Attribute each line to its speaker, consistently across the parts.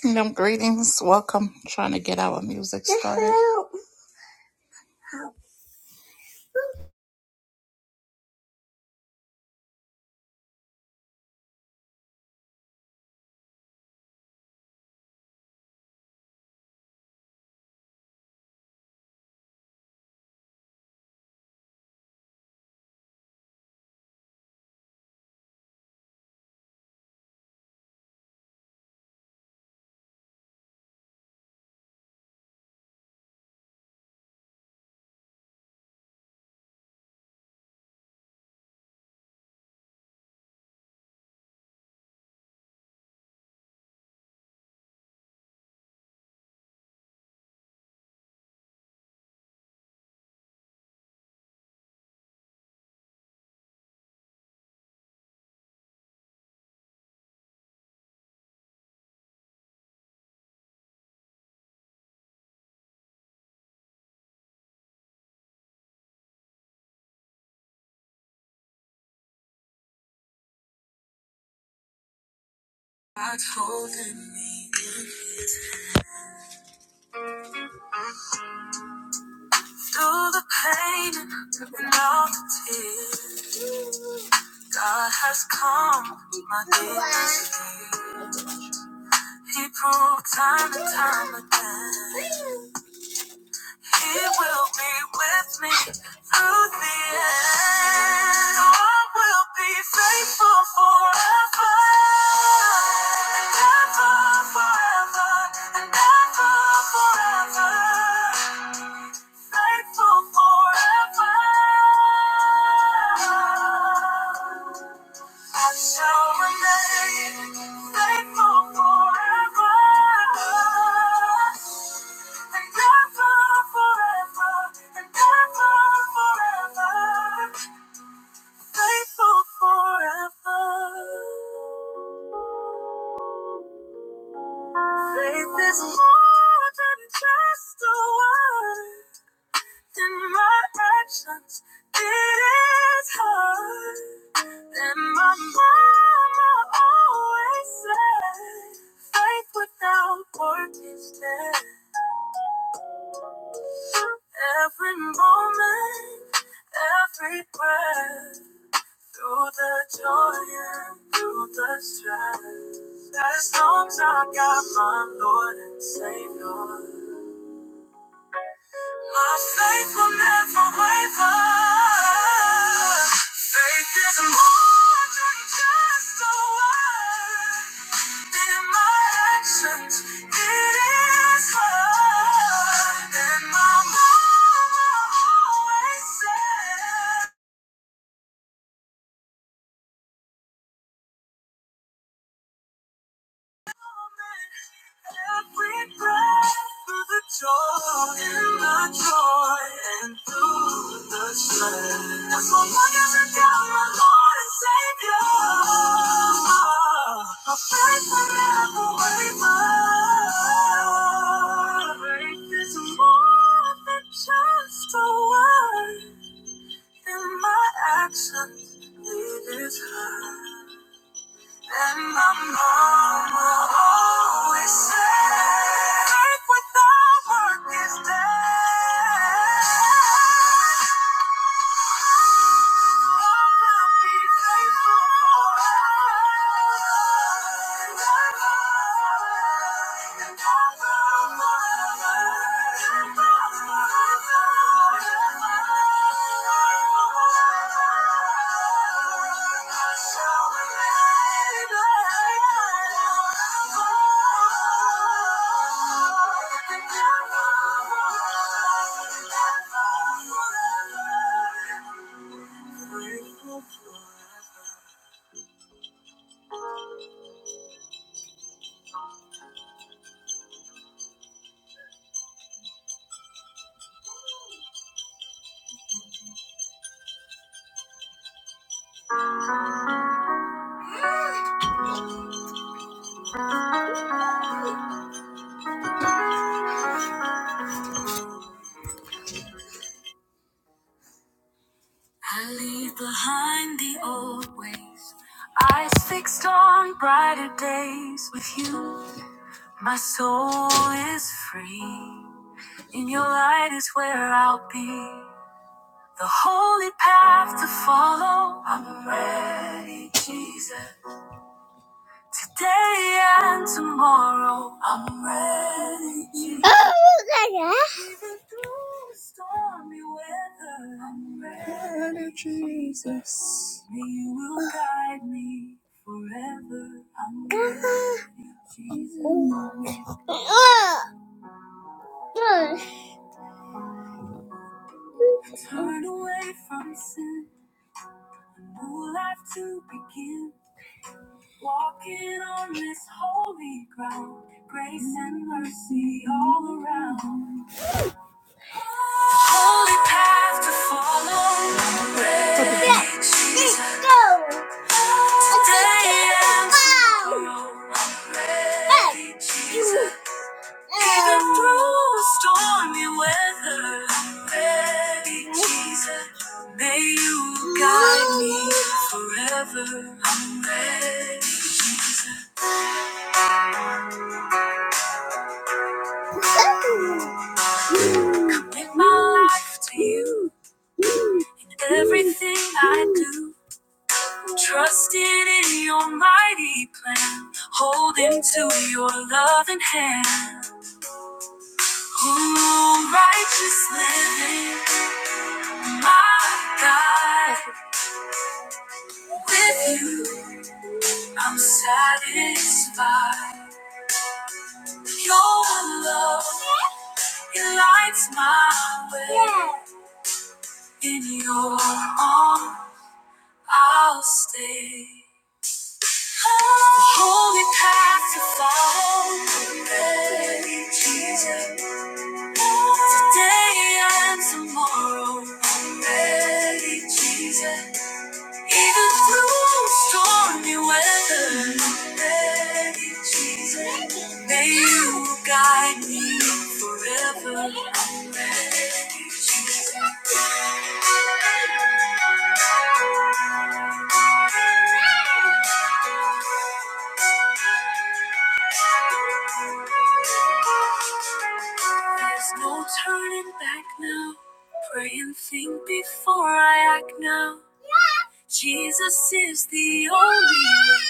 Speaker 1: Kingdom greetings. Welcome. Trying to get our music started. Through the pain and all the tears, God has come, my dear. He proved time and time again, He will be with me through the end. God will be faithful forever and ever, forever and ever, forever. faithful forever. I shall remain faithful forever. And ever, forever, and ever, forever. Faithful forever. Faith is more than just a word. In my actions, it is hard. And my mama always said, faith without work is dead. Every moment, every breath, through the joy and through the stress. As long as I got my Lord and Savior. My faith will never waver. Faith is more than just a word. In my actions, it is love. And my mama always said. Every breath through the joy and the joy and through the shame. That's what wonders and down my Lord and Savior. My faith will never waver. Faith is more than just a word in my actions. It is heard. And my mama always said, "Earth without work is dead." I leave behind the old ways, eyes fixed on brighter days with you. My soul is free, in your light is where I'll be. The holy path to follow. I'm ready, Jesus. Today and tomorrow. I'm ready, Jesus. Even through the stormy weather. I'm ready, Jesus. You will guide me forever. I'm ready, Jesus. Turn away from sin. New life to begin. Walking on this holy ground, grace and mercy all around. Holy path to follow, ready, Yeah, let's Jesus. Let's go. Day and tomorrow, ready, Hey. Jesus. Even Um. through stormy weather, ready, Jesus. May you guide me forever. Ready, Jesus. Give my life to you in everything I do. Trusting in your mighty plan, holding to your loving hand. Ooh, righteous living, my God. With you, I'm satisfied. Your love, it lights my way. In your arms, I'll stay. the Holy path to follow. Hey, Jesus. Today and tomorrow. Hey, Jesus. Even through stormy weather. Hey, Jesus. May you guide me forever. Hey, Jesus. There's no turning back now. Pray and think before I act now. Jesus is the only way.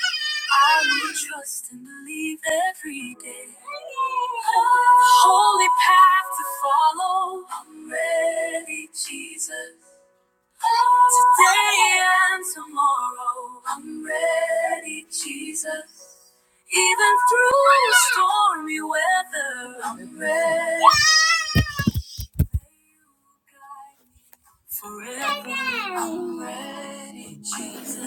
Speaker 1: I will trust and believe every day. The holy path to follow. I'm ready, Jesus. Today and tomorrow. I'm ready, Jesus. Even through stormy weather, I'm ready, Forever, I'm ready, Jesus.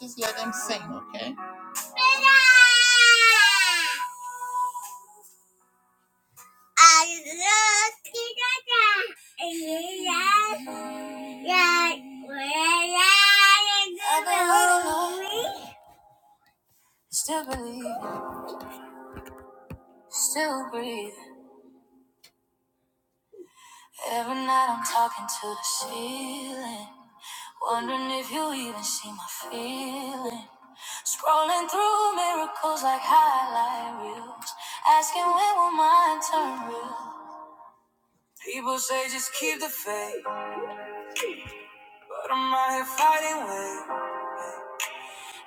Speaker 1: Just let them sing, okay? I love Canada. Yeah, where I am. Still believe, still breathe. Every night I'm talking to the ceiling. Wondering if you even see my feeling. Scrolling through miracles like highlight reels. Asking when will mine turn real? People say just keep the faith. But I'm out here fighting waves.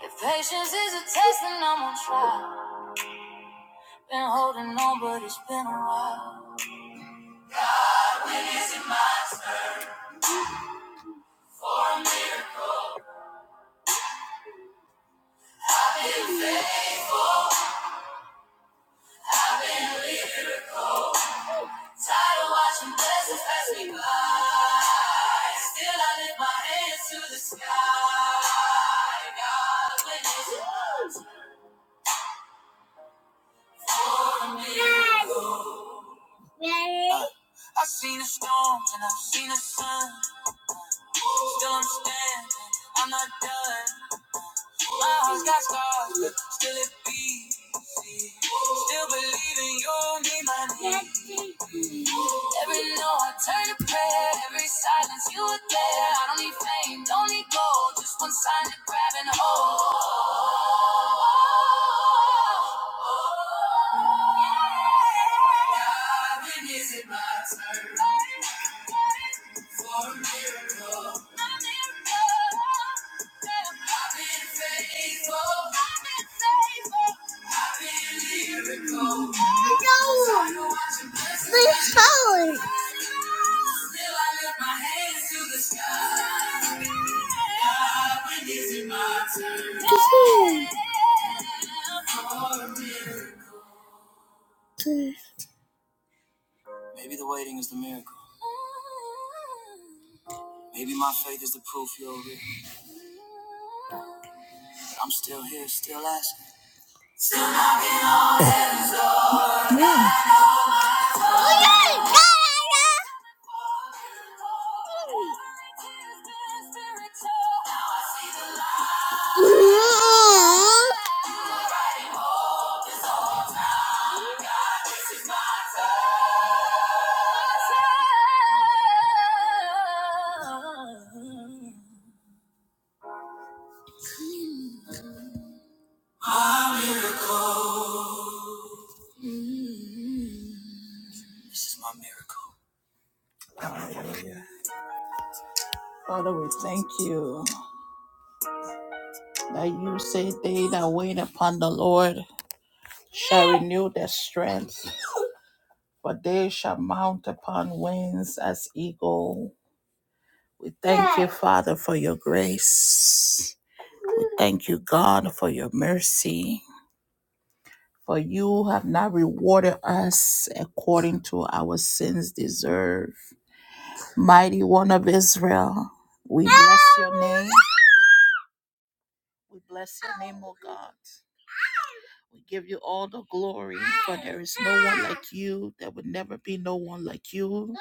Speaker 1: If patience is a test, then I'm on trial. Been holding on, but it's been a while. Ready? Uh, I've seen the storms and I've seen the sun. Still I'm standing, I'm not done. My heart's got scars, but still it beats. Still believing you'll meet my needs. Every no, I turn to prayer. Every silence, you were there. I don't need fame, don't need gold. Just one sign to grab and hold. Holy. Still, I lift my hands to the sky. God, when is it my turn? Maybe the waiting is the miracle. Maybe my faith is the proof you're real. But I'm still here, still asking. God, I This is my miracle. Father, we thank you that you say they that wait upon the Lord shall renew their strength, for they shall mount upon wings as eagle. We thank you, Father, for your grace. We thank you, God, for your mercy. For you have not rewarded us according to our sins deserve. Mighty one of Israel, we bless your name. We bless your name, O God. We give you all the glory, for there is no one like you. There will never be no one like you.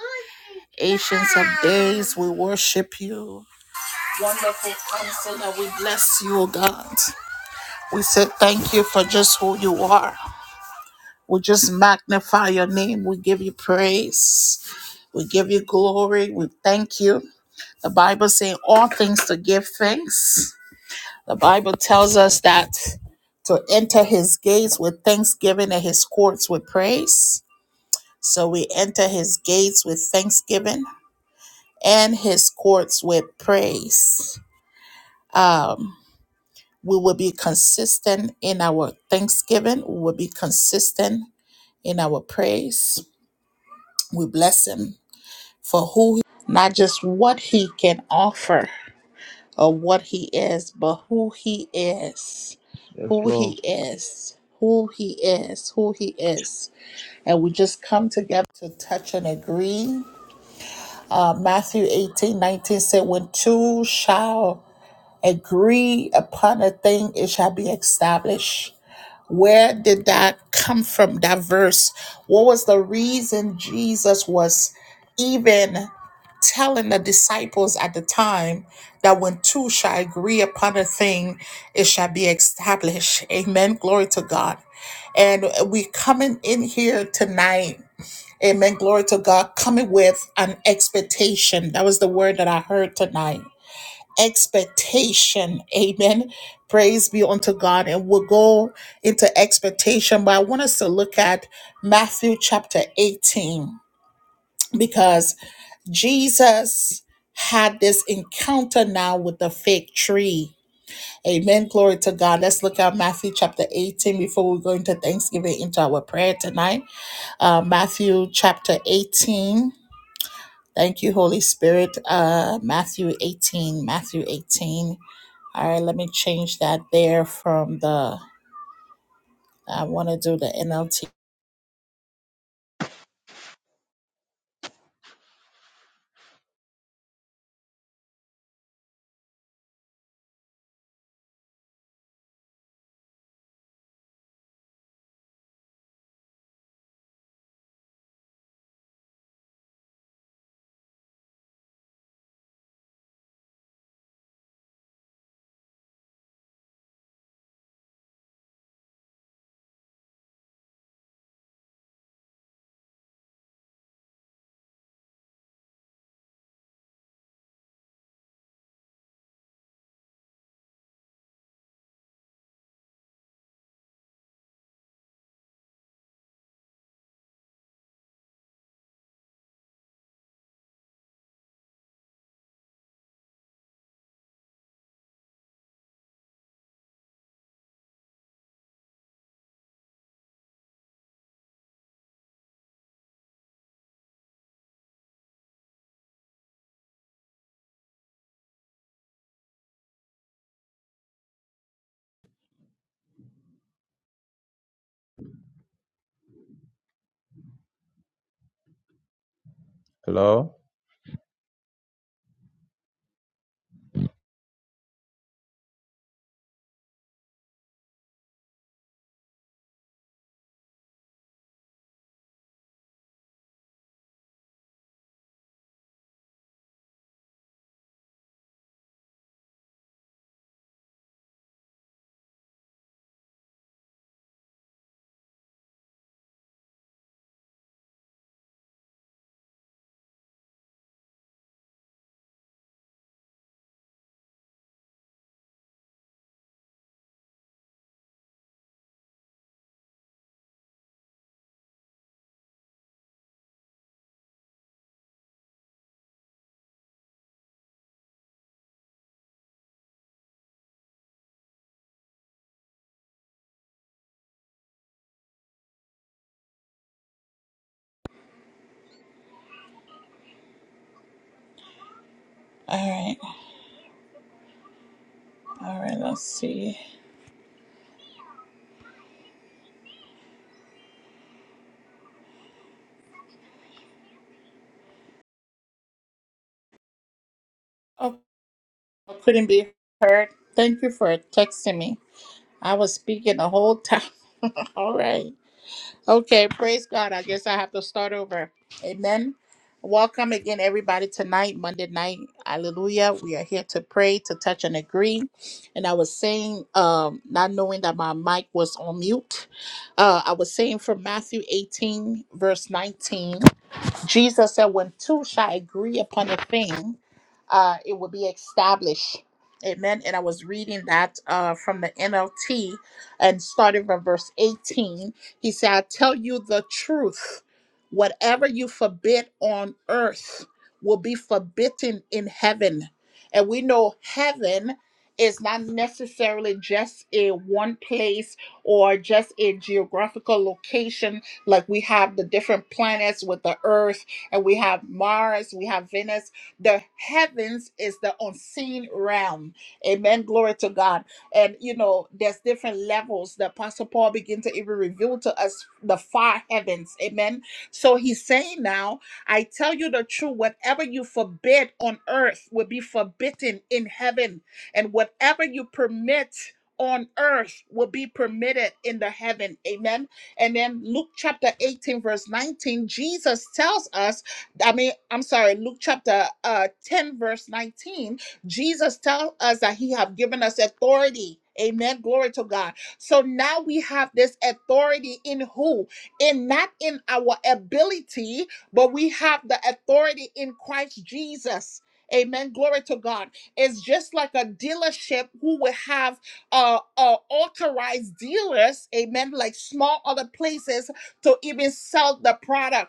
Speaker 1: Ancients of days, we worship you. Wonderful counselor, we bless you, O God. We say thank you for just who you are. We just magnify your name. We give you praise. We give you glory. We thank you. The Bible says all things to give thanks. The Bible tells us that to enter his gates with thanksgiving and his courts with praise. So we enter his gates with thanksgiving and his courts with praise. Um, we will be consistent in our thanksgiving. We will be consistent in our praise. We bless him for who, not just what he can offer or what he is, but who he is,
Speaker 2: Yes,
Speaker 1: who
Speaker 2: Lord.
Speaker 1: he is, who he is, who he is. And we just come together to touch and agree. Uh, Matthew 18 19 said, When two shall agree upon a thing, it shall be established. Where did that come from, that verse? What was the reason Jesus was even telling the disciples at the time that when two shall agree upon a thing, it shall be established? Amen. Glory to God. And we coming in here tonight. Amen. Glory to God. Coming with an expectation. That was the word that I heard tonight expectation. Amen. Praise be unto God. And we'll go into expectation, but I want us to look at Matthew chapter 18 because Jesus had this encounter now with the fig tree. Amen. Glory to God. Let's look at Matthew chapter 18 before we go into Thanksgiving into our prayer tonight. Uh, Matthew chapter 18. Thank you, Holy Spirit. Uh, Matthew 18, Matthew 18. All right, let me change that there from the, I want to do the NLT. All right, all right, let's see. Oh, I couldn't be heard. Thank you for texting me. I was speaking the whole time. All right. Okay, praise God. I guess I have to start over. Amen. Welcome again, everybody, tonight, Monday night. Hallelujah. We are here to pray, to touch and agree. And I was saying, um, not knowing that my mic was on mute, uh, I was saying from Matthew 18, verse 19. Jesus said, when two shall agree upon a thing, uh, it will be established. Amen. And I was reading that uh, from the NLT and started from verse 18. He said, I tell you the truth. Whatever you forbid on earth will be forbidden in heaven. And we know heaven is not necessarily just a one place or just a geographical location like we have the different planets with the Earth, and we have Mars, we have Venus. The heavens is the unseen realm. Amen. Glory to God. And you know, there's different levels that Apostle Paul begin to even reveal to us the far heavens. Amen. So he's saying now, I tell you the truth, whatever you forbid on earth will be forbidden in heaven, and whatever you permit on earth will be permitted in the heaven. Amen. And then Luke chapter 18, verse 19, Jesus tells us, I mean, I'm sorry, Luke chapter uh, 10, verse 19, Jesus tells us that he have given us authority. Amen. Glory to God. So now we have this authority in who? In not in our ability, but we have the authority in Christ Jesus. Amen. Glory to God. It's just like a dealership who would have uh, uh, authorized dealers, amen, like small other places to even sell the product.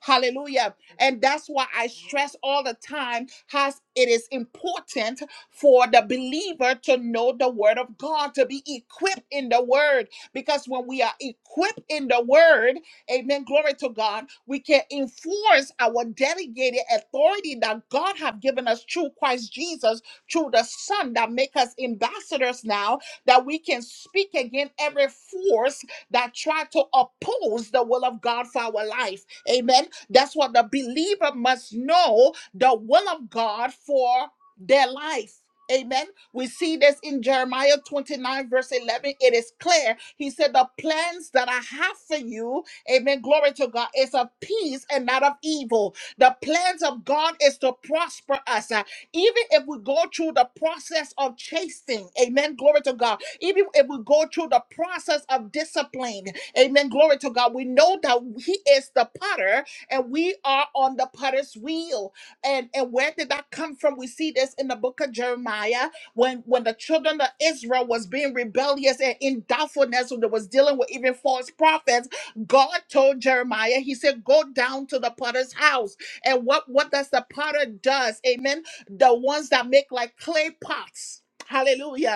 Speaker 1: Hallelujah. And that's why I stress all the time how it is important for the believer to know the word of God, to be equipped in the word. Because when we are equipped in the word, amen, glory to God, we can enforce our delegated authority that God have given us through Christ Jesus, through the Son that make us ambassadors now, that we can speak against every force that try to oppose the will of God for our life. Amen that's what the believer must know the will of God for their life. Amen. We see this in Jeremiah 29, verse 11. It is clear. He said, The plans that I have for you, amen, glory to God, is of peace and not of evil. The plans of God is to prosper us. Uh, even if we go through the process of chasing, amen, glory to God. Even if we go through the process of discipline, amen, glory to God, we know that He is the potter and we are on the potter's wheel. And and where did that come from? We see this in the book of Jeremiah when when the children of Israel was being rebellious and in doubtfulness when they was dealing with even false prophets. God told Jeremiah, He said, "Go down to the potter's house." And what what does the potter does? Amen. The ones that make like clay pots. Hallelujah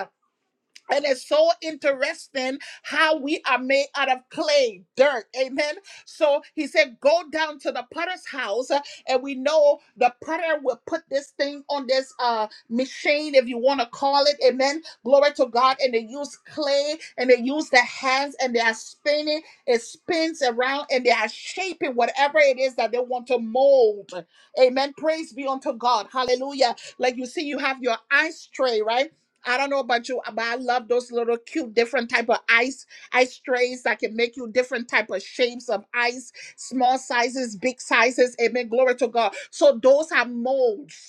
Speaker 1: and it's so interesting how we are made out of clay, dirt. Amen. So he said, Go down to the potter's house. uh, And we know the potter will put this thing on this uh machine, if you want to call it. Amen. Glory to God. And they use clay and they use their hands and they are spinning. It spins around and they are shaping whatever it is that they want to mold. Amen. Praise be unto God. Hallelujah. Like you see, you have your ice tray, right? I don't know about you, but I love those little cute different type of ice ice trays that can make you different type of shapes of ice, small sizes, big sizes. Amen. Glory to God. So those are molds.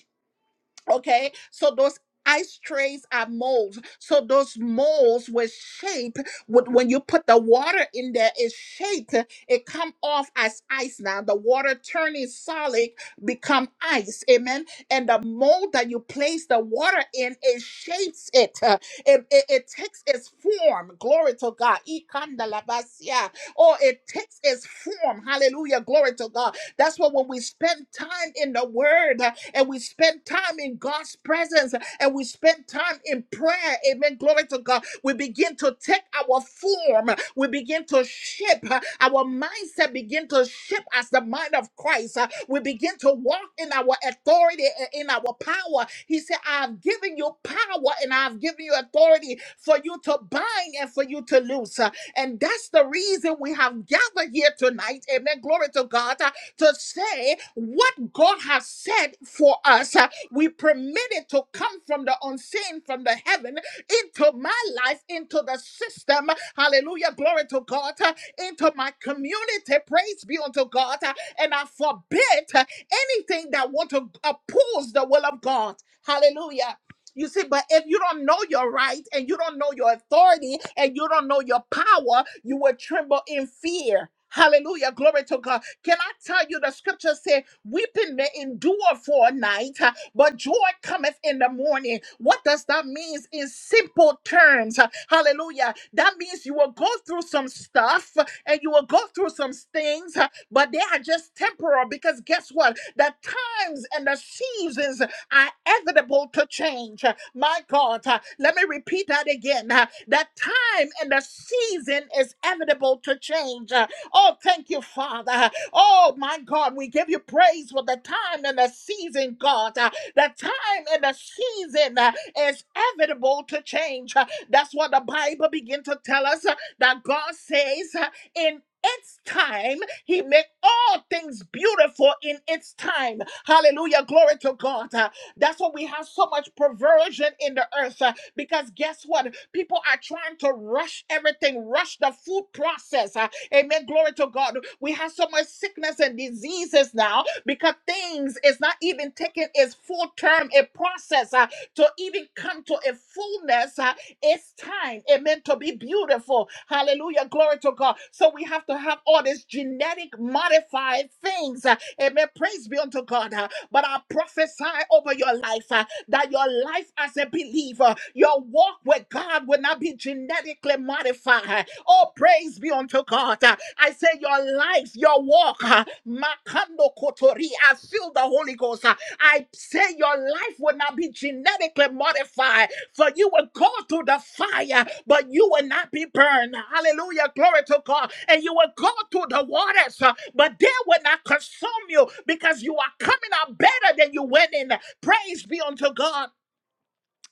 Speaker 1: Okay, so those ice trays are molds. So those molds were shaped with when you put the water in there, it's shaped, it come off as ice now. The water turning solid become ice. Amen. And the mold that you place the water in, it shapes it. Uh, It, it, it takes its form. Glory to God. Ikandalabasia. Oh, it takes its form. Hallelujah. Glory to God that's why when we spend time in the Word uh, and we spend time in God's presence uh, and we spend time in prayer, amen, glory to God, we begin to take our form, uh, we begin to shape, uh, our mindset begin to shape as the mind of Christ. uh, We begin to walk in our authority and in our power. He said, I have given you power and I have given you authority for you to bind and for you to loose. uh, and that's the reason we have gathered here tonight. Amen. Glory to God. uh, to say what God has said for us. Uh, We permit it to come from the unseen, from the heaven, into my life, into the system. Hallelujah. Glory to God. Uh, Into my community. Praise be unto God. Uh, And I forbid uh, anything that want to oppose the will of God. Hallelujah. You see, but if you don't know your right and you don't know your authority and you don't know your power, you will tremble in fear. Hallelujah. Glory to God. Can I tell you the scripture said, weeping may endure for a night, uh, but joy cometh in the morning. What does that mean in simple terms? Uh, Hallelujah. That means you will go through some stuff uh, and you will go through some things, uh, but they are just temporal because guess what? The times and the seasons are inevitable to change. Uh, My God, uh, let me repeat that again. Uh, The time and the season is inevitable to change. Oh, thank you, Father. Oh, my God, we give you praise for the time and the season, God. Uh, The time and the season uh, is inevitable to change. Uh, That's what the Bible begins to tell us uh, that God says uh, in its time, He make all things beautiful in its time. Hallelujah. Glory to God. Uh, That's why we have so much perversion in the earth uh, because guess what? People are trying to rush everything, rush the food process. uh, Amen. Glory to God. We have so much sickness and diseases now because things is not even taking its full term, a process uh, to even come to a fullness. uh, it's time, amen, to be beautiful. Hallelujah. Glory to God. So we have to have all these genetic modified things. uh, amen. Praise be unto God. uh, but I prophesy over your life. uh, that your life as a believer, your walk with God will not be genetically modified. Oh, praise be unto God. I say, your life, your walk, uh, Makando Kotori, I feel the Holy Ghost. uh, I say your life will not be genetically modified, for you will go through the fire, but you will not be burned. Hallelujah. Glory to God. And you will go through the waters, uh, but they will not consume you because you are coming out better than you went in. Praise be unto God.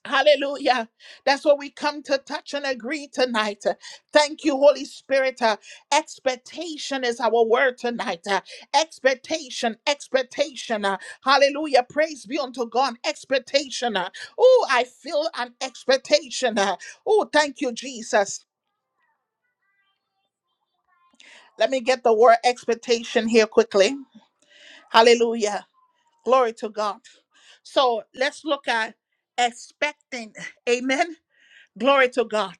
Speaker 1: Hallelujah. That's what we come to touch and agree tonight. Thank you, Holy Spirit. Uh, Expectation is our word tonight. Uh, Expectation, expectation. Uh, Hallelujah. Praise be unto God. Expectation. Oh, I feel an expectation. Oh, thank you, Jesus. Let me get the word expectation here quickly. Hallelujah. Glory to God. So let's look at expecting. Amen. Glory to God.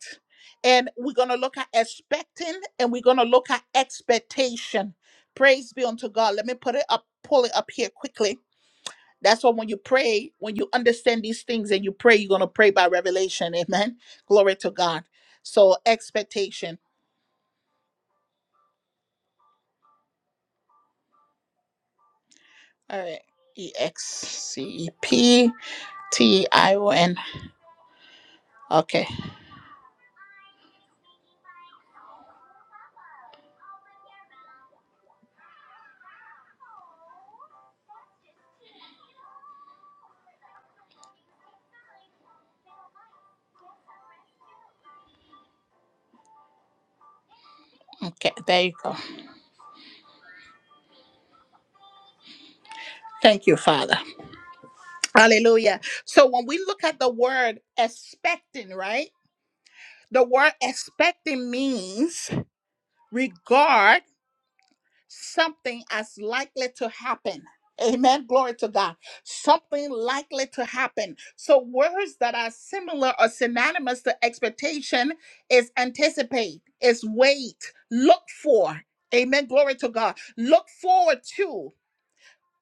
Speaker 1: And we're going to look at expecting and we're going to look at expectation. Praise be unto God. Let me put it up, pull it up here quickly. That's why when you pray, when you understand these things and you pray, you're going to pray by revelation. Amen. Glory to God. So, expectation. All right. E X C E P T I O N. Okay. Okay. There you go. Thank you, Father. Hallelujah. So, when we look at the word expecting, right? The word expecting means regard something as likely to happen. Amen. Glory to God. Something likely to happen. So words that are similar or synonymous to expectation is anticipate, is wait, look for. Amen. Glory to God. Look forward to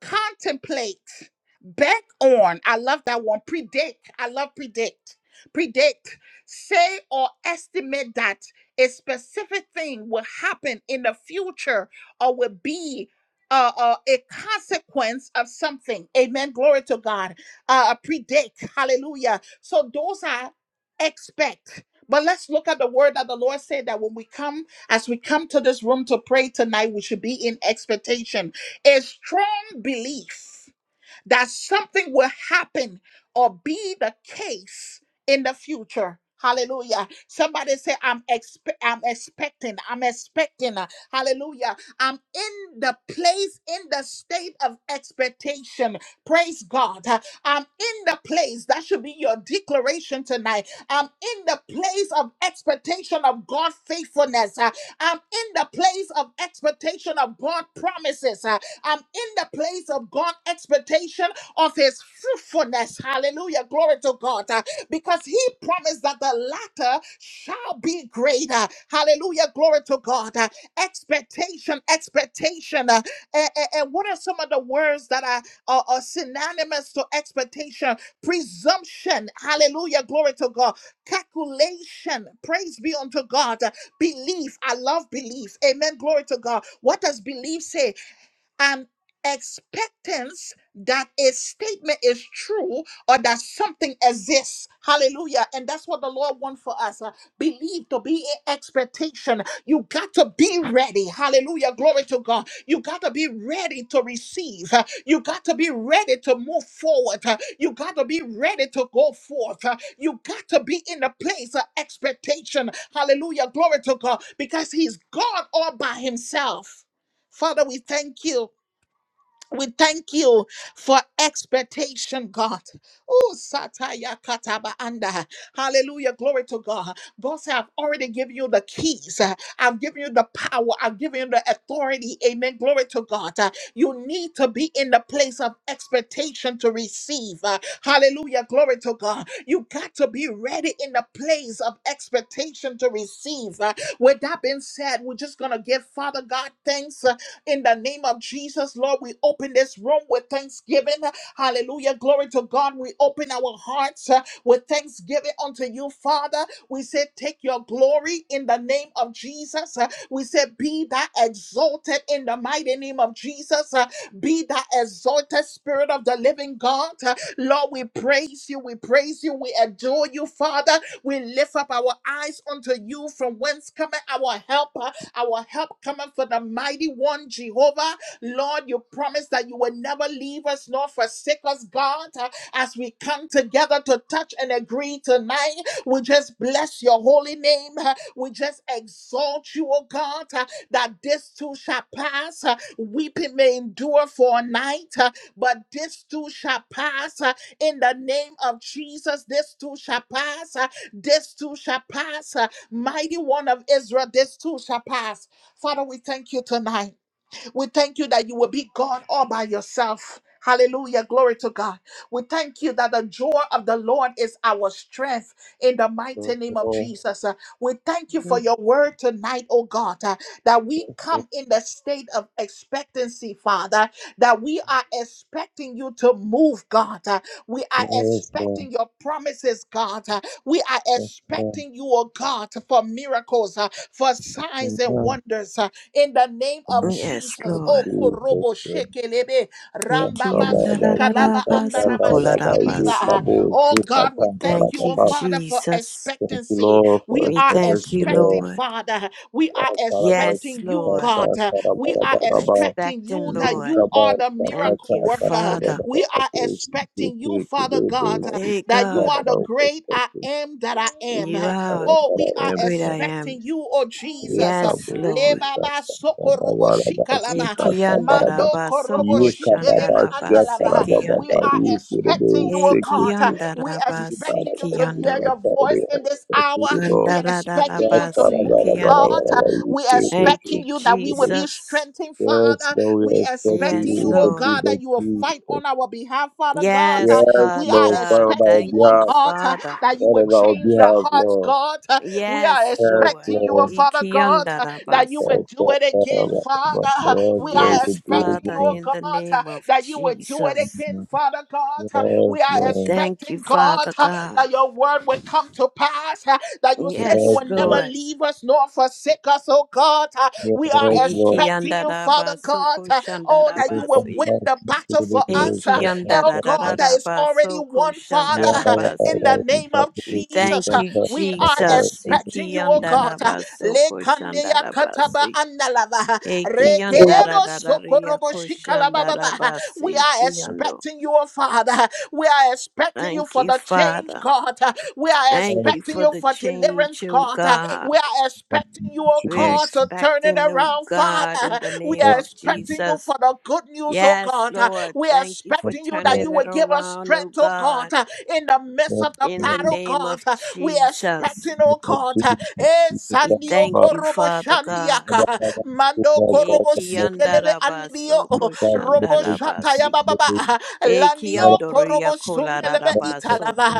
Speaker 1: contemplate, bet on. I love that one. Predict. I love predict. Predict. Say or estimate that a specific thing will happen in the future or will be. Uh, uh, a consequence of something. Amen. Glory to God. Uh, uh, predict. Hallelujah. So those are expect. But let's look at the word that the Lord said that when we come, as we come to this room to pray tonight, we should be in expectation a strong belief that something will happen or be the case in the future. Hallelujah. Somebody say, I'm expe- I'm expecting, I'm expecting. Hallelujah. I'm in the place, in the state of expectation. Praise God. I'm in the place. That should be your declaration tonight. I'm in the place of expectation of God faithfulness. Uh, I'm in the place of expectation of God promises. I'm in the place of God expectation of his fruitfulness. Hallelujah. Glory to God. Uh, Because he promised that the latter shall be greater. Hallelujah. Glory to God. Uh, Expectation, expectation. Uh, And, what are some of the words that are, are, are synonymous to expectation? Presumption. Hallelujah. Glory to God. Calculation. Praise be unto God. Uh, Belief. I love belief. Amen. Glory to God. What does belief say? an expectance that a statement is true or that something exists. Hallelujah. And that's what the Lord wants for us. Uh, believe to be in expectation. You got to be ready. Hallelujah. Glory to God. You got to be ready to receive. Uh, you got to be ready to move forward. Uh, you got to be ready to go forth. Uh, you got to be in a place of expectation. Hallelujah. Glory to God. Because He's God all by Himself. Father, we thank you we thank you for expectation, God. Oh, Sataya Kataba Anda. Hallelujah. Glory to God. God said, I've already given you the keys. Uh, I've given you the power. I've given you the authority. Amen. Glory to God. Uh, You need to be in the place of expectation to receive. Uh, Hallelujah. Glory to God. You got to be ready in the place of expectation to receive. Uh, With that being said, we're just going to give Father God thanks. In the name of Jesus, Lord, we open this room with thanksgiving. Hallelujah. Glory to God. We open our hearts uh, with thanksgiving unto you, Father. We say, Take your glory in the name of Jesus. Uh, We say, Be thou exalted in the mighty name of Jesus. Uh, Be thou exalted, Spirit of the living God. Uh, Lord, we praise you. We praise you. We adore you, Father. We lift up our eyes unto you from whence cometh our help. Our help cometh from the mighty one, Jehovah. Lord, you promise that you will never leave us nor forsake us, God. Uh, As we come together to touch and agree tonight, we just bless your holy name. Uh, We just exalt you, O God, uh, that this too shall pass. Uh, Weeping may endure for a night, uh, but this too shall pass. Uh, In the name of Jesus, this too shall pass. Uh, This too shall pass. Mighty one of Israel, this too shall pass. Father, we thank you tonight. We thank you that you will be God all by yourself. Hallelujah. Glory to God. We thank you that the joy of the Lord is our strength in the mighty
Speaker 2: Yes,
Speaker 1: name of
Speaker 2: Lord.
Speaker 1: Jesus. Uh, We thank you for
Speaker 2: Yes,
Speaker 1: your word tonight, oh God, uh, that we
Speaker 2: Lord.
Speaker 1: come in the state of expectancy, Father, that we are expecting you to move, God. Uh, We are
Speaker 2: Yes, Lord.
Speaker 1: expecting your promises, God. Uh, We are
Speaker 2: Yes, Lord.
Speaker 1: expecting you, oh God, for miracles, uh, for signs and
Speaker 2: Amen.
Speaker 1: wonders. uh, in the name of
Speaker 2: Amen.
Speaker 3: Yes,
Speaker 1: Jesus. Oh,
Speaker 3: Lord.
Speaker 2: Jesus.
Speaker 1: korobo shekelebe,
Speaker 2: Amen. Cover
Speaker 1: rambaba
Speaker 2: our feet,
Speaker 1: sukalaba
Speaker 2: cover our
Speaker 1: andaraba
Speaker 2: body,
Speaker 3: Ikiandarararabasokolarabasi.
Speaker 1: sukeliva.
Speaker 2: cover our
Speaker 1: Oh
Speaker 2: feet,
Speaker 1: God, we
Speaker 2: cover
Speaker 1: thank you,
Speaker 3: Thank
Speaker 2: our
Speaker 3: you,
Speaker 1: oh
Speaker 2: body.
Speaker 1: Father, for
Speaker 3: Jesus.
Speaker 2: Thank you,
Speaker 1: expectancy.
Speaker 2: Lord,
Speaker 1: We
Speaker 2: for
Speaker 3: We
Speaker 1: are
Speaker 2: the best,
Speaker 3: thank you,
Speaker 2: Lord.
Speaker 1: expecting,
Speaker 3: Lord.
Speaker 1: Father. We are
Speaker 2: Yeah, cover our
Speaker 3: Yes,
Speaker 1: expecting
Speaker 2: feet,
Speaker 1: you,
Speaker 2: cover
Speaker 3: Lord.
Speaker 1: God.
Speaker 2: our body,
Speaker 1: We are
Speaker 2: cover
Speaker 3: I'm
Speaker 2: our body.
Speaker 1: expecting
Speaker 3: expecting,
Speaker 1: you that
Speaker 2: You
Speaker 3: Lord.
Speaker 1: you
Speaker 2: cover
Speaker 1: are
Speaker 2: us,
Speaker 1: the
Speaker 2: cover us,
Speaker 3: Thank
Speaker 1: miracle
Speaker 3: you,
Speaker 2: cover us,
Speaker 1: worker.
Speaker 2: cover
Speaker 3: Father.
Speaker 2: us,
Speaker 1: We are
Speaker 2: cover us. You
Speaker 1: expecting you,
Speaker 2: take the
Speaker 1: Father God,
Speaker 2: labels, you
Speaker 3: Hey,
Speaker 1: that you
Speaker 2: cover
Speaker 3: God.
Speaker 1: are the
Speaker 2: our
Speaker 1: great I
Speaker 2: perspective.
Speaker 1: am that I am.
Speaker 3: You
Speaker 2: I
Speaker 3: are
Speaker 2: am
Speaker 1: Oh, we
Speaker 3: the
Speaker 1: are
Speaker 2: that
Speaker 3: great
Speaker 2: I am.
Speaker 3: I am.
Speaker 1: expecting you, oh Jesus.
Speaker 3: Yes,
Speaker 2: Yekabo,
Speaker 1: Le
Speaker 3: Lord.
Speaker 1: baba
Speaker 2: Yekata,
Speaker 1: soko robo
Speaker 2: Barabaraba,
Speaker 1: shikalaba.
Speaker 2: Sikata, Baraba,
Speaker 1: Mando korobo shikelebe
Speaker 2: Yekababa,
Speaker 3: Ikiandarabasokoshandarabasi
Speaker 1: andalava.
Speaker 2: Siatarababa,
Speaker 1: We
Speaker 3: kiande.
Speaker 1: are expecting
Speaker 2: Yekurebe,
Speaker 1: you, oh God.
Speaker 2: Sekibu,
Speaker 1: We are
Speaker 3: Ikiandarabasi
Speaker 1: expecting you
Speaker 2: Baraba,
Speaker 1: to hear
Speaker 3: kiando.
Speaker 1: your
Speaker 2: Sikata,
Speaker 1: voice in this hour.
Speaker 2: Respectful Lord,
Speaker 1: We are expecting you to
Speaker 3: Andarararabasi
Speaker 1: move,
Speaker 3: kiande.
Speaker 1: God.
Speaker 2: Yatarabarabaraba,
Speaker 1: We are
Speaker 2: Yekurebe,
Speaker 3: Thank you,
Speaker 1: expecting you that we will
Speaker 2: Yekurebe.
Speaker 1: be
Speaker 3: Jesus.
Speaker 1: strengthened,
Speaker 2: Yes,
Speaker 1: Father.
Speaker 2: Lord,
Speaker 1: We
Speaker 2: we
Speaker 1: are
Speaker 2: expect you
Speaker 1: expecting
Speaker 3: Yes,
Speaker 1: you,
Speaker 2: with
Speaker 1: oh
Speaker 2: the
Speaker 3: Lord.
Speaker 1: God,
Speaker 2: people
Speaker 1: that
Speaker 2: of
Speaker 1: you will fight on
Speaker 2: Jesus.
Speaker 1: our behalf, Father God.
Speaker 3: Yes,
Speaker 2: Yes,
Speaker 1: We
Speaker 3: Father
Speaker 2: Lord,
Speaker 1: are
Speaker 3: God.
Speaker 2: Father, on
Speaker 1: expecting
Speaker 2: our
Speaker 1: you,
Speaker 3: Thank
Speaker 1: oh
Speaker 3: you,
Speaker 2: behalf,
Speaker 1: God,
Speaker 3: Father.
Speaker 1: that you
Speaker 2: Father,
Speaker 1: will
Speaker 2: on our
Speaker 1: change the
Speaker 2: behalf,
Speaker 1: hearts,
Speaker 2: Lord.
Speaker 1: God. We are
Speaker 3: Yes,
Speaker 2: Yes,
Speaker 3: Lord.
Speaker 1: expecting you, oh
Speaker 2: Lord.
Speaker 1: Father God that you will
Speaker 2: Yes,
Speaker 3: Ikiandarabasu.
Speaker 1: do
Speaker 2: Lord,
Speaker 1: it
Speaker 2: Father,
Speaker 1: again,
Speaker 2: on our behalf.
Speaker 1: Father.
Speaker 2: Yes,
Speaker 1: We
Speaker 2: Lord,
Speaker 1: are
Speaker 2: we
Speaker 3: Yes,
Speaker 2: do
Speaker 1: expecting
Speaker 2: it
Speaker 3: Father,
Speaker 1: your
Speaker 2: again.
Speaker 3: in
Speaker 1: God,
Speaker 3: the
Speaker 1: uh,
Speaker 3: name of
Speaker 1: that you will do it
Speaker 3: Jesus.
Speaker 1: again,
Speaker 2: Mhm.
Speaker 1: Father God.
Speaker 2: Yes,
Speaker 1: Uh, We are
Speaker 3: We
Speaker 2: Lord.
Speaker 3: thank you,
Speaker 1: expecting, God,
Speaker 3: Father
Speaker 1: uh,
Speaker 3: God.
Speaker 1: that your word will come to pass, uh, that you
Speaker 2: Yes,
Speaker 1: say you
Speaker 3: Yes,
Speaker 1: will never
Speaker 2: Lord.
Speaker 3: Lord.
Speaker 1: leave us nor forsake us, oh God. Uh,
Speaker 2: Yes,
Speaker 1: We are
Speaker 2: Lord.
Speaker 1: expecting you, Father
Speaker 3: Ikiandarabasu
Speaker 1: God, uh, oh, that
Speaker 2: We
Speaker 1: you will
Speaker 2: come
Speaker 3: koshandarabasi.
Speaker 1: win
Speaker 2: back
Speaker 1: the
Speaker 2: to
Speaker 1: battle
Speaker 2: the
Speaker 1: for us,
Speaker 2: grace
Speaker 1: uh,
Speaker 2: of the
Speaker 1: oh God,
Speaker 2: Lord.
Speaker 1: that is already
Speaker 3: Ikiandarararabasoko
Speaker 1: won, Father,
Speaker 2: Yeah,
Speaker 1: uh,
Speaker 2: yeah,
Speaker 1: in
Speaker 3: shandarabasi.
Speaker 1: the
Speaker 2: yeah. We
Speaker 1: name
Speaker 2: come
Speaker 1: of
Speaker 2: to the
Speaker 3: We
Speaker 2: feet
Speaker 1: Jesus.
Speaker 3: thank
Speaker 2: of
Speaker 1: Uh,
Speaker 3: you,
Speaker 2: the
Speaker 1: We are
Speaker 2: Lord.
Speaker 3: Jesus.
Speaker 2: In the name
Speaker 1: expecting you,
Speaker 2: of
Speaker 1: oh
Speaker 2: Jesus.
Speaker 1: God. uh,
Speaker 3: Ikiyandarabasoko
Speaker 1: lekande ya kataba
Speaker 3: shandarabasi.
Speaker 1: andalava
Speaker 2: In the
Speaker 1: rekebo
Speaker 3: Ikiyandarararariya
Speaker 1: sokorobo shikalababa. We
Speaker 3: koshandarabasi.
Speaker 1: are
Speaker 3: Ikiyando.
Speaker 1: expecting you, oh Father. We are expecting you
Speaker 3: Thank
Speaker 1: for
Speaker 3: you,
Speaker 1: the change,
Speaker 3: Father.
Speaker 1: God. We are
Speaker 3: Thank
Speaker 2: name
Speaker 3: you
Speaker 1: expecting
Speaker 3: for
Speaker 1: you
Speaker 3: the
Speaker 1: for deliverance,
Speaker 3: change, O
Speaker 1: God.
Speaker 3: God.
Speaker 1: We are
Speaker 2: of
Speaker 1: expecting you, oh
Speaker 3: We're
Speaker 1: God,
Speaker 2: Jesus.
Speaker 1: to turn it
Speaker 3: expecting, O
Speaker 1: around,
Speaker 3: God,
Speaker 1: Father.
Speaker 3: in the
Speaker 1: We
Speaker 2: Yes, yes,
Speaker 3: name
Speaker 2: Lord.
Speaker 1: are
Speaker 3: of
Speaker 1: expecting you
Speaker 3: Jesus.
Speaker 1: for the good news, oh
Speaker 3: Yes,
Speaker 1: God. Uh,
Speaker 3: Lord.
Speaker 1: We are
Speaker 3: Thank you
Speaker 2: Yes,
Speaker 3: for
Speaker 1: expecting you that
Speaker 2: Lord.
Speaker 1: you
Speaker 3: turning
Speaker 1: will
Speaker 3: it
Speaker 1: give us
Speaker 3: around, O
Speaker 1: strength, oh
Speaker 3: God,
Speaker 1: God, uh, in the midst
Speaker 2: In
Speaker 1: of the
Speaker 3: in
Speaker 2: the
Speaker 3: the
Speaker 1: battle,
Speaker 3: name
Speaker 1: God.
Speaker 3: of
Speaker 1: Uh, We are
Speaker 3: Jesus.
Speaker 1: expecting, oh
Speaker 2: name of
Speaker 1: God, uh,
Speaker 2: Jesus.
Speaker 1: eh,
Speaker 2: We
Speaker 3: We
Speaker 2: come
Speaker 1: Sandio
Speaker 3: thank
Speaker 2: back.
Speaker 3: you,
Speaker 1: Korobo
Speaker 3: Father God.
Speaker 2: And I'm
Speaker 1: Shandiaka,
Speaker 2: not going to skip
Speaker 1: Mando
Speaker 2: that part.
Speaker 1: Korobo
Speaker 2: I'm not going
Speaker 1: Sikeleve Andio,
Speaker 3: Ekiandarabaso
Speaker 2: to skip that. But
Speaker 1: Romo
Speaker 2: I see
Speaker 3: koshandarabasi.
Speaker 1: Shataya Baba,
Speaker 2: you. I'm
Speaker 1: Lanio
Speaker 3: Ekiandoria
Speaker 1: Korobo Suneleve
Speaker 2: not going to
Speaker 3: kolararabaso
Speaker 1: Italava,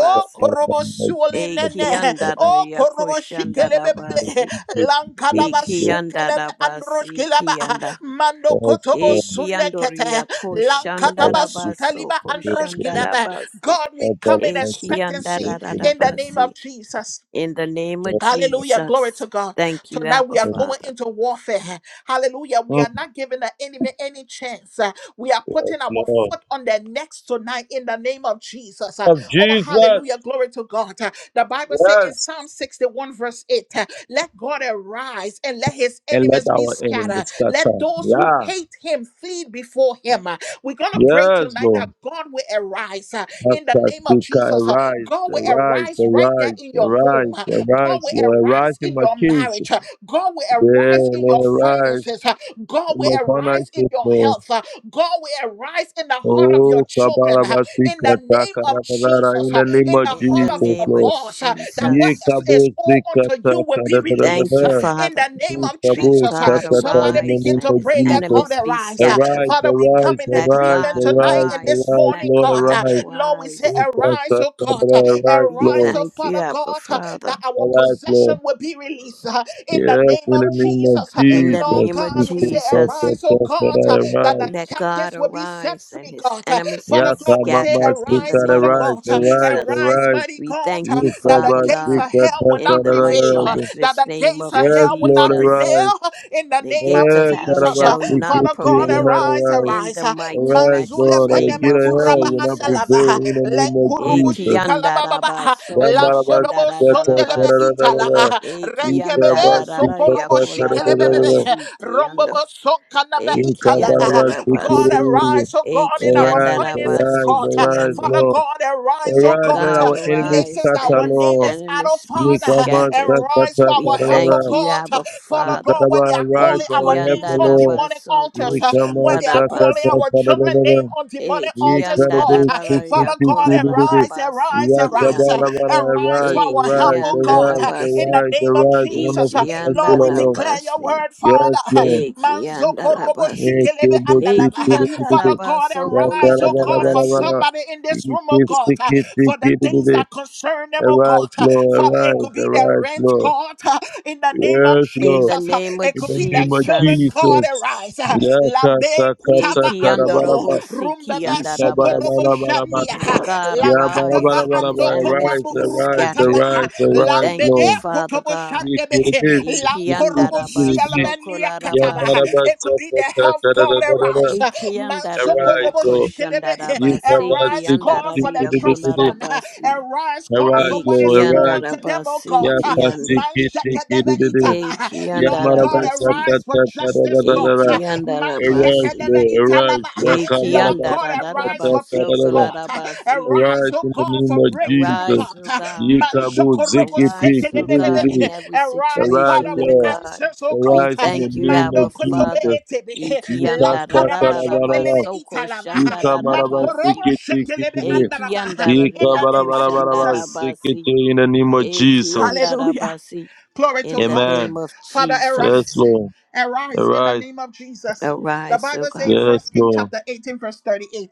Speaker 2: skip that. I'm not
Speaker 1: Korobo
Speaker 2: going to skip
Speaker 1: Suolinene,
Speaker 2: that.
Speaker 1: Oh,
Speaker 3: Ekiandaria
Speaker 1: Korobo Shikelebebe,
Speaker 3: koshandarabasi.
Speaker 2: Yes,
Speaker 1: Lankadaba sukeleme
Speaker 3: Ekiandarabasi
Speaker 1: androshkilaba
Speaker 3: kianda.
Speaker 1: mando kotobo
Speaker 2: Lord.
Speaker 1: sunekete
Speaker 3: Ekiandoria
Speaker 1: lankataba
Speaker 3: koshandarabaso
Speaker 1: sutaliba androshkilaba.
Speaker 3: koshandarabasi.
Speaker 1: God, we come in expectancy in the name
Speaker 3: Ekiandararabasi.
Speaker 1: of Jesus.
Speaker 3: In the name of
Speaker 1: Hallelujah. Glory
Speaker 3: Jesus.
Speaker 1: to God.
Speaker 3: Thank you,
Speaker 1: Tonight
Speaker 3: Abba
Speaker 1: we are going
Speaker 3: Father.
Speaker 1: into warfare. Hallelujah. We are not giving the enemy any chance. Uh, We are putting our foot on their necks tonight in the name of Jesus. Uh,
Speaker 2: Of
Speaker 1: Oh,
Speaker 2: Jesus.
Speaker 1: hallelujah. Glory to God. Uh, The Bible says in Psalm
Speaker 2: Yes.
Speaker 1: 61, verse 8, uh, let God arise and let his
Speaker 2: And let
Speaker 1: enemies be
Speaker 2: our
Speaker 1: scattered.
Speaker 2: enemies
Speaker 1: Let
Speaker 2: scatter.
Speaker 1: those who
Speaker 2: Yeah.
Speaker 1: hate him flee before him. Uh, We're going to pray
Speaker 2: Yes,
Speaker 1: tonight that
Speaker 2: Lord.
Speaker 1: God will arise uh, in the name of
Speaker 2: Akasika,
Speaker 1: Jesus. Uh,
Speaker 2: arise,
Speaker 1: God will
Speaker 2: arise,
Speaker 1: arise right there
Speaker 2: arise,
Speaker 1: in your home.
Speaker 2: arise,
Speaker 1: God
Speaker 2: arise,
Speaker 1: will
Speaker 2: Lord, arise
Speaker 1: arise
Speaker 2: in
Speaker 1: in
Speaker 2: my
Speaker 1: your
Speaker 2: case.
Speaker 1: marriage. uh, God will
Speaker 2: Yeah,
Speaker 1: arise in your
Speaker 2: Lord, arise
Speaker 1: finances. uh, God
Speaker 2: in
Speaker 1: will
Speaker 2: my
Speaker 1: arise in
Speaker 2: finances,
Speaker 1: your
Speaker 2: Lord.
Speaker 1: health. uh, God will arise in the heart of your
Speaker 2: Oh,
Speaker 1: children. uh, In
Speaker 2: Kabarabasika,
Speaker 1: the name of
Speaker 2: Karabara,
Speaker 1: Jesus,
Speaker 2: in
Speaker 1: uh,
Speaker 2: the name
Speaker 1: in the
Speaker 2: of
Speaker 3: In
Speaker 1: heart
Speaker 3: the
Speaker 1: of
Speaker 2: Jesus,
Speaker 1: your
Speaker 3: name of
Speaker 2: Lord.
Speaker 1: boss, uh, that what
Speaker 2: Ye
Speaker 3: Jesus.
Speaker 1: is
Speaker 2: Kabo
Speaker 1: is all unto
Speaker 2: Sikata,
Speaker 1: you will be
Speaker 3: We thank
Speaker 1: released.
Speaker 3: you,
Speaker 1: uh,
Speaker 2: Kadadadadada.
Speaker 1: In
Speaker 3: Father.
Speaker 1: the name
Speaker 2: Ye
Speaker 1: of
Speaker 3: Let
Speaker 2: Kabo
Speaker 1: Jesus, uh,
Speaker 3: God
Speaker 2: Sakata,
Speaker 1: somebody
Speaker 2: in the
Speaker 3: arise
Speaker 1: begin
Speaker 2: name
Speaker 1: to
Speaker 3: and
Speaker 2: of
Speaker 3: his
Speaker 1: pray. Let
Speaker 2: Jesus.
Speaker 1: God
Speaker 3: enemies be
Speaker 1: arise. uh,
Speaker 3: scattered.
Speaker 2: Arise,
Speaker 1: Father, we come
Speaker 2: arise,
Speaker 1: in
Speaker 3: Let
Speaker 2: arise,
Speaker 1: agreement
Speaker 3: God
Speaker 1: tonight
Speaker 2: arise,
Speaker 1: and this
Speaker 3: arise.
Speaker 2: arise,
Speaker 3: Let
Speaker 1: morning,
Speaker 2: Lord,
Speaker 1: God. uh,
Speaker 3: God
Speaker 2: arise.
Speaker 1: Lord, we say,
Speaker 3: arise.
Speaker 2: Ye
Speaker 1: arise, oh God. uh,
Speaker 2: Kasakadada, Arise,
Speaker 3: We
Speaker 1: Arise,
Speaker 2: Lord.
Speaker 1: oh
Speaker 3: thank you,
Speaker 1: Father
Speaker 3: Abba
Speaker 1: God. huh?
Speaker 3: Father.
Speaker 1: that our
Speaker 2: Arise,
Speaker 1: possession
Speaker 2: Lord.
Speaker 1: will be released uh, in the
Speaker 2: Yes,
Speaker 1: name
Speaker 2: in
Speaker 1: of
Speaker 2: the name of
Speaker 1: Jesus. uh,
Speaker 3: In the
Speaker 1: Lord
Speaker 2: Jesus.
Speaker 3: name of
Speaker 1: God,
Speaker 2: Ye
Speaker 1: we say,
Speaker 3: Jesus,
Speaker 2: Kasakata,
Speaker 1: arise, oh God, uh,
Speaker 2: Kadadada,
Speaker 1: that the
Speaker 2: Arise.
Speaker 3: let God
Speaker 1: captives will be set
Speaker 3: arise and
Speaker 1: free,
Speaker 3: his
Speaker 1: God. uh,
Speaker 3: enemies be
Speaker 1: Father
Speaker 2: Yaka
Speaker 1: God, we say,
Speaker 2: Mama
Speaker 3: scattered. In the
Speaker 1: arise,
Speaker 2: Sikata,
Speaker 1: Father
Speaker 3: name of
Speaker 2: arise,
Speaker 1: God, uh,
Speaker 2: arise,
Speaker 3: Jesus,
Speaker 1: arise,
Speaker 2: arise.
Speaker 1: mighty
Speaker 3: we
Speaker 1: God,
Speaker 3: thank
Speaker 1: uh,
Speaker 3: you,
Speaker 1: that the
Speaker 3: Father
Speaker 1: gates
Speaker 3: God.
Speaker 1: of hell will
Speaker 3: In
Speaker 1: not
Speaker 3: the
Speaker 1: prevail,
Speaker 3: mighty,
Speaker 1: uh,
Speaker 2: Yikabasikatakarabarabara.
Speaker 1: that
Speaker 3: matchless
Speaker 1: the
Speaker 3: name
Speaker 1: gates
Speaker 3: of
Speaker 1: of
Speaker 2: Yes,
Speaker 1: hell will
Speaker 2: Lord,
Speaker 1: not prevail
Speaker 3: Jesus.
Speaker 2: arise.
Speaker 1: uh, in the
Speaker 3: The
Speaker 1: name of
Speaker 3: gates of
Speaker 2: Eh,
Speaker 3: hell
Speaker 1: Jesus. uh,
Speaker 3: shall not
Speaker 2: karabasikiti
Speaker 1: Father God,
Speaker 2: will
Speaker 3: prevail
Speaker 2: not
Speaker 1: arise,
Speaker 2: arise.
Speaker 3: in
Speaker 1: arise.
Speaker 3: the
Speaker 1: uh,
Speaker 3: mighty,
Speaker 2: Arise,
Speaker 1: Manzule
Speaker 3: matchless
Speaker 2: Lord, and the
Speaker 3: name
Speaker 1: peneme
Speaker 2: gate
Speaker 3: of
Speaker 2: of hell
Speaker 1: kuraba
Speaker 2: will not
Speaker 3: Jesus.
Speaker 1: andalava,
Speaker 2: prevail
Speaker 1: uh,
Speaker 2: in the name of
Speaker 1: lenkurubu
Speaker 2: Jesus.
Speaker 1: shikalababa, uh,
Speaker 3: Ekiandarabasoko
Speaker 1: Lankorobo sondelebe
Speaker 3: shandarararabasi.
Speaker 1: italaba.
Speaker 2: Yamarabasikatakarabara.
Speaker 1: Renkebebe sokorobo shikelebebebe.
Speaker 2: Yikabasikatakarabara.
Speaker 3: Ekiandarararariakolarabasi kiando.
Speaker 1: Rombobo sonkanaba italaba. God
Speaker 3: Ekiandarabasi.
Speaker 2: Yikabarabasikiri.
Speaker 1: arise, oh God, in our
Speaker 2: Arise,
Speaker 1: finances,
Speaker 2: arise,
Speaker 3: Ekiandarabasi
Speaker 1: God.
Speaker 2: arise,
Speaker 3: kiande.
Speaker 1: Father
Speaker 2: Lord.
Speaker 1: God, arise, oh
Speaker 3: Let
Speaker 2: Arise
Speaker 1: God.
Speaker 2: that
Speaker 3: God
Speaker 2: our enemies
Speaker 3: arise
Speaker 1: Places that
Speaker 2: scatter,
Speaker 3: and
Speaker 1: our
Speaker 3: his
Speaker 1: name
Speaker 2: Lord.
Speaker 1: is out of
Speaker 3: enemies be
Speaker 1: Father.
Speaker 3: scattered.
Speaker 1: And rise for
Speaker 3: We
Speaker 1: our help, oh
Speaker 3: thank
Speaker 2: Yikamasakatakarabara.
Speaker 3: you,
Speaker 1: God.
Speaker 3: Abba
Speaker 1: Father
Speaker 3: Father.
Speaker 1: God, where
Speaker 2: Ikaraba,
Speaker 1: they are
Speaker 2: Arise
Speaker 1: calling
Speaker 2: for
Speaker 1: our
Speaker 2: our help, O
Speaker 1: names on
Speaker 2: Lord.
Speaker 1: demonic
Speaker 3: Ekiandarabaso
Speaker 1: altars. uh, Where
Speaker 2: Ikama
Speaker 1: they are calling
Speaker 2: sakata
Speaker 3: koshandarabasi.
Speaker 1: our children name
Speaker 2: kadadadada.
Speaker 1: on demonic altars is God.
Speaker 2: Ikarabe
Speaker 1: Uh,
Speaker 3: Ekiandarara
Speaker 2: siki
Speaker 1: Father
Speaker 2: tiki
Speaker 1: God,
Speaker 2: dididi.
Speaker 1: arise,
Speaker 3: yakolararabasi
Speaker 1: arise, arise, uh,
Speaker 3: kiande.
Speaker 2: Yakabalabala,
Speaker 1: arise for
Speaker 2: Arise,
Speaker 1: our help,
Speaker 2: arise,
Speaker 1: oh God, uh,
Speaker 2: arise,
Speaker 1: in
Speaker 3: Ekiandarabasi.
Speaker 1: the
Speaker 2: arise,
Speaker 1: name of
Speaker 2: arise.
Speaker 1: Jesus. Uh,
Speaker 2: Wonderful
Speaker 1: Lord,
Speaker 2: counselor,
Speaker 1: we
Speaker 2: Lord.
Speaker 1: declare your
Speaker 3: Ekiandarabasi.
Speaker 1: word, Father.
Speaker 2: Yes,
Speaker 1: Uh,
Speaker 2: Lord.
Speaker 1: Manzoko robo
Speaker 3: Ekiandarabasi.
Speaker 1: shikelebe
Speaker 2: Ikebo
Speaker 1: andalava.
Speaker 2: siki
Speaker 1: Uh,
Speaker 2: dididi.
Speaker 1: Father God,
Speaker 3: Ekiandarabaso kola
Speaker 1: arise, oh God, for
Speaker 3: rabasi.
Speaker 2: Yakarabalabalabala.
Speaker 1: somebody in this room,
Speaker 2: Iki
Speaker 1: oh God, uh,
Speaker 2: siki tiki
Speaker 1: for the things
Speaker 2: dididi.
Speaker 1: that concern them, oh God.
Speaker 2: Arise,
Speaker 1: Uh,
Speaker 2: Lord,
Speaker 1: Father, it could
Speaker 2: arise,
Speaker 1: be their
Speaker 2: arise,
Speaker 1: rent,
Speaker 2: Lord.
Speaker 1: God, uh, in the name of
Speaker 2: Yes, Lord.
Speaker 3: In the
Speaker 1: Jesus. Uh,
Speaker 3: name of
Speaker 1: It
Speaker 2: In
Speaker 1: could
Speaker 2: the
Speaker 1: be their
Speaker 2: name of
Speaker 1: children,
Speaker 3: Jesus.
Speaker 1: God,
Speaker 2: Jesus.
Speaker 1: arise. Lambe kutava ando ho.
Speaker 2: Yakasakatakarabaraba.
Speaker 3: Ekiandarabusi
Speaker 1: Rumbebe sokodobo
Speaker 3: kiandarabasi
Speaker 2: Ikabarabarabaraba.
Speaker 1: shandia.
Speaker 3: Let God
Speaker 1: Lankadava
Speaker 3: arise and
Speaker 2: Yabarabarabaraba.
Speaker 3: his
Speaker 1: ando
Speaker 3: enemies
Speaker 2: Arise,
Speaker 1: komambu
Speaker 3: be
Speaker 2: arise,
Speaker 1: rukataba.
Speaker 3: scattered.
Speaker 2: arise,
Speaker 3: We
Speaker 2: arise,
Speaker 3: thank
Speaker 1: Lambede
Speaker 3: you,
Speaker 2: Lord.
Speaker 3: Father
Speaker 1: kotobo
Speaker 3: God.
Speaker 1: shandebe.
Speaker 2: Ikiribid, sikiribid,
Speaker 1: Lankorobo
Speaker 2: ikiribid.
Speaker 1: sialabenia kataba.
Speaker 3: Ikiandarabasi.
Speaker 1: It could be the health God
Speaker 2: Yamarabasakatakararararara.
Speaker 1: arise.
Speaker 3: Ikiandararia
Speaker 2: Arise,
Speaker 1: Mansokorobo
Speaker 2: Lord.
Speaker 1: shikelebe.
Speaker 3: koshandarabasi.
Speaker 1: Arise, call for the
Speaker 3: Ikiandararia
Speaker 1: trust
Speaker 2: Yikabasikiribidibidi.
Speaker 1: fund.
Speaker 3: kolarabasi.
Speaker 1: Arise, call for
Speaker 2: Arise,
Speaker 1: what is
Speaker 2: Lord,
Speaker 1: all
Speaker 2: arise.
Speaker 1: unto them, O
Speaker 3: Ikiandarabasi.
Speaker 1: God.
Speaker 3: Kiande.
Speaker 1: Man
Speaker 2: Yakasikiribidibidi.
Speaker 1: Itala. Lord God,
Speaker 3: Ikiandarabasi.
Speaker 1: arise for justice, God.
Speaker 2: Yamarabasakatakararararara.
Speaker 1: Man
Speaker 2: Arise,
Speaker 1: shekedebe
Speaker 3: Ikiandarabasi.
Speaker 2: Lord, arise.
Speaker 1: italava. Lord God, arise for
Speaker 3: Ikiandarabasi.
Speaker 1: peace,
Speaker 2: Yakamarabasikatakarabaraba.
Speaker 1: God.
Speaker 3: Kolarabasi.
Speaker 1: Arise,
Speaker 2: Arise
Speaker 1: oh
Speaker 2: in the
Speaker 1: God,
Speaker 2: name
Speaker 1: for
Speaker 2: of
Speaker 1: breakthrough, God.
Speaker 3: Arise,
Speaker 2: Jesus.
Speaker 3: O God.
Speaker 1: Man shokorobo
Speaker 3: Arise, O God, in
Speaker 1: sekedebebe.
Speaker 2: Yikabuzikipitiriri.
Speaker 3: every
Speaker 1: Arise,
Speaker 2: Arise,
Speaker 1: Father,
Speaker 3: situation, O
Speaker 1: with
Speaker 2: Lord.
Speaker 3: God.
Speaker 1: answers, oh
Speaker 3: We
Speaker 1: God.
Speaker 2: Arise in the
Speaker 3: thank you,
Speaker 2: name
Speaker 1: Mando
Speaker 3: Abba
Speaker 2: of
Speaker 1: kotobe
Speaker 3: Father.
Speaker 2: Jesus.
Speaker 1: etebe. Lankaraba
Speaker 3: Ikiandarararaba,
Speaker 1: shondelebe
Speaker 2: Yikasakarabaraba.
Speaker 3: soko
Speaker 1: italava. Makorobo
Speaker 3: shandararabasi.
Speaker 1: shekelebe
Speaker 2: Yikamarabasikitikitiri.
Speaker 1: andaraba. In the
Speaker 3: Ikiandarariako
Speaker 1: name of Jesus.
Speaker 3: shandarabasi.
Speaker 2: Yikabarabarabarabasikitikiri. In the name of Jesus.
Speaker 1: Hallelujah.
Speaker 3: Ikiandarabasi.
Speaker 1: Glory to
Speaker 3: In the
Speaker 1: God.
Speaker 3: name
Speaker 2: Amen.
Speaker 3: of
Speaker 1: Father,
Speaker 2: Yes,
Speaker 3: Jesus,
Speaker 1: arise.
Speaker 2: Lord.
Speaker 1: Arise in the
Speaker 2: Arise.
Speaker 1: name of Jesus. The
Speaker 3: arise, O
Speaker 1: Bible says in
Speaker 3: God.
Speaker 2: Yes,
Speaker 1: First King
Speaker 2: Lord.
Speaker 1: chapter 18, verse 38.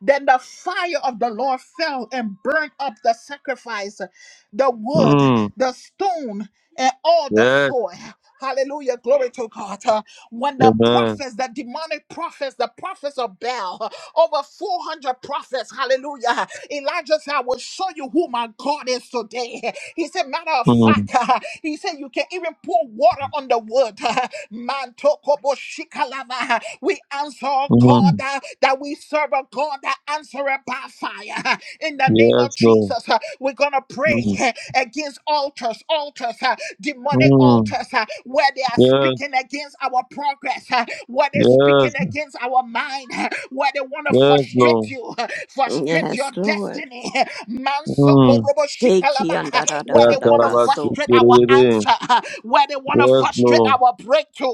Speaker 1: Then the fire of the Lord fell and burned up the sacrifice, the wood,
Speaker 2: Mm.
Speaker 1: the stone, and all the
Speaker 2: Yes.
Speaker 1: soil. Hallelujah. Glory to God. Uh, When the
Speaker 2: Amen.
Speaker 1: prophets, the demonic prophets, the prophets of Baal, uh, over 400 prophets, hallelujah. Elijah said, I will show you who my God is today. He said, matter of
Speaker 2: Mm.
Speaker 1: fact, he said, you can even pour water on the wood. Mantokoboshikalabaha. We answer "Oh God
Speaker 2: Mm.
Speaker 1: uh, that we serve a God that answers by fire. In the name of
Speaker 2: Yes, Lord.
Speaker 1: Jesus, uh, we're going to pray
Speaker 2: Mm.
Speaker 1: uh, against altars, altars, uh, demonic
Speaker 2: Mm.
Speaker 1: altars uh, where they are
Speaker 2: Yes,
Speaker 1: speaking against our progress, uh, where they're
Speaker 2: yes,
Speaker 1: speaking against our mind, uh, where they want to
Speaker 2: yes,
Speaker 1: frustrate
Speaker 2: Lord.
Speaker 1: you, uh, frustrate
Speaker 3: Yes,
Speaker 1: your
Speaker 3: Lord.
Speaker 1: destiny.
Speaker 2: Mm.
Speaker 1: Mansokorobo-shikalaba, where they
Speaker 2: That
Speaker 1: want to
Speaker 2: Karabatsi
Speaker 3: Ikiandarararabaso.
Speaker 1: frustrate our
Speaker 2: Kiriri.
Speaker 1: answer, where they want to
Speaker 2: Yes,
Speaker 1: frustrate
Speaker 2: Lord.
Speaker 1: our breakthrough.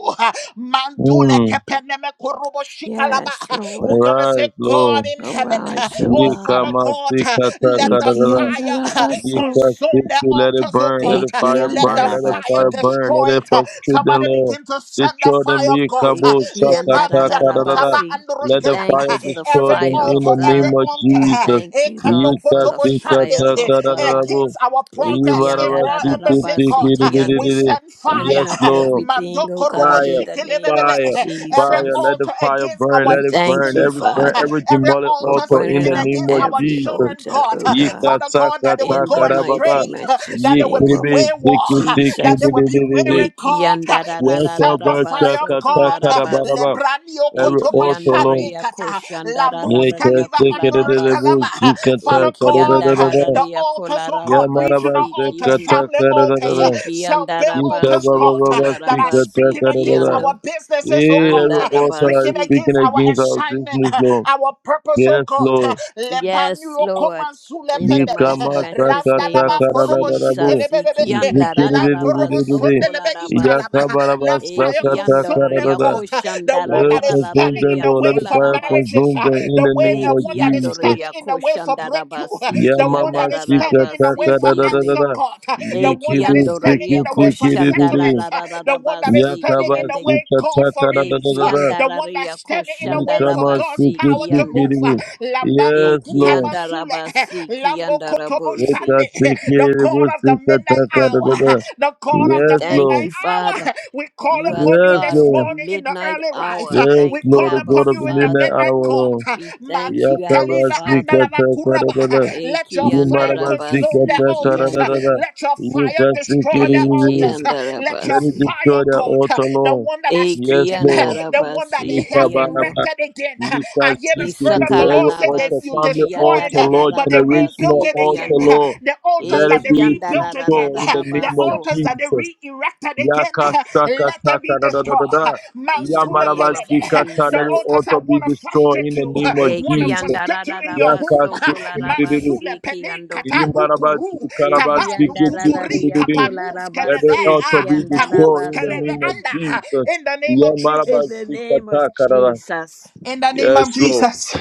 Speaker 1: Mandule
Speaker 2: Mm.
Speaker 1: kepeneme korobo shikalaba.
Speaker 3: Yes,
Speaker 1: We're
Speaker 3: Lord.
Speaker 1: gonna say,
Speaker 2: Arise,
Speaker 1: God
Speaker 2: Lord.
Speaker 1: in heaven,
Speaker 3: Arise, O
Speaker 1: oh Father
Speaker 3: God.
Speaker 1: God,
Speaker 2: Yikamasika
Speaker 1: let the fire
Speaker 3: Ikiandarabaso.
Speaker 2: Jesus,
Speaker 1: consume consume their
Speaker 2: let it
Speaker 1: altars, oh
Speaker 2: burn, let
Speaker 1: God.
Speaker 2: the
Speaker 1: Uh,
Speaker 2: fire
Speaker 1: Let the
Speaker 2: burn, let the
Speaker 1: fire
Speaker 3: Ekiandarabaso,
Speaker 2: fire burn,
Speaker 1: destroy
Speaker 2: let it
Speaker 1: it. Uh,
Speaker 2: frustrate them,
Speaker 1: Somebody
Speaker 2: Lord.
Speaker 1: begin to send the
Speaker 2: Destroy
Speaker 1: fire
Speaker 2: them,
Speaker 1: of God. Uh,
Speaker 2: Yikabu, Sakata,
Speaker 1: Lebania kutaba
Speaker 2: Karada.
Speaker 3: ekiandarararabasi. We
Speaker 2: Let the
Speaker 3: Thank
Speaker 1: androshkelaba.
Speaker 3: you
Speaker 2: fire
Speaker 1: Uh,
Speaker 3: for the
Speaker 1: Every
Speaker 2: destroy
Speaker 3: fire
Speaker 2: them in
Speaker 3: of
Speaker 1: altar,
Speaker 2: the
Speaker 1: every
Speaker 2: name
Speaker 3: God.
Speaker 2: of
Speaker 1: altar uh,
Speaker 2: Jesus.
Speaker 3: Thank you, Lord, for
Speaker 2: Yika,
Speaker 3: the
Speaker 1: ekanokotobo
Speaker 3: fire
Speaker 2: Sikata,
Speaker 1: shande,
Speaker 3: of
Speaker 1: uh,
Speaker 2: Karada,
Speaker 3: God.
Speaker 1: against our progress in
Speaker 2: Yivarava,
Speaker 1: Royal Embassy
Speaker 2: Sikiti,
Speaker 3: Ekiandarararabasi,
Speaker 1: Court. We
Speaker 3: kiande.
Speaker 1: send
Speaker 3: Burning
Speaker 2: Yes,
Speaker 3: up
Speaker 1: fire.
Speaker 2: Lord,
Speaker 3: everything, oh
Speaker 1: Mandoko robo
Speaker 3: God, in
Speaker 2: fire,
Speaker 3: the name of
Speaker 2: fire,
Speaker 1: shikelebebebe. Every
Speaker 2: fire,
Speaker 3: Jesus.
Speaker 2: let the
Speaker 1: altar
Speaker 2: fire
Speaker 1: against
Speaker 2: burn,
Speaker 1: our
Speaker 3: We
Speaker 2: let it
Speaker 3: thank
Speaker 2: burn,
Speaker 3: you,
Speaker 1: destiny,
Speaker 2: every
Speaker 1: God.
Speaker 2: burn,
Speaker 3: Father,
Speaker 2: every
Speaker 1: Every
Speaker 2: demonic
Speaker 3: for
Speaker 1: altar
Speaker 2: altar in
Speaker 3: burning
Speaker 1: speaking
Speaker 2: the
Speaker 3: up
Speaker 2: name
Speaker 1: against
Speaker 2: of
Speaker 1: our
Speaker 3: every
Speaker 2: Jesus.
Speaker 1: children,
Speaker 3: altar,
Speaker 1: God.
Speaker 3: oh God.
Speaker 1: Father God, that they will
Speaker 3: in
Speaker 1: go
Speaker 3: the
Speaker 2: Yikasakatakara
Speaker 3: mighty
Speaker 1: astray,
Speaker 3: matchless
Speaker 1: that they will
Speaker 3: name
Speaker 1: be
Speaker 3: of
Speaker 2: Yikiribi
Speaker 1: wayward,
Speaker 2: sikitiki
Speaker 1: that they
Speaker 3: Jesus.
Speaker 1: will be
Speaker 2: bidididi.
Speaker 1: weary, God. We send the fire of God.
Speaker 2: Yakabasakatakarababa.
Speaker 3: Ekiandararararabasokolarabasi.
Speaker 1: Lebranio
Speaker 2: Every
Speaker 1: kotoma
Speaker 2: altar, Lord.
Speaker 3: Ekiandoria
Speaker 1: shandikata. Lambus
Speaker 3: koshandararararia
Speaker 1: kaliva androsh
Speaker 2: Yikasikidididi.
Speaker 3: kolarabasi.
Speaker 1: kalava. Father God, uh,
Speaker 2: Zikatakarababa.
Speaker 1: the
Speaker 3: Ekiandarararia
Speaker 1: altars, oh God,
Speaker 2: Yamaraba
Speaker 1: regional
Speaker 3: kolarabasi
Speaker 1: altars,
Speaker 3: kiande.
Speaker 1: family altars, uh,
Speaker 2: sikatakarababa.
Speaker 1: self-built altars,
Speaker 3: Ekiandarabaso
Speaker 1: God, uh,
Speaker 2: Yitabababa
Speaker 1: that are
Speaker 3: kolarabasi
Speaker 1: speaking against
Speaker 2: sikatakarababa.
Speaker 3: kiando.
Speaker 1: our businesses, oh
Speaker 2: Yeah,
Speaker 1: God,
Speaker 2: every
Speaker 1: uh,
Speaker 2: altar that
Speaker 1: speaking
Speaker 2: is
Speaker 3: Andarabasi
Speaker 2: speaking
Speaker 1: against our
Speaker 2: against our
Speaker 1: assignment,
Speaker 2: business,
Speaker 1: uh,
Speaker 2: Lord.
Speaker 1: our purpose, oh
Speaker 2: Yes,
Speaker 1: God.
Speaker 2: Lord.
Speaker 1: uh,
Speaker 3: Yes,
Speaker 1: Lebanu
Speaker 3: Lord.
Speaker 1: okomanzule
Speaker 3: In the
Speaker 1: peneme,
Speaker 3: mighty, matchless name
Speaker 1: randalaba
Speaker 3: of
Speaker 1: korobo
Speaker 2: Ikamasakatakarabarabu.
Speaker 3: Jesus.
Speaker 1: shikelebebebe, lankorobo
Speaker 2: Zikiririririririri.
Speaker 1: sondelebe
Speaker 3: Ikiandarararabasokolarabasi.
Speaker 1: italama. Let fire consume them,
Speaker 2: Yakabarabasakatakarabaraba.
Speaker 1: God. The
Speaker 2: Eh,
Speaker 1: one that is
Speaker 2: Consume
Speaker 1: standing
Speaker 2: them,
Speaker 1: in the
Speaker 2: Lord. Let
Speaker 1: way
Speaker 2: the
Speaker 1: for
Speaker 2: fire
Speaker 1: marriages,
Speaker 3: Ikiandoriakoshandararararariakolarabasi.
Speaker 2: consume
Speaker 1: uh,
Speaker 2: them in
Speaker 1: the
Speaker 2: the
Speaker 1: way
Speaker 2: name
Speaker 1: the
Speaker 2: of
Speaker 1: one that is
Speaker 2: Jesus.
Speaker 1: standing in the way for breakthrough, uh,
Speaker 3: Ikiandoriakoshandarabasi.
Speaker 1: the one
Speaker 2: Yamama
Speaker 1: that is standing in the
Speaker 3: Ikiandarararabasi.
Speaker 1: way
Speaker 2: sikataka
Speaker 1: for
Speaker 2: da da da da
Speaker 3: Ikiande-
Speaker 1: answer
Speaker 2: da.
Speaker 1: God, uh, the one that
Speaker 2: Yikibi
Speaker 1: is standing in the way for
Speaker 2: sikitikiriri.
Speaker 1: settlements, uh, the one that is
Speaker 3: Ikiandoriakoshandararararabasi.
Speaker 1: standing
Speaker 2: Yakaba
Speaker 1: in the
Speaker 3: Ikiande-
Speaker 1: way, God, for
Speaker 2: sikataka da da da
Speaker 1: release,
Speaker 2: da
Speaker 1: uh,
Speaker 2: da.
Speaker 1: the one that's standing in the way for
Speaker 2: Yikama
Speaker 1: God's
Speaker 3: Ikiandarariakoshandarabasi.
Speaker 1: power to
Speaker 3: Ikiande.
Speaker 1: move.
Speaker 2: sikitikiriri.
Speaker 1: uh, Lambano
Speaker 3: Eh,
Speaker 2: Yes, Lord.
Speaker 1: Kutamasule,
Speaker 3: kiandarabasi,
Speaker 1: Lambo Kotobo
Speaker 2: Yes,
Speaker 3: kiandarabosi.
Speaker 2: Lord.
Speaker 1: Shande, the God of the midnight hour, the God
Speaker 3: We
Speaker 1: of the
Speaker 3: thank
Speaker 1: midnight
Speaker 3: you, Father.
Speaker 1: hour. We call
Speaker 3: You are the
Speaker 1: upon you
Speaker 2: Yes,
Speaker 3: God
Speaker 1: this
Speaker 3: of the
Speaker 2: Lord.
Speaker 1: morning in the
Speaker 3: midnight
Speaker 1: early rise.
Speaker 3: hour.
Speaker 2: Yes,
Speaker 3: Thank
Speaker 1: We
Speaker 3: you,
Speaker 2: Lord,
Speaker 1: call
Speaker 2: the
Speaker 3: Abba
Speaker 1: upon
Speaker 2: God of
Speaker 1: you
Speaker 2: the
Speaker 1: in the
Speaker 2: midnight
Speaker 3: Father.
Speaker 1: midnight
Speaker 2: hour,
Speaker 1: court.
Speaker 2: Lord.
Speaker 3: We thank you, Abba
Speaker 1: Mantukaliva
Speaker 3: Father.
Speaker 1: andalava kuraba.
Speaker 2: Yakabasikatakadadada.
Speaker 3: Eh,
Speaker 1: Let your fire consume their
Speaker 3: kiandarabasi,
Speaker 1: altars.
Speaker 3: kiande.
Speaker 2: Yimarabasikatakadadada.
Speaker 1: Let your fire destroy their
Speaker 3: Eh,
Speaker 2: Yikasikiriri.
Speaker 1: altars. Let your
Speaker 2: Let it
Speaker 3: kiandarabasi.
Speaker 2: destroy
Speaker 1: fire,
Speaker 2: their
Speaker 1: God,
Speaker 2: altar,
Speaker 1: the
Speaker 2: Lord.
Speaker 1: one that I
Speaker 3: Eh,
Speaker 1: speak
Speaker 2: Yes,
Speaker 1: in,
Speaker 2: Lord.
Speaker 1: the one that they
Speaker 3: kiandarabasi,
Speaker 1: have
Speaker 3: kiando.
Speaker 2: Yikabaraba,
Speaker 1: erected again. I hear the Spirit
Speaker 2: yikasikididi.
Speaker 1: of the Lord
Speaker 2: Every
Speaker 1: say that
Speaker 2: altar,
Speaker 1: you
Speaker 3: Isakalarabasi,
Speaker 2: family
Speaker 1: destroy
Speaker 2: altar,
Speaker 1: it,
Speaker 2: Lord,
Speaker 1: but they rebuilt
Speaker 2: generational
Speaker 3: kiandarararabasi,
Speaker 1: it
Speaker 2: altar,
Speaker 1: again.
Speaker 3: kiande.
Speaker 1: uh,
Speaker 2: Lord,
Speaker 1: The altars
Speaker 3: Eh,
Speaker 2: let
Speaker 1: that
Speaker 2: it
Speaker 1: they
Speaker 2: be
Speaker 1: rebuilt again,
Speaker 2: destroyed in
Speaker 1: uh,
Speaker 2: the
Speaker 1: the
Speaker 2: name of
Speaker 3: kiandarararabaso.
Speaker 1: altars that they
Speaker 2: Jesus.
Speaker 1: re erected again,
Speaker 2: Yaka
Speaker 1: uh,
Speaker 2: saka
Speaker 1: let them
Speaker 2: taka
Speaker 1: be
Speaker 2: da da da
Speaker 1: destroyed.
Speaker 2: da da.
Speaker 1: uh,
Speaker 3: In the
Speaker 1: Mazule
Speaker 2: Yamaraba
Speaker 3: name of
Speaker 1: pelebe. uh,
Speaker 2: sikata,
Speaker 1: The
Speaker 2: let
Speaker 3: Jesus.
Speaker 2: the
Speaker 1: altars that
Speaker 2: altar be
Speaker 1: want to
Speaker 2: destroyed
Speaker 1: frustrate
Speaker 2: in the
Speaker 1: you,
Speaker 2: name of
Speaker 1: want to
Speaker 2: Jesus.
Speaker 1: frustrate you in your
Speaker 2: Yaka
Speaker 1: home.
Speaker 3: Ekiandarararabaso
Speaker 2: sikididi.
Speaker 1: Mazule
Speaker 3: kolarabasi
Speaker 1: pene
Speaker 3: kiando.
Speaker 1: katalukuru, tavanu kuturi kapanus
Speaker 2: Let the
Speaker 1: kelebe,
Speaker 3: Ekiandararariakolarabasi
Speaker 2: altar
Speaker 1: ah,
Speaker 2: be
Speaker 1: tahus
Speaker 2: destroyed in the
Speaker 3: kiandarabaso.
Speaker 1: kelebe
Speaker 2: name of
Speaker 1: anda. uh,
Speaker 2: Jesus.
Speaker 1: In the name of
Speaker 2: Yamaraba
Speaker 3: In
Speaker 1: Jesus.
Speaker 3: the name of
Speaker 2: sikata
Speaker 3: Jesus.
Speaker 1: In the name
Speaker 2: Yes,
Speaker 1: of
Speaker 2: Lord.
Speaker 1: Jesus.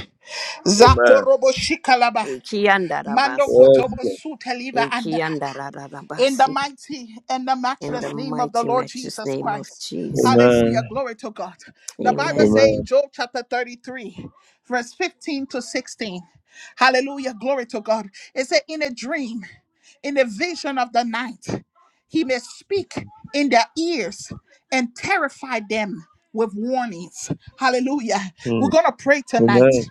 Speaker 2: Amen.
Speaker 1: Zakorobo shikalaba. Mando
Speaker 3: Ekiandarabaso.
Speaker 2: Yes,
Speaker 1: kotobo
Speaker 2: Lord.
Speaker 1: su teliva In the
Speaker 3: Ekiandarararabasi.
Speaker 1: mighty and the
Speaker 3: In the
Speaker 1: matchless name of the
Speaker 3: mighty
Speaker 1: Lord
Speaker 3: matchless
Speaker 1: Jesus
Speaker 3: name of
Speaker 1: Christ.
Speaker 3: Jesus.
Speaker 1: Hallelujah.
Speaker 2: Amen.
Speaker 1: Glory to God. The Bible
Speaker 3: Amen.
Speaker 1: says
Speaker 2: Amen.
Speaker 1: in Job chapter 33, verse 15 to 16. Hallelujah. Glory to God. It said, In a dream, in a vision of the night, he may speak in their ears and terrify them with warnings. Hallelujah. We're
Speaker 2: Mm.
Speaker 1: going to pray tonight
Speaker 2: Amen.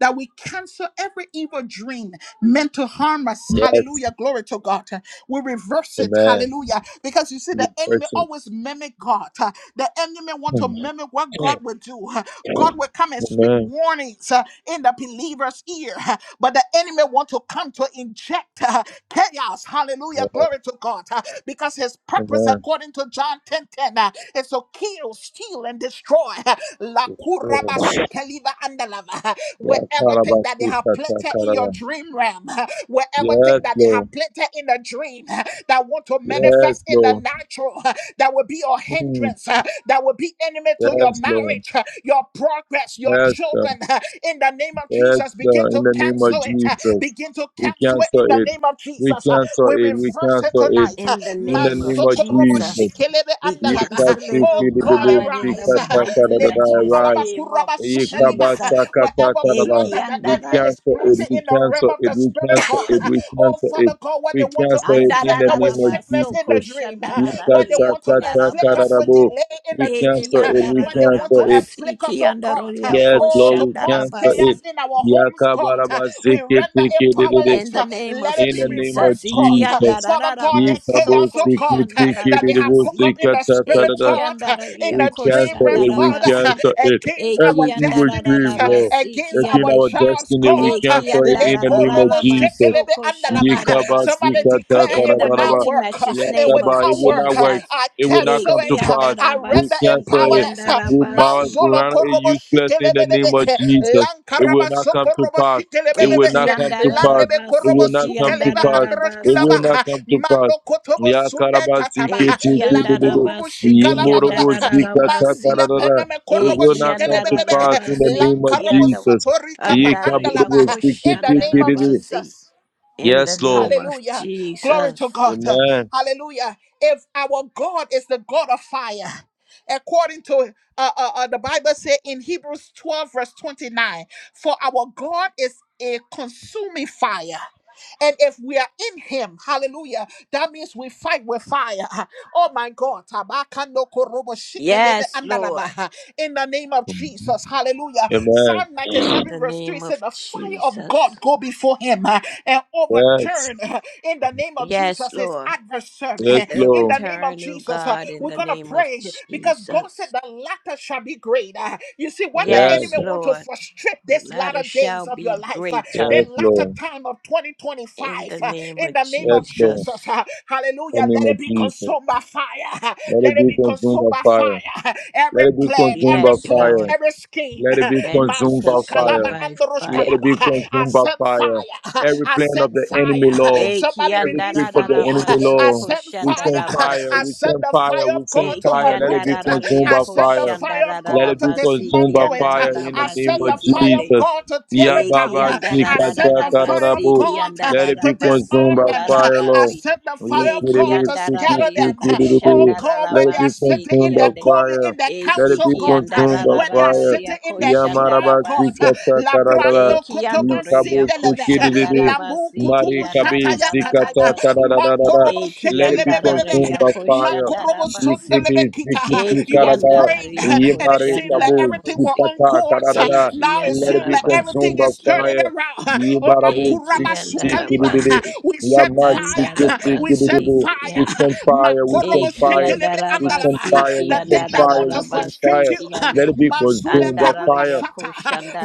Speaker 1: that we cancel every evil dream meant to harm us.
Speaker 2: Yes.
Speaker 1: Hallelujah. Glory to God. We reverse it.
Speaker 2: Amen.
Speaker 1: Hallelujah. Because you see, the
Speaker 2: Good
Speaker 1: enemy
Speaker 2: person.
Speaker 1: always mimic God. The enemy want to
Speaker 2: Mm.
Speaker 1: mimic what God
Speaker 2: Amen.
Speaker 1: will do. God will come and speak warnings uh, in the believer's ear. But the enemy want to come to inject uh, chaos. Hallelujah.
Speaker 2: Yeah.
Speaker 1: Glory to God. Uh, Because his purpose,
Speaker 2: Amen.
Speaker 1: according to John ten ten, 10, is to kill, steal, and destroy. La kuraba
Speaker 2: Yeah.
Speaker 1: sukeliva andalava wherever
Speaker 2: Yeah.
Speaker 1: everything that they
Speaker 2: Karabasi
Speaker 1: have
Speaker 2: kata
Speaker 1: planted in your
Speaker 2: karaba.
Speaker 1: dream realm wherever thing
Speaker 2: Yes,
Speaker 1: that they have
Speaker 2: Lord.
Speaker 1: planted in the dream uh, that want to
Speaker 2: Yes,
Speaker 1: manifest in the
Speaker 2: Lord.
Speaker 1: natural, uh, that will be a
Speaker 2: Mm.
Speaker 1: hindrance, uh, that will be enemy to your
Speaker 2: Yes, Lord.
Speaker 1: marriage, uh, your progress, your
Speaker 2: Yes, Lord.
Speaker 1: children. uh, In the name of
Speaker 2: Yes,
Speaker 1: Jesus, begin
Speaker 2: Lord. In
Speaker 1: to
Speaker 2: the name of
Speaker 1: cancel it. uh,
Speaker 2: Jesus,
Speaker 1: Begin to
Speaker 2: we
Speaker 1: cancel it
Speaker 2: cancel
Speaker 1: in the
Speaker 2: it.
Speaker 1: name of
Speaker 2: We
Speaker 1: Jesus. uh,
Speaker 2: cancel
Speaker 1: We
Speaker 2: it. We
Speaker 1: reverse it
Speaker 2: cancel it.
Speaker 1: tonight. uh,
Speaker 3: In the
Speaker 2: In the
Speaker 3: name of
Speaker 2: name
Speaker 1: Masoko
Speaker 2: of
Speaker 1: robo
Speaker 3: Jesus.
Speaker 2: Jesus.
Speaker 1: shikelebe
Speaker 3: We
Speaker 2: Rise. We
Speaker 1: andalaba. eh.
Speaker 3: cancel it, oh
Speaker 1: Oh
Speaker 2: cancel
Speaker 1: God,
Speaker 3: God, in the
Speaker 1: arise.
Speaker 3: mighty matchless
Speaker 1: Lekunda laba
Speaker 3: name of
Speaker 1: kuraba suteliba. eh.
Speaker 3: Jesus.
Speaker 1: Wherever plot that the enemy is
Speaker 2: it.
Speaker 1: plotting
Speaker 2: We
Speaker 3: Ekiandararabasi.
Speaker 1: in the realm
Speaker 2: cancel
Speaker 1: of
Speaker 2: it.
Speaker 1: the
Speaker 2: We
Speaker 1: spirit,
Speaker 2: cancel
Speaker 1: God.
Speaker 2: it. We
Speaker 1: Oh,
Speaker 2: cancel it.
Speaker 1: Father God, where they
Speaker 2: We
Speaker 1: want to
Speaker 2: cancel it in
Speaker 1: inflict
Speaker 2: the
Speaker 1: us with
Speaker 2: name of
Speaker 3: Andarararaba
Speaker 1: sickness in
Speaker 3: soko
Speaker 1: the
Speaker 2: Jesus.
Speaker 1: dream, where they
Speaker 3: shandarararia
Speaker 1: want to afflict us with
Speaker 3: kolarabasi.
Speaker 2: Yikasakatakadadabo.
Speaker 1: delay in the
Speaker 2: We
Speaker 1: dream,
Speaker 3: Eki
Speaker 2: cancel it. We
Speaker 1: where they want
Speaker 2: cancel
Speaker 1: to
Speaker 2: it.
Speaker 3: andarararabasi
Speaker 1: afflict us,
Speaker 3: ki
Speaker 1: oh God,
Speaker 3: andararia ko
Speaker 2: Yes,
Speaker 1: oh,
Speaker 2: Lord,
Speaker 1: to
Speaker 2: we
Speaker 1: cause
Speaker 2: cancel it.
Speaker 3: shandarabasi.
Speaker 1: chaos in our homes, God. We render it
Speaker 2: Yakabarabaziketikidididi.
Speaker 3: In the
Speaker 1: powerless.
Speaker 3: name
Speaker 1: Let
Speaker 3: of
Speaker 1: it
Speaker 2: In
Speaker 1: be
Speaker 2: the name of
Speaker 3: Jesus,
Speaker 1: reversed, God.
Speaker 3: iki
Speaker 2: Jesus.
Speaker 1: Father God,
Speaker 3: andarararaba
Speaker 1: that chaos,
Speaker 3: soko
Speaker 1: oh God, that they have cooked
Speaker 3: shandararabasi.
Speaker 1: up in the spirit,
Speaker 2: Yikabosikitikididibosikatakarada.
Speaker 3: Eki
Speaker 1: God, in
Speaker 3: andararia
Speaker 2: We
Speaker 1: the
Speaker 3: ko
Speaker 1: dream
Speaker 2: cancel
Speaker 1: realm,
Speaker 2: it. We
Speaker 1: Father,
Speaker 3: shandarabasi.
Speaker 2: cancel it.
Speaker 1: against our
Speaker 2: Every
Speaker 3: Eki
Speaker 2: evil
Speaker 1: destinies,
Speaker 2: dream, Lord.
Speaker 1: against
Speaker 2: It's in
Speaker 3: andarararabasi
Speaker 1: our
Speaker 2: our
Speaker 1: jobs,
Speaker 2: destiny. We
Speaker 1: God.
Speaker 3: Eki
Speaker 2: cancel it in the name of
Speaker 3: andarararara
Speaker 2: Jesus. Yikabas,
Speaker 1: Somebody declare
Speaker 2: yikata,
Speaker 3: In
Speaker 1: it
Speaker 3: the
Speaker 1: will not
Speaker 2: karabaraba,
Speaker 3: mighty
Speaker 1: work.
Speaker 3: matchless
Speaker 1: It
Speaker 3: name
Speaker 1: will
Speaker 3: of
Speaker 2: yakaba. It
Speaker 1: not
Speaker 2: will
Speaker 1: work.
Speaker 2: not work.
Speaker 3: Jesus.
Speaker 1: I
Speaker 2: It will not
Speaker 1: cancel
Speaker 2: come to
Speaker 1: it.
Speaker 2: pass.
Speaker 1: I
Speaker 2: We
Speaker 1: render it
Speaker 3: Ekiandarabasi,
Speaker 2: cancel it.
Speaker 1: powerless.
Speaker 2: We bow
Speaker 3: andarabasi,
Speaker 2: we
Speaker 1: Manzolo
Speaker 2: render it
Speaker 1: korobo
Speaker 2: useless in the name of
Speaker 1: shikelebebebe.
Speaker 2: Jesus. It will
Speaker 1: Lankaraba
Speaker 2: not come to
Speaker 1: sokorobo
Speaker 2: pass. It will not
Speaker 1: shikelebebebe.
Speaker 2: come to pass.
Speaker 1: Landebe
Speaker 2: It
Speaker 1: korobo
Speaker 2: will
Speaker 3: Ekiandarabasi,
Speaker 2: not come to
Speaker 1: sukeleba
Speaker 2: pass.
Speaker 1: androsh
Speaker 2: It
Speaker 3: andarabasi.
Speaker 1: kilaba.
Speaker 2: will not come to pass.
Speaker 1: Mando kotobo sunde
Speaker 2: Yakarabas,
Speaker 1: kataba.
Speaker 2: yikiti, yikiti,
Speaker 1: Lankurubu
Speaker 3: Ekiandarabasi, andararabasi,
Speaker 1: shikalaba
Speaker 2: Yemorobo
Speaker 1: baba.
Speaker 3: Ekiandarabasi, andararabaso.
Speaker 1: Manzile
Speaker 2: zikatakarara.
Speaker 1: peneme
Speaker 2: It
Speaker 1: korobo
Speaker 2: will not come to pass
Speaker 1: shikelebebebe.
Speaker 2: in the name of
Speaker 1: Lankarobo
Speaker 2: Jesus.
Speaker 1: sotorikapa
Speaker 2: Yekaborobo
Speaker 1: andalama. In the name of
Speaker 2: ziketikiriri.
Speaker 3: andarayakoshandarabasi.
Speaker 1: Jesus.
Speaker 3: In the
Speaker 2: Yes,
Speaker 3: name
Speaker 2: Lord.
Speaker 3: of
Speaker 1: Hallelujah. Glory to
Speaker 3: Jesus.
Speaker 1: God.
Speaker 2: Amen.
Speaker 1: Hallelujah. If our God is the God of fire, according to uh, uh, uh, the Bible say in Hebrews 12 verse 29, for our God is a consuming fire. And if we are in him, hallelujah, that means we fight with fire. Oh my God. Tabakando korobo shikelebe
Speaker 3: Yes, Lord.
Speaker 1: andalaba. In the name of Jesus, hallelujah.
Speaker 2: Amen.
Speaker 1: Psalm
Speaker 3: in
Speaker 1: 97,
Speaker 3: the
Speaker 1: verse 3
Speaker 3: name of
Speaker 1: said, The fire of God
Speaker 3: Jesus.
Speaker 1: go before him and
Speaker 2: Yes.
Speaker 1: overturn uh, in the name of
Speaker 3: Yes,
Speaker 1: Jesus his
Speaker 3: Lord.
Speaker 1: adversary.
Speaker 2: Yes,
Speaker 1: uh, In the
Speaker 2: Lord.
Speaker 1: name of
Speaker 3: Overturn, O
Speaker 1: Jesus, uh,
Speaker 3: God, in
Speaker 1: we're
Speaker 3: the
Speaker 1: gonna
Speaker 3: name of
Speaker 1: pray because God said
Speaker 3: Jesus.
Speaker 1: the latter shall be great. Uh, You see what the
Speaker 3: Yes,
Speaker 2: Yes.
Speaker 1: enemy wants to
Speaker 3: Lord.
Speaker 1: frustrate
Speaker 3: The
Speaker 1: this
Speaker 3: latter
Speaker 1: latter days
Speaker 3: shall
Speaker 1: of your
Speaker 3: be
Speaker 1: life, uh,
Speaker 3: greater
Speaker 2: Yes,
Speaker 1: the latter
Speaker 2: Lord.
Speaker 1: time of 2025.
Speaker 3: in the
Speaker 1: uh,
Speaker 3: name
Speaker 1: In
Speaker 3: of
Speaker 1: the name of
Speaker 2: Yes, Lord.
Speaker 1: Jesus,
Speaker 3: Jesus.
Speaker 1: uh,
Speaker 2: In
Speaker 1: hallelujah.
Speaker 2: the name
Speaker 1: Let
Speaker 2: of
Speaker 1: it be consumed by
Speaker 2: Jesus.
Speaker 1: fire. uh,
Speaker 2: Let
Speaker 1: Let
Speaker 2: it
Speaker 1: it
Speaker 2: be
Speaker 1: be
Speaker 2: consumed
Speaker 1: consumed
Speaker 2: by
Speaker 1: by fire.
Speaker 2: fire.
Speaker 1: uh, Every
Speaker 2: Let it be
Speaker 1: plan,
Speaker 2: consumed
Speaker 1: every
Speaker 2: by
Speaker 3: Yes,
Speaker 1: plot,
Speaker 2: fire.
Speaker 3: Lord.
Speaker 1: every scheme,
Speaker 2: Let it
Speaker 1: uh,
Speaker 2: be
Speaker 3: Let it be
Speaker 2: consumed by
Speaker 1: Mansuka
Speaker 3: consumed
Speaker 2: fire.
Speaker 1: lava
Speaker 3: by
Speaker 1: androshka
Speaker 2: Let
Speaker 3: fire.
Speaker 2: it be
Speaker 1: lava. I
Speaker 2: consumed by
Speaker 1: send fire
Speaker 2: fire.
Speaker 1: fire.
Speaker 2: Every
Speaker 1: I
Speaker 2: plan of
Speaker 1: sent
Speaker 2: the enemy,
Speaker 1: fire.
Speaker 2: Lord.
Speaker 1: Somebody
Speaker 2: Every
Speaker 1: release
Speaker 2: trick of the
Speaker 1: fire.
Speaker 2: enemy,
Speaker 3: Ekiandarararabaso
Speaker 1: I
Speaker 2: Lord.
Speaker 1: sent
Speaker 2: We
Speaker 1: fire.
Speaker 2: send fire.
Speaker 1: I
Speaker 3: koshandarabasi.
Speaker 2: We
Speaker 1: sent
Speaker 2: send
Speaker 1: the
Speaker 2: fire.
Speaker 1: fire
Speaker 2: We
Speaker 1: of
Speaker 2: send
Speaker 1: God to
Speaker 2: fire. Let it
Speaker 1: uproot
Speaker 2: be
Speaker 1: it.
Speaker 2: consumed
Speaker 3: Ekiandararariya
Speaker 1: I
Speaker 2: by
Speaker 1: sent the
Speaker 2: fire.
Speaker 1: fire of
Speaker 2: Let
Speaker 1: God
Speaker 2: it
Speaker 1: to
Speaker 2: be
Speaker 3: koshandarararabasi.
Speaker 2: consumed by
Speaker 1: dismantle it.
Speaker 2: fire in
Speaker 1: I
Speaker 2: the name
Speaker 1: sent
Speaker 3: Kiandararabasi
Speaker 2: of
Speaker 1: the fire of
Speaker 3: kiande.
Speaker 2: Jesus.
Speaker 1: God to tear
Speaker 2: Ya
Speaker 1: it
Speaker 3: Eki
Speaker 1: down.
Speaker 2: Baba
Speaker 3: kianda da
Speaker 1: I
Speaker 3: da da
Speaker 1: sent
Speaker 2: Sikata
Speaker 3: da
Speaker 1: the fire of
Speaker 3: basi
Speaker 2: Kararabu.
Speaker 1: God
Speaker 3: kianda
Speaker 2: Let
Speaker 3: da
Speaker 2: it
Speaker 3: da
Speaker 2: be
Speaker 1: to
Speaker 3: baso
Speaker 2: consumed
Speaker 1: disarm
Speaker 2: by
Speaker 1: them.
Speaker 3: kolara
Speaker 2: fire,
Speaker 1: I
Speaker 2: Lord.
Speaker 3: basi.
Speaker 1: sent the fire
Speaker 3: E
Speaker 1: of God
Speaker 2: Yikiribi
Speaker 1: to
Speaker 3: kianda da da
Speaker 1: scatter
Speaker 3: ya
Speaker 2: Sikiti
Speaker 1: them. Oh
Speaker 2: Kiribi.
Speaker 3: koshanda da
Speaker 1: God,
Speaker 3: da
Speaker 2: Let
Speaker 1: where they
Speaker 2: it
Speaker 1: are
Speaker 2: be
Speaker 3: basi
Speaker 1: sitting in
Speaker 2: consumed by
Speaker 1: the
Speaker 3: kiande.
Speaker 1: COVID,
Speaker 2: fire.
Speaker 1: in the
Speaker 3: E
Speaker 2: Let
Speaker 3: si
Speaker 2: it be
Speaker 1: council court,
Speaker 3: kianda
Speaker 2: consumed
Speaker 3: da
Speaker 2: by
Speaker 3: da
Speaker 1: where they
Speaker 3: da
Speaker 1: are
Speaker 3: da
Speaker 2: fire.
Speaker 3: ya
Speaker 1: sitting in the
Speaker 3: koshanda
Speaker 2: Yamaraba
Speaker 3: da
Speaker 1: shrine court.
Speaker 3: basi.
Speaker 2: Sikata
Speaker 3: E
Speaker 2: karada,
Speaker 3: kiando
Speaker 1: Labrando
Speaker 3: da ya
Speaker 2: Yikabo
Speaker 1: sindeleve
Speaker 3: koshanda da
Speaker 2: Sikididi,
Speaker 1: lambu
Speaker 3: basi
Speaker 1: kutubu
Speaker 2: Mari
Speaker 3: kianda
Speaker 2: Kabi
Speaker 3: da
Speaker 1: shataya
Speaker 3: da da da
Speaker 1: kataya
Speaker 2: Sikata
Speaker 3: basi.
Speaker 1: manko
Speaker 2: karada,
Speaker 1: robo
Speaker 3: E
Speaker 2: let it be
Speaker 3: kianda da da
Speaker 1: shetelebebebe
Speaker 2: consumed
Speaker 3: ya
Speaker 2: by fire.
Speaker 1: manko
Speaker 3: koshanda da
Speaker 1: robo
Speaker 3: basi.
Speaker 1: sondelebe
Speaker 2: Yikibi
Speaker 1: kita
Speaker 3: E
Speaker 2: Sikiti
Speaker 1: you was
Speaker 3: kianda
Speaker 2: karada,
Speaker 3: da da
Speaker 1: praying
Speaker 3: ya
Speaker 1: and it
Speaker 2: Yimari
Speaker 1: seemed
Speaker 3: koshanda
Speaker 1: like
Speaker 3: da
Speaker 2: Kabu
Speaker 1: everything were
Speaker 3: basi.
Speaker 1: on
Speaker 2: Sikata
Speaker 1: course
Speaker 3: E
Speaker 2: karada,
Speaker 1: now it
Speaker 2: let
Speaker 3: kianda
Speaker 2: it
Speaker 1: seemed
Speaker 3: da
Speaker 2: be
Speaker 1: like everything
Speaker 2: consumed by
Speaker 3: basi
Speaker 1: is
Speaker 3: ki
Speaker 1: turning
Speaker 3: anda.
Speaker 2: fire.
Speaker 1: around oh my
Speaker 2: Yibarabu
Speaker 1: kuraba
Speaker 2: Sikiti Kididi,
Speaker 1: sukaliva
Speaker 3: Ekiandarabasi,
Speaker 1: we send
Speaker 3: andarabasi,
Speaker 2: Yama
Speaker 1: fire
Speaker 2: Sikiti
Speaker 1: we
Speaker 3: andarabasi
Speaker 1: send
Speaker 2: Kididi, we
Speaker 1: fire
Speaker 3: kiande.
Speaker 2: send fire,
Speaker 1: manko
Speaker 2: we
Speaker 1: robo
Speaker 2: send fire, we send
Speaker 1: andalaba
Speaker 3: Ekiandarabasi,
Speaker 2: fire, we
Speaker 1: the thing
Speaker 2: send
Speaker 1: that want
Speaker 2: fire, we
Speaker 1: to
Speaker 2: send
Speaker 3: kiandarararabasi,
Speaker 1: frustrate
Speaker 2: fire.
Speaker 1: you
Speaker 2: Let
Speaker 3: kiande.
Speaker 2: it be
Speaker 1: mansule
Speaker 2: consumed by
Speaker 1: karuba
Speaker 2: fire.
Speaker 3: Andararia
Speaker 1: shata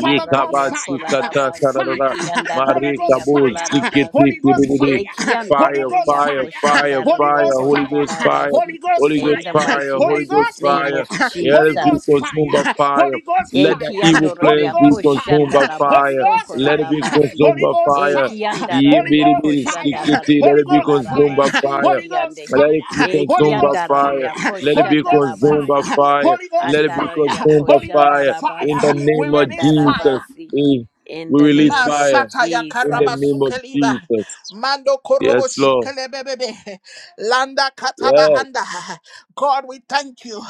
Speaker 1: father god fire
Speaker 3: kolarabasi,
Speaker 2: kararara.
Speaker 1: fire, Holy Ghost
Speaker 3: kiandararia
Speaker 2: Marikabu
Speaker 1: fire,
Speaker 2: sikiti
Speaker 3: kolarabasi.
Speaker 1: Holy Ghost
Speaker 2: kibidi.
Speaker 1: fire, Holy
Speaker 2: Fire,
Speaker 1: Ghost
Speaker 3: Ekiandararia
Speaker 2: fire,
Speaker 1: fire,
Speaker 2: fire,
Speaker 1: Holy
Speaker 3: koshandararia
Speaker 2: fire,
Speaker 1: Ghost
Speaker 2: Holy Ghost
Speaker 1: fire,
Speaker 2: fire,
Speaker 3: kolarabasi.
Speaker 1: Holy Ghost
Speaker 2: Holy
Speaker 3: In
Speaker 2: Ghost
Speaker 3: the
Speaker 1: fire,
Speaker 2: fire,
Speaker 3: mighty
Speaker 2: Holy
Speaker 1: Holy
Speaker 2: Ghost
Speaker 3: master's
Speaker 1: Ghost
Speaker 3: name
Speaker 2: fire.
Speaker 3: of
Speaker 1: fire,
Speaker 2: Let
Speaker 1: Holy
Speaker 2: it be
Speaker 3: Jesus.
Speaker 1: Ghost fire,
Speaker 2: consumed by
Speaker 1: Holy Ghost fire,
Speaker 2: fire.
Speaker 1: Holy Ghost
Speaker 3: E
Speaker 2: Let the
Speaker 1: fire,
Speaker 2: evil
Speaker 1: Holy
Speaker 3: kiandoria
Speaker 2: plans be
Speaker 1: Ghost
Speaker 2: consumed
Speaker 1: fire,
Speaker 2: by
Speaker 3: koshandara
Speaker 1: Holy
Speaker 2: fire.
Speaker 1: Ghost
Speaker 2: Let it be
Speaker 1: fire,
Speaker 3: sokolarabasi.
Speaker 2: consumed
Speaker 1: Holy
Speaker 2: by
Speaker 1: Ghost
Speaker 3: E
Speaker 2: fire.
Speaker 1: fire, Holy
Speaker 3: kiandararia
Speaker 1: Ghost
Speaker 2: Yibiribiri
Speaker 1: fire,
Speaker 2: sikiti. Let
Speaker 3: koshandararia
Speaker 1: Holy
Speaker 2: it be
Speaker 1: Ghost
Speaker 2: consumed by
Speaker 1: fire,
Speaker 3: kolarabasi
Speaker 2: fire.
Speaker 1: Holy Ghost
Speaker 3: kiande.
Speaker 2: Let
Speaker 1: fire,
Speaker 2: it be
Speaker 3: E
Speaker 1: Holy
Speaker 2: consumed by
Speaker 1: Ghost
Speaker 2: fire.
Speaker 3: kiandararia
Speaker 1: fire,
Speaker 2: Let it
Speaker 1: Holy
Speaker 2: be
Speaker 1: Ghost
Speaker 2: consumed by
Speaker 3: koshandarabasi.
Speaker 1: fire,
Speaker 2: fire. Let it be
Speaker 3: Andararia
Speaker 2: consumed by
Speaker 1: Holy Ghost
Speaker 2: fire. In the
Speaker 1: fire.
Speaker 3: koshandarabasi
Speaker 1: We
Speaker 2: name of
Speaker 1: release
Speaker 2: Jesus,
Speaker 1: fire.
Speaker 3: kiandarabasi.
Speaker 2: we
Speaker 3: In
Speaker 2: we
Speaker 3: the
Speaker 2: release
Speaker 3: name of
Speaker 2: fire.
Speaker 1: Masata ya
Speaker 2: In the name
Speaker 3: Jesus.
Speaker 2: of
Speaker 1: karabasukeliva.
Speaker 2: Jesus.
Speaker 1: Mando korobo
Speaker 2: Yes, Lord.
Speaker 1: shikelebebebe. Landa kataba
Speaker 2: Yes.
Speaker 1: anda. God, we thank you.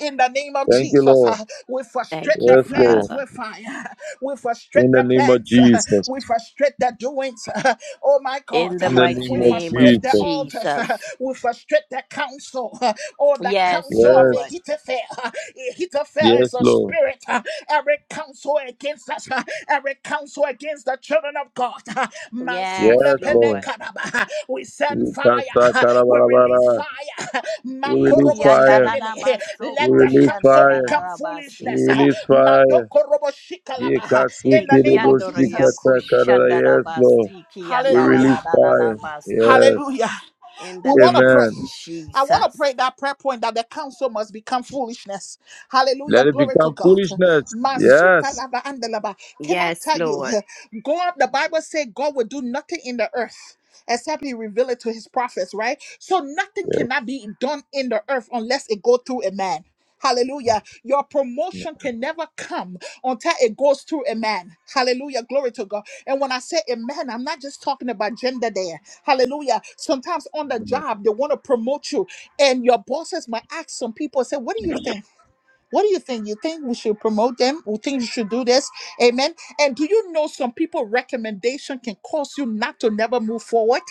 Speaker 1: In the name of
Speaker 2: Thank you,
Speaker 1: Jesus,
Speaker 2: Lord.
Speaker 1: we frustrate
Speaker 3: Thank you,
Speaker 1: their
Speaker 2: Yes,
Speaker 1: plans
Speaker 2: Lord.
Speaker 3: Father.
Speaker 1: with fire. We frustrate
Speaker 2: In the
Speaker 1: their
Speaker 2: name of
Speaker 1: plans.
Speaker 2: Jesus.
Speaker 1: We frustrate their doings. Oh my God.
Speaker 3: In the
Speaker 2: In the
Speaker 3: mighty
Speaker 2: name
Speaker 1: We
Speaker 2: of
Speaker 3: name of
Speaker 1: frustrate their
Speaker 2: Jesus.
Speaker 1: altars.
Speaker 3: Jesus.
Speaker 1: We frustrate their counsel. Oh, the
Speaker 3: Yes,
Speaker 1: counsel of
Speaker 2: Yes.
Speaker 3: Lord.
Speaker 1: Ahithophel. Ahithophel is
Speaker 2: Yes,
Speaker 1: a
Speaker 2: Lord.
Speaker 1: spirit. uh, Every counsel against us, uh, every counsel against the children of God. uh,
Speaker 3: Yes,
Speaker 1: Mansule
Speaker 2: Yes,
Speaker 3: Lord.
Speaker 2: Lord.
Speaker 1: penekanaba, uh, We send
Speaker 2: We
Speaker 1: fire. uh, We release
Speaker 2: kasakarabarabara.
Speaker 1: fire. uh,
Speaker 2: We release
Speaker 3: Eki
Speaker 1: Makorobo
Speaker 2: fire.
Speaker 3: andarara
Speaker 1: shenele, uh,
Speaker 3: baso
Speaker 2: We
Speaker 1: Let
Speaker 3: ko
Speaker 1: the
Speaker 2: release
Speaker 1: counsel
Speaker 2: fire.
Speaker 1: become
Speaker 3: shandarara basi.
Speaker 2: We
Speaker 1: foolishness. uh,
Speaker 2: release fire.
Speaker 1: Mandokorobo
Speaker 2: Ye
Speaker 1: shikalaba, uh, In the
Speaker 3: Eki
Speaker 1: name of
Speaker 3: andoria
Speaker 1: Jesus.
Speaker 3: ko
Speaker 2: kasikiribusikatakarara.
Speaker 3: shandara
Speaker 2: Yes, Lord.
Speaker 3: basi ki
Speaker 2: We
Speaker 1: Hallelujah.
Speaker 3: andarara
Speaker 2: release fire.
Speaker 3: basi.
Speaker 2: Yes.
Speaker 1: Hallelujah.
Speaker 3: In
Speaker 1: We
Speaker 3: the
Speaker 1: want to
Speaker 3: name
Speaker 2: Amen.
Speaker 1: pray.
Speaker 3: of
Speaker 1: I want to pray
Speaker 3: Jesus.
Speaker 1: that prayer point that the counsel must become foolishness. Hallelujah.
Speaker 2: Let it
Speaker 1: Glory to
Speaker 2: become
Speaker 1: God.
Speaker 2: foolishness.
Speaker 1: Masuka
Speaker 2: Yes.
Speaker 1: laba andalaba. Can I
Speaker 3: Yes,
Speaker 1: tell you,
Speaker 3: Lord.
Speaker 1: God, the Bible says God will do nothing in the earth except he reveal it to his prophets, right? So nothing
Speaker 2: Yes.
Speaker 1: cannot be done in the earth unless it go through a man. Hallelujah. Your promotion can never come until it goes through a man. Hallelujah. Glory to God. And when I say a man, I'm not just talking about gender there. Hallelujah. Sometimes on the job, they want to promote you, and your bosses might ask some people, say, What do you think? What do you think? You think we should promote them? You think you should do this? Amen. And do you know some people recommendation can cause you not to never move forward?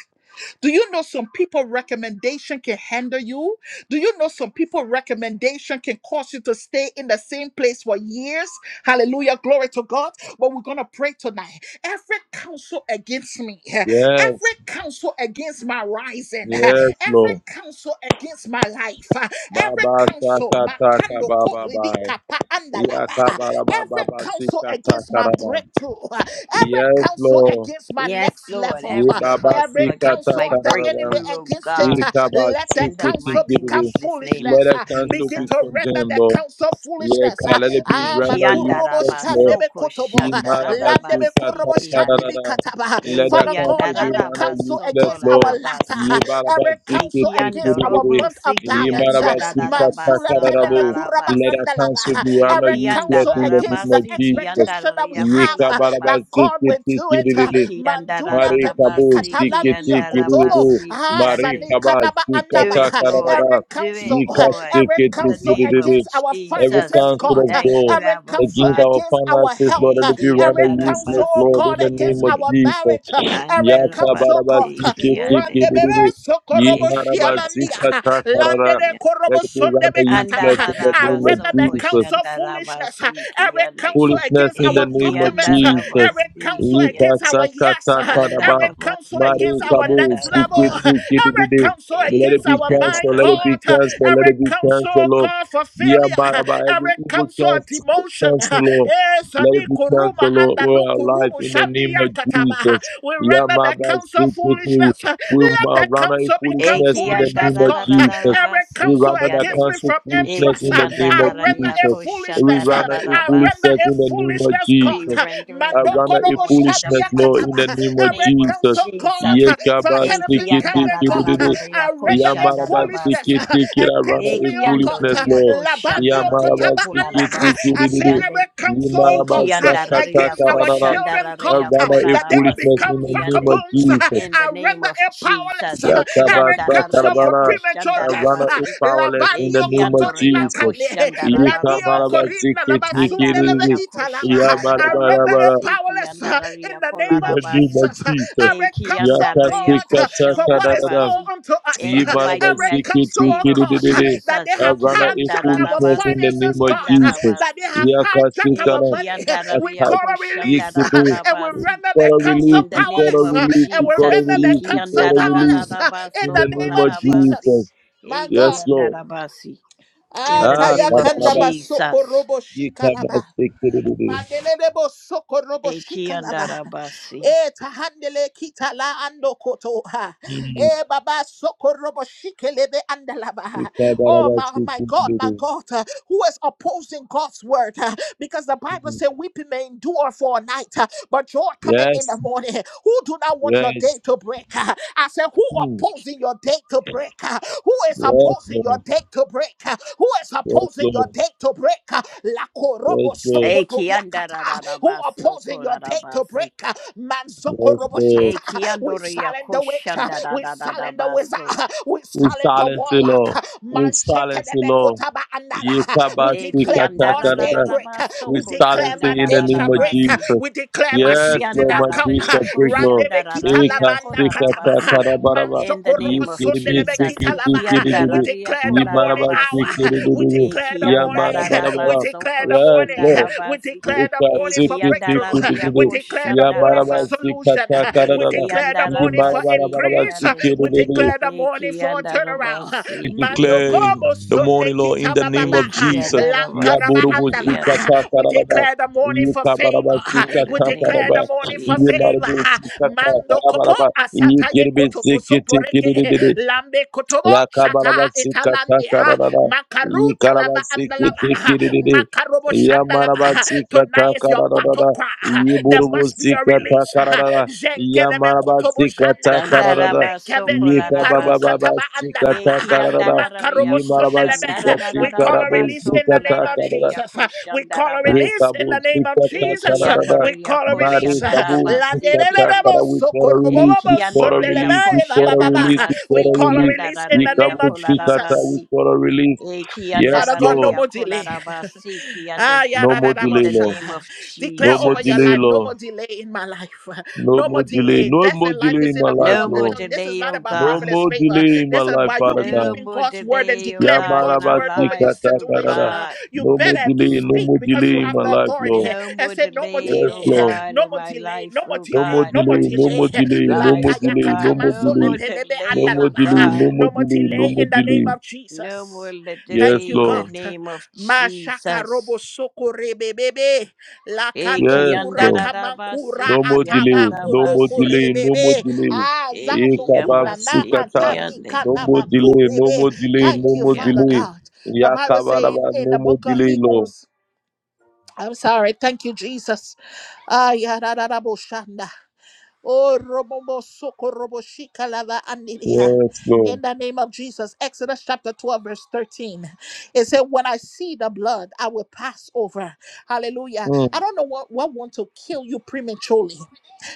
Speaker 1: Do you know some people recommendation can hinder you? Do you know some people recommendation can cause you to stay in the same place for years? Hallelujah, glory to God. But we're gonna pray tonight. Every counsel against me, every
Speaker 2: Yes.
Speaker 1: counsel against my rising,
Speaker 2: Yes,
Speaker 1: every
Speaker 2: Lord.
Speaker 1: counsel against my life, every
Speaker 2: Baba
Speaker 1: counsel,
Speaker 2: saka taka
Speaker 1: makando
Speaker 2: baba
Speaker 1: kuridi
Speaker 2: bye.
Speaker 1: kapa
Speaker 2: Yaka
Speaker 1: andalava,
Speaker 2: baba
Speaker 1: every
Speaker 2: baba
Speaker 1: counsel
Speaker 2: sika
Speaker 1: against
Speaker 2: taka
Speaker 1: my
Speaker 2: raba.
Speaker 1: breakthrough, every
Speaker 2: Yes,
Speaker 1: counsel
Speaker 2: Lord.
Speaker 1: against my
Speaker 3: Yes,
Speaker 1: next
Speaker 3: Lord.
Speaker 2: Ye
Speaker 1: level.
Speaker 3: Every
Speaker 2: baba
Speaker 3: counsel
Speaker 1: Every
Speaker 2: sika
Speaker 3: against
Speaker 1: counsel
Speaker 3: my
Speaker 2: taka
Speaker 1: of the enemy
Speaker 2: raba.
Speaker 3: breakthrough, oh
Speaker 1: against it,
Speaker 3: God.
Speaker 1: uh,
Speaker 2: Ika ba
Speaker 1: let the
Speaker 3: In the
Speaker 2: suki
Speaker 1: counsel
Speaker 3: mighty,
Speaker 1: become
Speaker 2: tikiri.
Speaker 3: matchless name of
Speaker 1: foolishness.
Speaker 2: Let us
Speaker 1: uh,
Speaker 2: cancel
Speaker 1: Begin
Speaker 3: Jesus.
Speaker 2: be
Speaker 1: to render
Speaker 2: condemned,
Speaker 1: the
Speaker 2: Lord.
Speaker 1: counsel
Speaker 2: Yeah,
Speaker 1: foolishness. uh,
Speaker 2: God, let it be
Speaker 1: Ah,
Speaker 3: Eki
Speaker 2: rendered
Speaker 3: andara
Speaker 1: makurobo
Speaker 2: useless, Lord.
Speaker 3: baso
Speaker 1: shandebe
Speaker 3: ko
Speaker 1: kotobo, uh,
Speaker 3: shandarara
Speaker 1: landebe
Speaker 3: basi
Speaker 1: korobo
Speaker 3: ki ane.
Speaker 1: shandibi
Speaker 2: Yibarabazikatakadadada.
Speaker 1: kataba, uh,
Speaker 2: Let that
Speaker 3: Eki
Speaker 1: Father God,
Speaker 2: counsel be
Speaker 1: every
Speaker 3: andarara
Speaker 2: rendered
Speaker 1: counsel
Speaker 3: baso ko
Speaker 2: useless,
Speaker 1: against our
Speaker 2: Lord.
Speaker 1: latter,
Speaker 3: larabasi.
Speaker 1: uh, every counsel against
Speaker 3: Ekiando
Speaker 1: our
Speaker 2: Yibarabazikitikuribiri.
Speaker 3: robo
Speaker 1: month of
Speaker 3: siki
Speaker 1: balance. uh,
Speaker 3: anda da da da
Speaker 1: Manzule
Speaker 3: basa
Speaker 2: Yibarabazikatakadadabo.
Speaker 1: peneme
Speaker 3: kalara
Speaker 1: kuraba
Speaker 2: Let
Speaker 3: basi.
Speaker 2: that counsel
Speaker 1: andalava.
Speaker 2: be rendered
Speaker 1: Every
Speaker 3: Ekianda
Speaker 2: useless
Speaker 1: counsel
Speaker 3: da
Speaker 2: in the
Speaker 3: da
Speaker 1: against
Speaker 2: name
Speaker 1: the
Speaker 2: of
Speaker 3: basi
Speaker 2: Jesus.
Speaker 3: kianda
Speaker 1: expectation
Speaker 3: da
Speaker 1: that we
Speaker 3: ya
Speaker 1: have uh,
Speaker 3: kolara
Speaker 1: that
Speaker 3: basi.
Speaker 1: God will do it. uh,
Speaker 2: Yikabarabazikitikuribiri.
Speaker 3: Ekianda da
Speaker 1: Mandule
Speaker 3: da
Speaker 2: Mari
Speaker 3: da
Speaker 1: peni
Speaker 2: kabu
Speaker 3: basi
Speaker 2: sikiti
Speaker 1: katalania
Speaker 3: kianda da
Speaker 1: kotobo.
Speaker 2: kiribu.
Speaker 3: basi
Speaker 1: Ah,
Speaker 2: Mari
Speaker 3: kiande.
Speaker 1: sani
Speaker 2: kaba
Speaker 1: kadaba
Speaker 3: Do
Speaker 1: andaba.
Speaker 2: sikata
Speaker 3: it,
Speaker 1: uh,
Speaker 3: Lord.
Speaker 2: kararara.
Speaker 1: Every
Speaker 3: Do it,
Speaker 1: counsel, uh,
Speaker 2: Ika
Speaker 3: Lord.
Speaker 1: every
Speaker 3: In
Speaker 2: sikiti
Speaker 3: the
Speaker 1: counsel
Speaker 3: name of
Speaker 2: kiribu.
Speaker 1: against our
Speaker 2: Every
Speaker 3: Jesus,
Speaker 1: finances,
Speaker 3: we
Speaker 2: counsel
Speaker 1: God.
Speaker 2: of
Speaker 1: uh,
Speaker 3: thank you,
Speaker 2: God
Speaker 1: Every
Speaker 3: our
Speaker 1: counsel
Speaker 2: against our
Speaker 3: Father.
Speaker 1: against our
Speaker 2: finances,
Speaker 1: help.
Speaker 2: Lord, let
Speaker 1: uh,
Speaker 2: it be rather
Speaker 1: Every
Speaker 3: Ekianda da
Speaker 1: counsel,
Speaker 2: useless,
Speaker 1: oh
Speaker 2: Lord,
Speaker 3: basi
Speaker 2: in
Speaker 1: God,
Speaker 2: the name
Speaker 1: against
Speaker 2: of
Speaker 3: kiande.
Speaker 1: our
Speaker 2: Jesus.
Speaker 1: marriage. uh, Every
Speaker 3: Anda da
Speaker 2: Yaka
Speaker 3: basi
Speaker 1: counsel,
Speaker 2: baraba
Speaker 1: God. uh,
Speaker 2: sikiti
Speaker 3: kiande.
Speaker 2: kiribu.
Speaker 1: Randebebe
Speaker 2: Yi
Speaker 1: sokorobo
Speaker 2: maraba
Speaker 1: shialandia. uh,
Speaker 3: Ekianda
Speaker 2: sikata karara. Let it be rather useless in the
Speaker 1: I
Speaker 2: name of
Speaker 1: render the
Speaker 2: Jesus
Speaker 1: counsel foolishness, uh, every
Speaker 3: Andarabasokoshandarabasikiande.
Speaker 1: counsel
Speaker 2: foolishness
Speaker 1: against
Speaker 2: in
Speaker 1: our
Speaker 2: the name of
Speaker 1: documents, uh, every
Speaker 2: Jesus.
Speaker 1: counsel against
Speaker 3: Ekiandarabasikiande.
Speaker 1: our yes, uh, every
Speaker 2: Ikasakatakadaba,
Speaker 1: counsel against our
Speaker 2: marikabu,
Speaker 1: next level, uh,
Speaker 3: Andarabasikiandarabasi.
Speaker 1: every
Speaker 2: sikitikidididi.
Speaker 1: counsel
Speaker 2: Let it
Speaker 1: against
Speaker 2: be
Speaker 1: our mind,
Speaker 2: canceled, let it be
Speaker 1: God, uh,
Speaker 3: Ekiandarabasi.
Speaker 2: canceled, let
Speaker 1: every
Speaker 2: it be
Speaker 1: counsel,
Speaker 2: canceled,
Speaker 1: oh
Speaker 2: Lord.
Speaker 1: God, for failure, uh,
Speaker 2: Yabaraba, every
Speaker 1: every
Speaker 2: evil
Speaker 1: counsel of
Speaker 2: cancel,
Speaker 1: demotion.
Speaker 2: cancel,
Speaker 1: uh,
Speaker 2: Lord.
Speaker 1: eh,
Speaker 2: Let it
Speaker 1: Sani
Speaker 2: be
Speaker 1: Kuruma
Speaker 2: canceled, Lord,
Speaker 1: and
Speaker 2: all our lives
Speaker 1: Lukurumu
Speaker 2: in the
Speaker 1: Shani
Speaker 2: name of
Speaker 1: Yakataba. uh,
Speaker 2: Jesus.
Speaker 1: We render the
Speaker 2: Yamaba,
Speaker 1: counsel
Speaker 2: sikiti.
Speaker 1: foolishness. uh,
Speaker 2: We uh,
Speaker 1: Let the
Speaker 2: run away
Speaker 1: counsel become
Speaker 2: foolishness in the
Speaker 1: foolishness,
Speaker 2: name of
Speaker 1: God. uh,
Speaker 2: Jesus.
Speaker 1: Every
Speaker 2: We
Speaker 1: counsel
Speaker 2: run out of
Speaker 3: Ekiandararararabasikiande.
Speaker 1: against me
Speaker 2: counsel
Speaker 1: from M
Speaker 2: foolishness
Speaker 1: Trust.
Speaker 2: in
Speaker 1: uh,
Speaker 2: the name
Speaker 1: I
Speaker 2: of
Speaker 1: render a
Speaker 2: Jesus. We
Speaker 1: foolishness. uh,
Speaker 2: run out of
Speaker 1: I render
Speaker 3: koshandarararabasi.
Speaker 2: foolishness
Speaker 1: a
Speaker 2: in the name of
Speaker 1: foolishness, God.
Speaker 3: We
Speaker 2: Jesus.
Speaker 1: uh,
Speaker 3: render it
Speaker 2: I
Speaker 1: Mando
Speaker 3: non
Speaker 2: run out
Speaker 3: and
Speaker 2: of
Speaker 1: Kodobo
Speaker 3: void in the
Speaker 1: Shania
Speaker 2: foolishness, Lord,
Speaker 3: mighty
Speaker 2: in the
Speaker 1: Kataba.
Speaker 3: precious
Speaker 2: name of
Speaker 1: Every
Speaker 3: name of
Speaker 2: Jesus.
Speaker 1: counsel, God,
Speaker 3: Jesus.
Speaker 1: uh, for
Speaker 2: Yekaba
Speaker 1: Hennepin
Speaker 2: zikiti
Speaker 1: County, God. uh,
Speaker 2: kidididi.
Speaker 1: I render a
Speaker 2: Yamaraba
Speaker 1: foolishness
Speaker 3: Ekiandarararariakoshandarabasi.
Speaker 1: uh,
Speaker 2: zikiti kida. I run
Speaker 3: E
Speaker 2: out
Speaker 1: against me,
Speaker 2: of
Speaker 1: oh God.
Speaker 2: foolishness,
Speaker 1: uh,
Speaker 3: kiandoria
Speaker 2: Lord.
Speaker 1: Labanyo
Speaker 3: koshandararia
Speaker 2: Yamaraba
Speaker 1: Kotaba Anda.
Speaker 2: zikiti
Speaker 1: uh,
Speaker 3: kolarabasi
Speaker 1: I say
Speaker 2: kidididi.
Speaker 3: kiande.
Speaker 1: every counsel, oh
Speaker 3: E
Speaker 2: Yamaraba
Speaker 1: God, uh,
Speaker 2: zakata
Speaker 3: kiandararia
Speaker 1: against our
Speaker 2: kararara.
Speaker 1: children, God,
Speaker 2: I
Speaker 3: koshandararia
Speaker 1: uh,
Speaker 2: run out of
Speaker 1: that they will
Speaker 2: foolishness
Speaker 3: kolarabasi
Speaker 2: in
Speaker 1: become
Speaker 2: the name
Speaker 3: kiande.
Speaker 2: of
Speaker 1: vagabonds. uh,
Speaker 2: Jesus.
Speaker 3: In the
Speaker 1: I
Speaker 3: name
Speaker 1: render
Speaker 3: of
Speaker 1: it powerless.
Speaker 3: Jesus, e
Speaker 1: Every counsel
Speaker 3: kiandararia
Speaker 1: for
Speaker 2: Yakabasakarabara,
Speaker 1: premature
Speaker 2: uh,
Speaker 1: death
Speaker 2: Runner
Speaker 1: death.
Speaker 2: is
Speaker 3: koshandarabasi.
Speaker 2: powerless in
Speaker 3: E
Speaker 2: the
Speaker 1: Labanio
Speaker 2: name of
Speaker 1: kotonina
Speaker 3: kiandoria
Speaker 2: Jesus.
Speaker 1: kane. Lanio
Speaker 3: koshandararabasi.
Speaker 1: korina labasuneleve
Speaker 2: Yikamarabazikitiikiriri,
Speaker 3: Andararia
Speaker 1: italava. I render it
Speaker 2: Yamarabarabara,
Speaker 3: koshandararabasi
Speaker 1: powerless uh, in
Speaker 3: kiandararia
Speaker 1: the name
Speaker 2: In
Speaker 1: of
Speaker 2: the name
Speaker 3: kolarabasi.
Speaker 2: of
Speaker 1: Jesus. Uh,
Speaker 2: Jesus.
Speaker 3: E
Speaker 1: Every counsel,
Speaker 3: kiandararia
Speaker 1: God, uh, for what is
Speaker 2: Yakasikatakarara,
Speaker 1: all
Speaker 3: koshandarabasi.
Speaker 1: unto us.
Speaker 3: In the
Speaker 1: Uh,
Speaker 3: mighty
Speaker 1: Every
Speaker 3: matchless
Speaker 1: counsel, oh
Speaker 3: name of
Speaker 1: God, uh,
Speaker 2: Yimarabazikitikiriri,
Speaker 1: that
Speaker 3: Jesus,
Speaker 1: they
Speaker 2: uh,
Speaker 1: have
Speaker 2: Runner in
Speaker 1: hijacked our
Speaker 2: foolishness in the
Speaker 3: Ikiandarabasi,
Speaker 1: finances,
Speaker 2: name of
Speaker 1: God, uh,
Speaker 2: Jesus.
Speaker 1: that they
Speaker 3: Kiandarabasi,
Speaker 1: have hijacked our
Speaker 2: Yakasikara,
Speaker 1: money. We
Speaker 3: Ikiandaria
Speaker 1: call
Speaker 2: Attack.
Speaker 1: a release uh,
Speaker 2: Yikidu.
Speaker 1: and we
Speaker 2: We
Speaker 3: Koshandarabasi.
Speaker 1: render
Speaker 2: call
Speaker 1: the
Speaker 2: a
Speaker 1: counsel
Speaker 2: release,
Speaker 3: In the
Speaker 2: we call a
Speaker 3: name
Speaker 1: powerless.
Speaker 3: of
Speaker 1: uh,
Speaker 2: release,
Speaker 1: And
Speaker 2: we
Speaker 1: we
Speaker 2: call a
Speaker 3: Jesus,
Speaker 1: render the
Speaker 2: release, we
Speaker 1: counsel
Speaker 2: call a release.
Speaker 1: powerless uh, in
Speaker 2: In
Speaker 3: Ikiandarabaso
Speaker 1: the
Speaker 2: the
Speaker 1: name
Speaker 2: name of
Speaker 1: of
Speaker 3: Kolarabasi,
Speaker 2: Jesus.
Speaker 1: Jesus. My God.
Speaker 2: Yes, Lord.
Speaker 3: Ikiandarabasi. In the
Speaker 2: Ah,
Speaker 3: name of
Speaker 1: Atayakanda
Speaker 2: kabaraba.
Speaker 1: basoko
Speaker 3: Jesus,
Speaker 1: robo
Speaker 2: Ye
Speaker 1: shikalaba.
Speaker 2: kabasikiriri.
Speaker 1: Mandelebo soko robo shika lava.
Speaker 3: Ikiandarabasi,
Speaker 1: E tahandele kita la ando koto ha.
Speaker 2: Mm.
Speaker 1: E baba soko robo shike lebe
Speaker 2: Ye
Speaker 1: andalaba. Oh my, my God, my
Speaker 2: kabarabasikiriri.
Speaker 1: God, uh, who is opposing God's word? uh, Because the Bible
Speaker 2: Mm.
Speaker 1: says weeping may endure for a night, uh, but joy cometh in the
Speaker 2: Yes,
Speaker 1: morning. Who do not want your day
Speaker 2: yes.
Speaker 1: to break? uh? I said, who
Speaker 2: Mm.
Speaker 1: opposing your day to break? uh? Who is
Speaker 2: Yes,
Speaker 1: opposing your
Speaker 2: Lord.
Speaker 1: day to break? uh? Who is
Speaker 2: Yes,
Speaker 1: opposing your
Speaker 2: Lord.
Speaker 1: day to break? Uh,
Speaker 2: Yes,
Speaker 1: Korobo
Speaker 2: Lord.
Speaker 1: Sokoto Yakata, who
Speaker 3: Ikiandarabaso
Speaker 1: opposing your day to break.
Speaker 3: Kolarabasi,
Speaker 1: Manzoko
Speaker 2: Yes,
Speaker 1: Robo
Speaker 2: Lord.
Speaker 1: Shata, we
Speaker 3: Ikiandoria
Speaker 1: silent the witch, we silent the wizard,
Speaker 3: Koshandarabasi.
Speaker 1: we
Speaker 2: We
Speaker 1: silent the
Speaker 2: silence the
Speaker 1: warlock.
Speaker 2: Lord. We
Speaker 1: Manshete
Speaker 2: silence
Speaker 1: de
Speaker 2: the Lord.
Speaker 1: Bekotaba
Speaker 2: Ye
Speaker 1: Andala, we
Speaker 3: Eki
Speaker 1: declare
Speaker 3: andara
Speaker 1: God's
Speaker 3: da
Speaker 1: day
Speaker 3: da
Speaker 2: kabasikatakara.
Speaker 3: da
Speaker 1: break,
Speaker 3: ba so
Speaker 2: We
Speaker 1: we
Speaker 3: ko
Speaker 2: silence
Speaker 1: declare
Speaker 3: shanda
Speaker 1: my
Speaker 2: it
Speaker 3: da
Speaker 2: in the
Speaker 1: day
Speaker 3: da
Speaker 2: name
Speaker 1: shall
Speaker 2: of
Speaker 3: ba
Speaker 1: break,
Speaker 3: si.
Speaker 1: we
Speaker 2: Jesus.
Speaker 1: declare my
Speaker 3: Eki
Speaker 2: Yes,
Speaker 1: season
Speaker 2: Lord, my
Speaker 1: have
Speaker 3: andara
Speaker 1: come.
Speaker 3: ria
Speaker 2: bishop,
Speaker 3: ko
Speaker 2: break Lord.
Speaker 3: shanda
Speaker 1: Randebe
Speaker 3: da
Speaker 1: Kita
Speaker 2: Eka
Speaker 3: ria ko
Speaker 1: Lavanda
Speaker 3: la
Speaker 2: sika
Speaker 3: da
Speaker 1: Kataba,
Speaker 3: ba
Speaker 2: ta ta
Speaker 3: si.
Speaker 2: ra ba ra ba.
Speaker 3: In the
Speaker 1: Manshoko
Speaker 2: Yi
Speaker 1: Robo
Speaker 3: name of
Speaker 2: kiri bi
Speaker 1: Sundelebe
Speaker 3: Jesus,
Speaker 2: siki
Speaker 1: Kita
Speaker 2: ti
Speaker 3: eki
Speaker 1: Lava,
Speaker 2: kiri bi
Speaker 1: we
Speaker 2: di.
Speaker 3: andara ria
Speaker 1: declare
Speaker 3: ko
Speaker 2: Yi
Speaker 1: the
Speaker 3: la
Speaker 2: ba ra
Speaker 3: da
Speaker 1: morning
Speaker 2: ba
Speaker 3: ba
Speaker 2: si
Speaker 3: si.
Speaker 1: hour.
Speaker 2: kiri bi
Speaker 1: We
Speaker 2: di di.
Speaker 1: declare
Speaker 3: Eki
Speaker 1: the
Speaker 2: Ya ba
Speaker 1: morning
Speaker 2: ra
Speaker 3: andara
Speaker 2: ba
Speaker 1: morning.
Speaker 3: da
Speaker 2: ra ba
Speaker 3: ba
Speaker 1: We
Speaker 2: ra.
Speaker 3: so
Speaker 1: declare
Speaker 3: ko
Speaker 1: the
Speaker 2: Yes,
Speaker 3: shanda
Speaker 1: morning.
Speaker 2: Lord.
Speaker 3: ba
Speaker 1: We
Speaker 3: si.
Speaker 1: declare the
Speaker 2: Eka
Speaker 1: morning for
Speaker 3: Eki
Speaker 2: siki ti
Speaker 3: andara
Speaker 1: breakthrough.
Speaker 2: kiri bi
Speaker 3: ria
Speaker 1: We
Speaker 2: di.
Speaker 3: ko
Speaker 1: declare the
Speaker 2: Ya
Speaker 3: shanda
Speaker 2: ba
Speaker 1: morning
Speaker 2: ra ba
Speaker 1: for
Speaker 3: ba si.
Speaker 2: sika
Speaker 1: solution.
Speaker 2: ta ta ra
Speaker 1: We
Speaker 2: ra ra.
Speaker 3: Eki
Speaker 1: declare the
Speaker 2: Yi
Speaker 3: andara
Speaker 1: morning
Speaker 2: ba
Speaker 3: ba
Speaker 2: ra
Speaker 1: for
Speaker 2: ba ra ba
Speaker 3: si
Speaker 2: ra ba
Speaker 3: ki
Speaker 1: increase.
Speaker 2: si
Speaker 3: ande.
Speaker 2: kiri
Speaker 1: We
Speaker 2: bi di.
Speaker 1: declare the morning
Speaker 3: Eki
Speaker 1: for
Speaker 3: andara ba
Speaker 1: turnaround.
Speaker 2: We
Speaker 3: si ki
Speaker 1: Mando
Speaker 2: declare
Speaker 3: ande.
Speaker 1: kobo
Speaker 2: the
Speaker 1: sunne
Speaker 2: morning, Lord, in
Speaker 1: kita
Speaker 2: the name
Speaker 1: bababa.
Speaker 2: of
Speaker 3: Eki
Speaker 2: Jesus.
Speaker 3: andara ba
Speaker 1: Lankaraba
Speaker 2: Yaburubu
Speaker 3: si ki ande.
Speaker 1: andalaba.
Speaker 2: zukata
Speaker 1: We
Speaker 2: sararaba.
Speaker 1: declare the morning for favor.
Speaker 2: Yukabaraba
Speaker 3: in
Speaker 1: We
Speaker 3: the
Speaker 2: zukata
Speaker 3: name
Speaker 1: declare
Speaker 2: sararaba.
Speaker 1: the
Speaker 3: of
Speaker 1: morning for
Speaker 3: Jesus.
Speaker 2: Yebarubu
Speaker 1: favor.
Speaker 2: zukata
Speaker 1: Mando kopo
Speaker 2: sarabaraba.
Speaker 1: asata ye
Speaker 2: Yikiribi
Speaker 1: koto
Speaker 2: zikiti
Speaker 1: mosoporeke.
Speaker 2: kiribidi.
Speaker 1: Lambe kotobo shata
Speaker 2: Yakabarabasikatakara.
Speaker 1: italandia. Ruta lava and the lava.
Speaker 2: Yikarabasikitikiriri.
Speaker 1: Makarobo shandalaba. Tonight is your
Speaker 2: Yamarabasikatakara.
Speaker 1: battle cry. There must be a release.
Speaker 2: Yiburubusikatakarara.
Speaker 1: Zenkelebe kotobo shanda.
Speaker 2: Yamarabasikatakara.
Speaker 1: Menkeveli paruka
Speaker 3: Dandarabasoko
Speaker 1: taba andalaba.
Speaker 2: Yikabababasikatakarara.
Speaker 1: Makarobo
Speaker 3: Ekiandarararia
Speaker 1: sundelebe. We call a release in the name of
Speaker 2: Yimarabasikatikarabusikatakarara.
Speaker 3: koshandarararabasokolareria
Speaker 1: Jesus. We call a
Speaker 2: Re
Speaker 3: koshandarabasi.
Speaker 1: release in the
Speaker 2: kabu
Speaker 1: name of
Speaker 2: sikata
Speaker 1: Jesus.
Speaker 2: karadada.
Speaker 1: We
Speaker 3: Ekiandoreria
Speaker 1: call a release.
Speaker 2: Mari kabu
Speaker 3: koshandarabasi
Speaker 2: sikata
Speaker 3: kiande.
Speaker 2: kara.
Speaker 1: Landelelebo
Speaker 2: We call a release. We
Speaker 1: sokorobobo
Speaker 2: call a
Speaker 3: Ekiandoreria
Speaker 2: release. We call a release.
Speaker 1: sundelebe.
Speaker 2: We
Speaker 1: We
Speaker 2: call
Speaker 3: koshandarabasi
Speaker 2: a
Speaker 1: call a
Speaker 2: release.
Speaker 1: release in
Speaker 2: We
Speaker 1: the
Speaker 3: kiandarareria
Speaker 1: name
Speaker 2: kabu
Speaker 1: of
Speaker 2: sikata. We
Speaker 1: Jesus.
Speaker 3: kolarabasi.
Speaker 2: call a release. Yes,
Speaker 1: Father God, no
Speaker 2: Lord.
Speaker 3: Ekiandarareria
Speaker 1: more delay.
Speaker 3: kolarabasi
Speaker 1: Ah,
Speaker 3: kiande.
Speaker 2: No
Speaker 1: yada, da, da,
Speaker 2: more
Speaker 1: da,
Speaker 3: In
Speaker 1: bo,
Speaker 2: delay,
Speaker 3: the
Speaker 1: sha.
Speaker 2: Lord.
Speaker 3: name of
Speaker 1: Declare
Speaker 2: No more
Speaker 1: over your
Speaker 3: Jesus.
Speaker 2: delay,
Speaker 1: life, no
Speaker 2: Lord.
Speaker 1: more delay in my life.
Speaker 2: No
Speaker 1: No more
Speaker 2: more delay.
Speaker 1: delay.
Speaker 2: No
Speaker 1: Death
Speaker 2: more
Speaker 1: and life
Speaker 2: delay
Speaker 1: is
Speaker 2: in
Speaker 1: in
Speaker 2: my
Speaker 1: the
Speaker 2: life,
Speaker 1: power
Speaker 3: No
Speaker 1: of the
Speaker 3: more
Speaker 2: Lord.
Speaker 1: tongue. This is
Speaker 3: delay,
Speaker 1: not
Speaker 3: O
Speaker 1: about
Speaker 2: No
Speaker 3: God.
Speaker 1: prophetess
Speaker 2: more
Speaker 1: favor.
Speaker 2: delay in my
Speaker 1: This is
Speaker 2: life,
Speaker 1: about you
Speaker 2: Father
Speaker 3: No
Speaker 2: God.
Speaker 1: believing
Speaker 3: more
Speaker 1: God's word and
Speaker 3: delay, O
Speaker 1: declaring
Speaker 3: God, in
Speaker 1: God's
Speaker 2: Yamaraba
Speaker 3: our
Speaker 1: word over your
Speaker 3: lives,
Speaker 2: sikata
Speaker 3: O
Speaker 1: situation. Uh,
Speaker 3: God.
Speaker 1: You
Speaker 2: No more
Speaker 1: better
Speaker 2: delay. No
Speaker 1: speak
Speaker 2: more
Speaker 1: because you
Speaker 2: delay in
Speaker 1: have
Speaker 2: my
Speaker 1: the
Speaker 2: life,
Speaker 1: authority
Speaker 2: Lord.
Speaker 3: No
Speaker 1: and
Speaker 3: more
Speaker 1: say, no more
Speaker 3: delay,
Speaker 2: Yes,
Speaker 3: O
Speaker 1: delay,
Speaker 2: Lord.
Speaker 3: God,
Speaker 1: no
Speaker 3: in
Speaker 1: more
Speaker 3: my
Speaker 1: delay,
Speaker 3: life,
Speaker 1: no more
Speaker 3: O
Speaker 2: No
Speaker 1: delay,
Speaker 2: more
Speaker 3: God,
Speaker 1: no
Speaker 3: in
Speaker 1: more
Speaker 2: delay,
Speaker 3: my
Speaker 2: no
Speaker 1: delay.
Speaker 2: more
Speaker 3: children's
Speaker 2: delay, no more
Speaker 3: lives,
Speaker 1: Lakaya
Speaker 3: O
Speaker 2: delay, no
Speaker 3: God.
Speaker 2: more
Speaker 3: No
Speaker 1: katamanso
Speaker 3: more
Speaker 2: delay,
Speaker 1: lepelebe
Speaker 2: no
Speaker 3: delay,
Speaker 2: more
Speaker 3: O
Speaker 2: delay,
Speaker 1: andalama.
Speaker 2: no
Speaker 3: God.
Speaker 2: more
Speaker 1: No more
Speaker 2: delay, no
Speaker 1: delay
Speaker 2: more
Speaker 1: in the name
Speaker 2: delay.
Speaker 1: of
Speaker 3: No
Speaker 1: Jesus.
Speaker 3: more le-
Speaker 2: Yes,
Speaker 1: Thank you,
Speaker 3: delay in the
Speaker 1: God.
Speaker 2: Lord.
Speaker 3: name of
Speaker 1: Mashaka robo
Speaker 3: Jesus.
Speaker 1: soko rebebebe. La
Speaker 3: Eh,
Speaker 2: Yes,
Speaker 1: kanuvura
Speaker 3: kianda
Speaker 2: Lord.
Speaker 3: da da
Speaker 1: kamankura
Speaker 3: basi,
Speaker 2: No more delay,
Speaker 3: kianda
Speaker 1: ataba
Speaker 3: da
Speaker 2: no more
Speaker 1: koroko
Speaker 3: basi.
Speaker 2: delay, no more
Speaker 1: rebebe.
Speaker 2: delay.
Speaker 3: Eh,
Speaker 1: Azanu
Speaker 2: Ikaba
Speaker 1: kuna
Speaker 3: kiamba
Speaker 1: na
Speaker 3: si,
Speaker 2: sukata.
Speaker 1: atani
Speaker 3: kiande.
Speaker 2: No
Speaker 1: kana
Speaker 2: more delay, no
Speaker 1: makurebe.
Speaker 2: more delay,
Speaker 3: Eh,
Speaker 1: Thank
Speaker 2: no
Speaker 1: you,
Speaker 2: more
Speaker 1: Father
Speaker 3: kianda.
Speaker 2: delay.
Speaker 1: God. The Bible saying
Speaker 2: Yakabaraba,
Speaker 1: in
Speaker 2: no
Speaker 1: the
Speaker 2: more
Speaker 1: book of
Speaker 2: delay, Lord.
Speaker 1: Hebrews, I'm sorry. Thank you, Jesus. Ah, ya da, da, da, bo, shanda. Oh, robobo soko robo shika lava Anilia.
Speaker 2: Yes,
Speaker 1: In
Speaker 2: Lord.
Speaker 1: the name of Jesus, Exodus chapter 12, verse 13. It said, When I see the blood, I will pass over. Hallelujah. I
Speaker 2: Mm,
Speaker 1: don't know what, what want to kill you prematurely.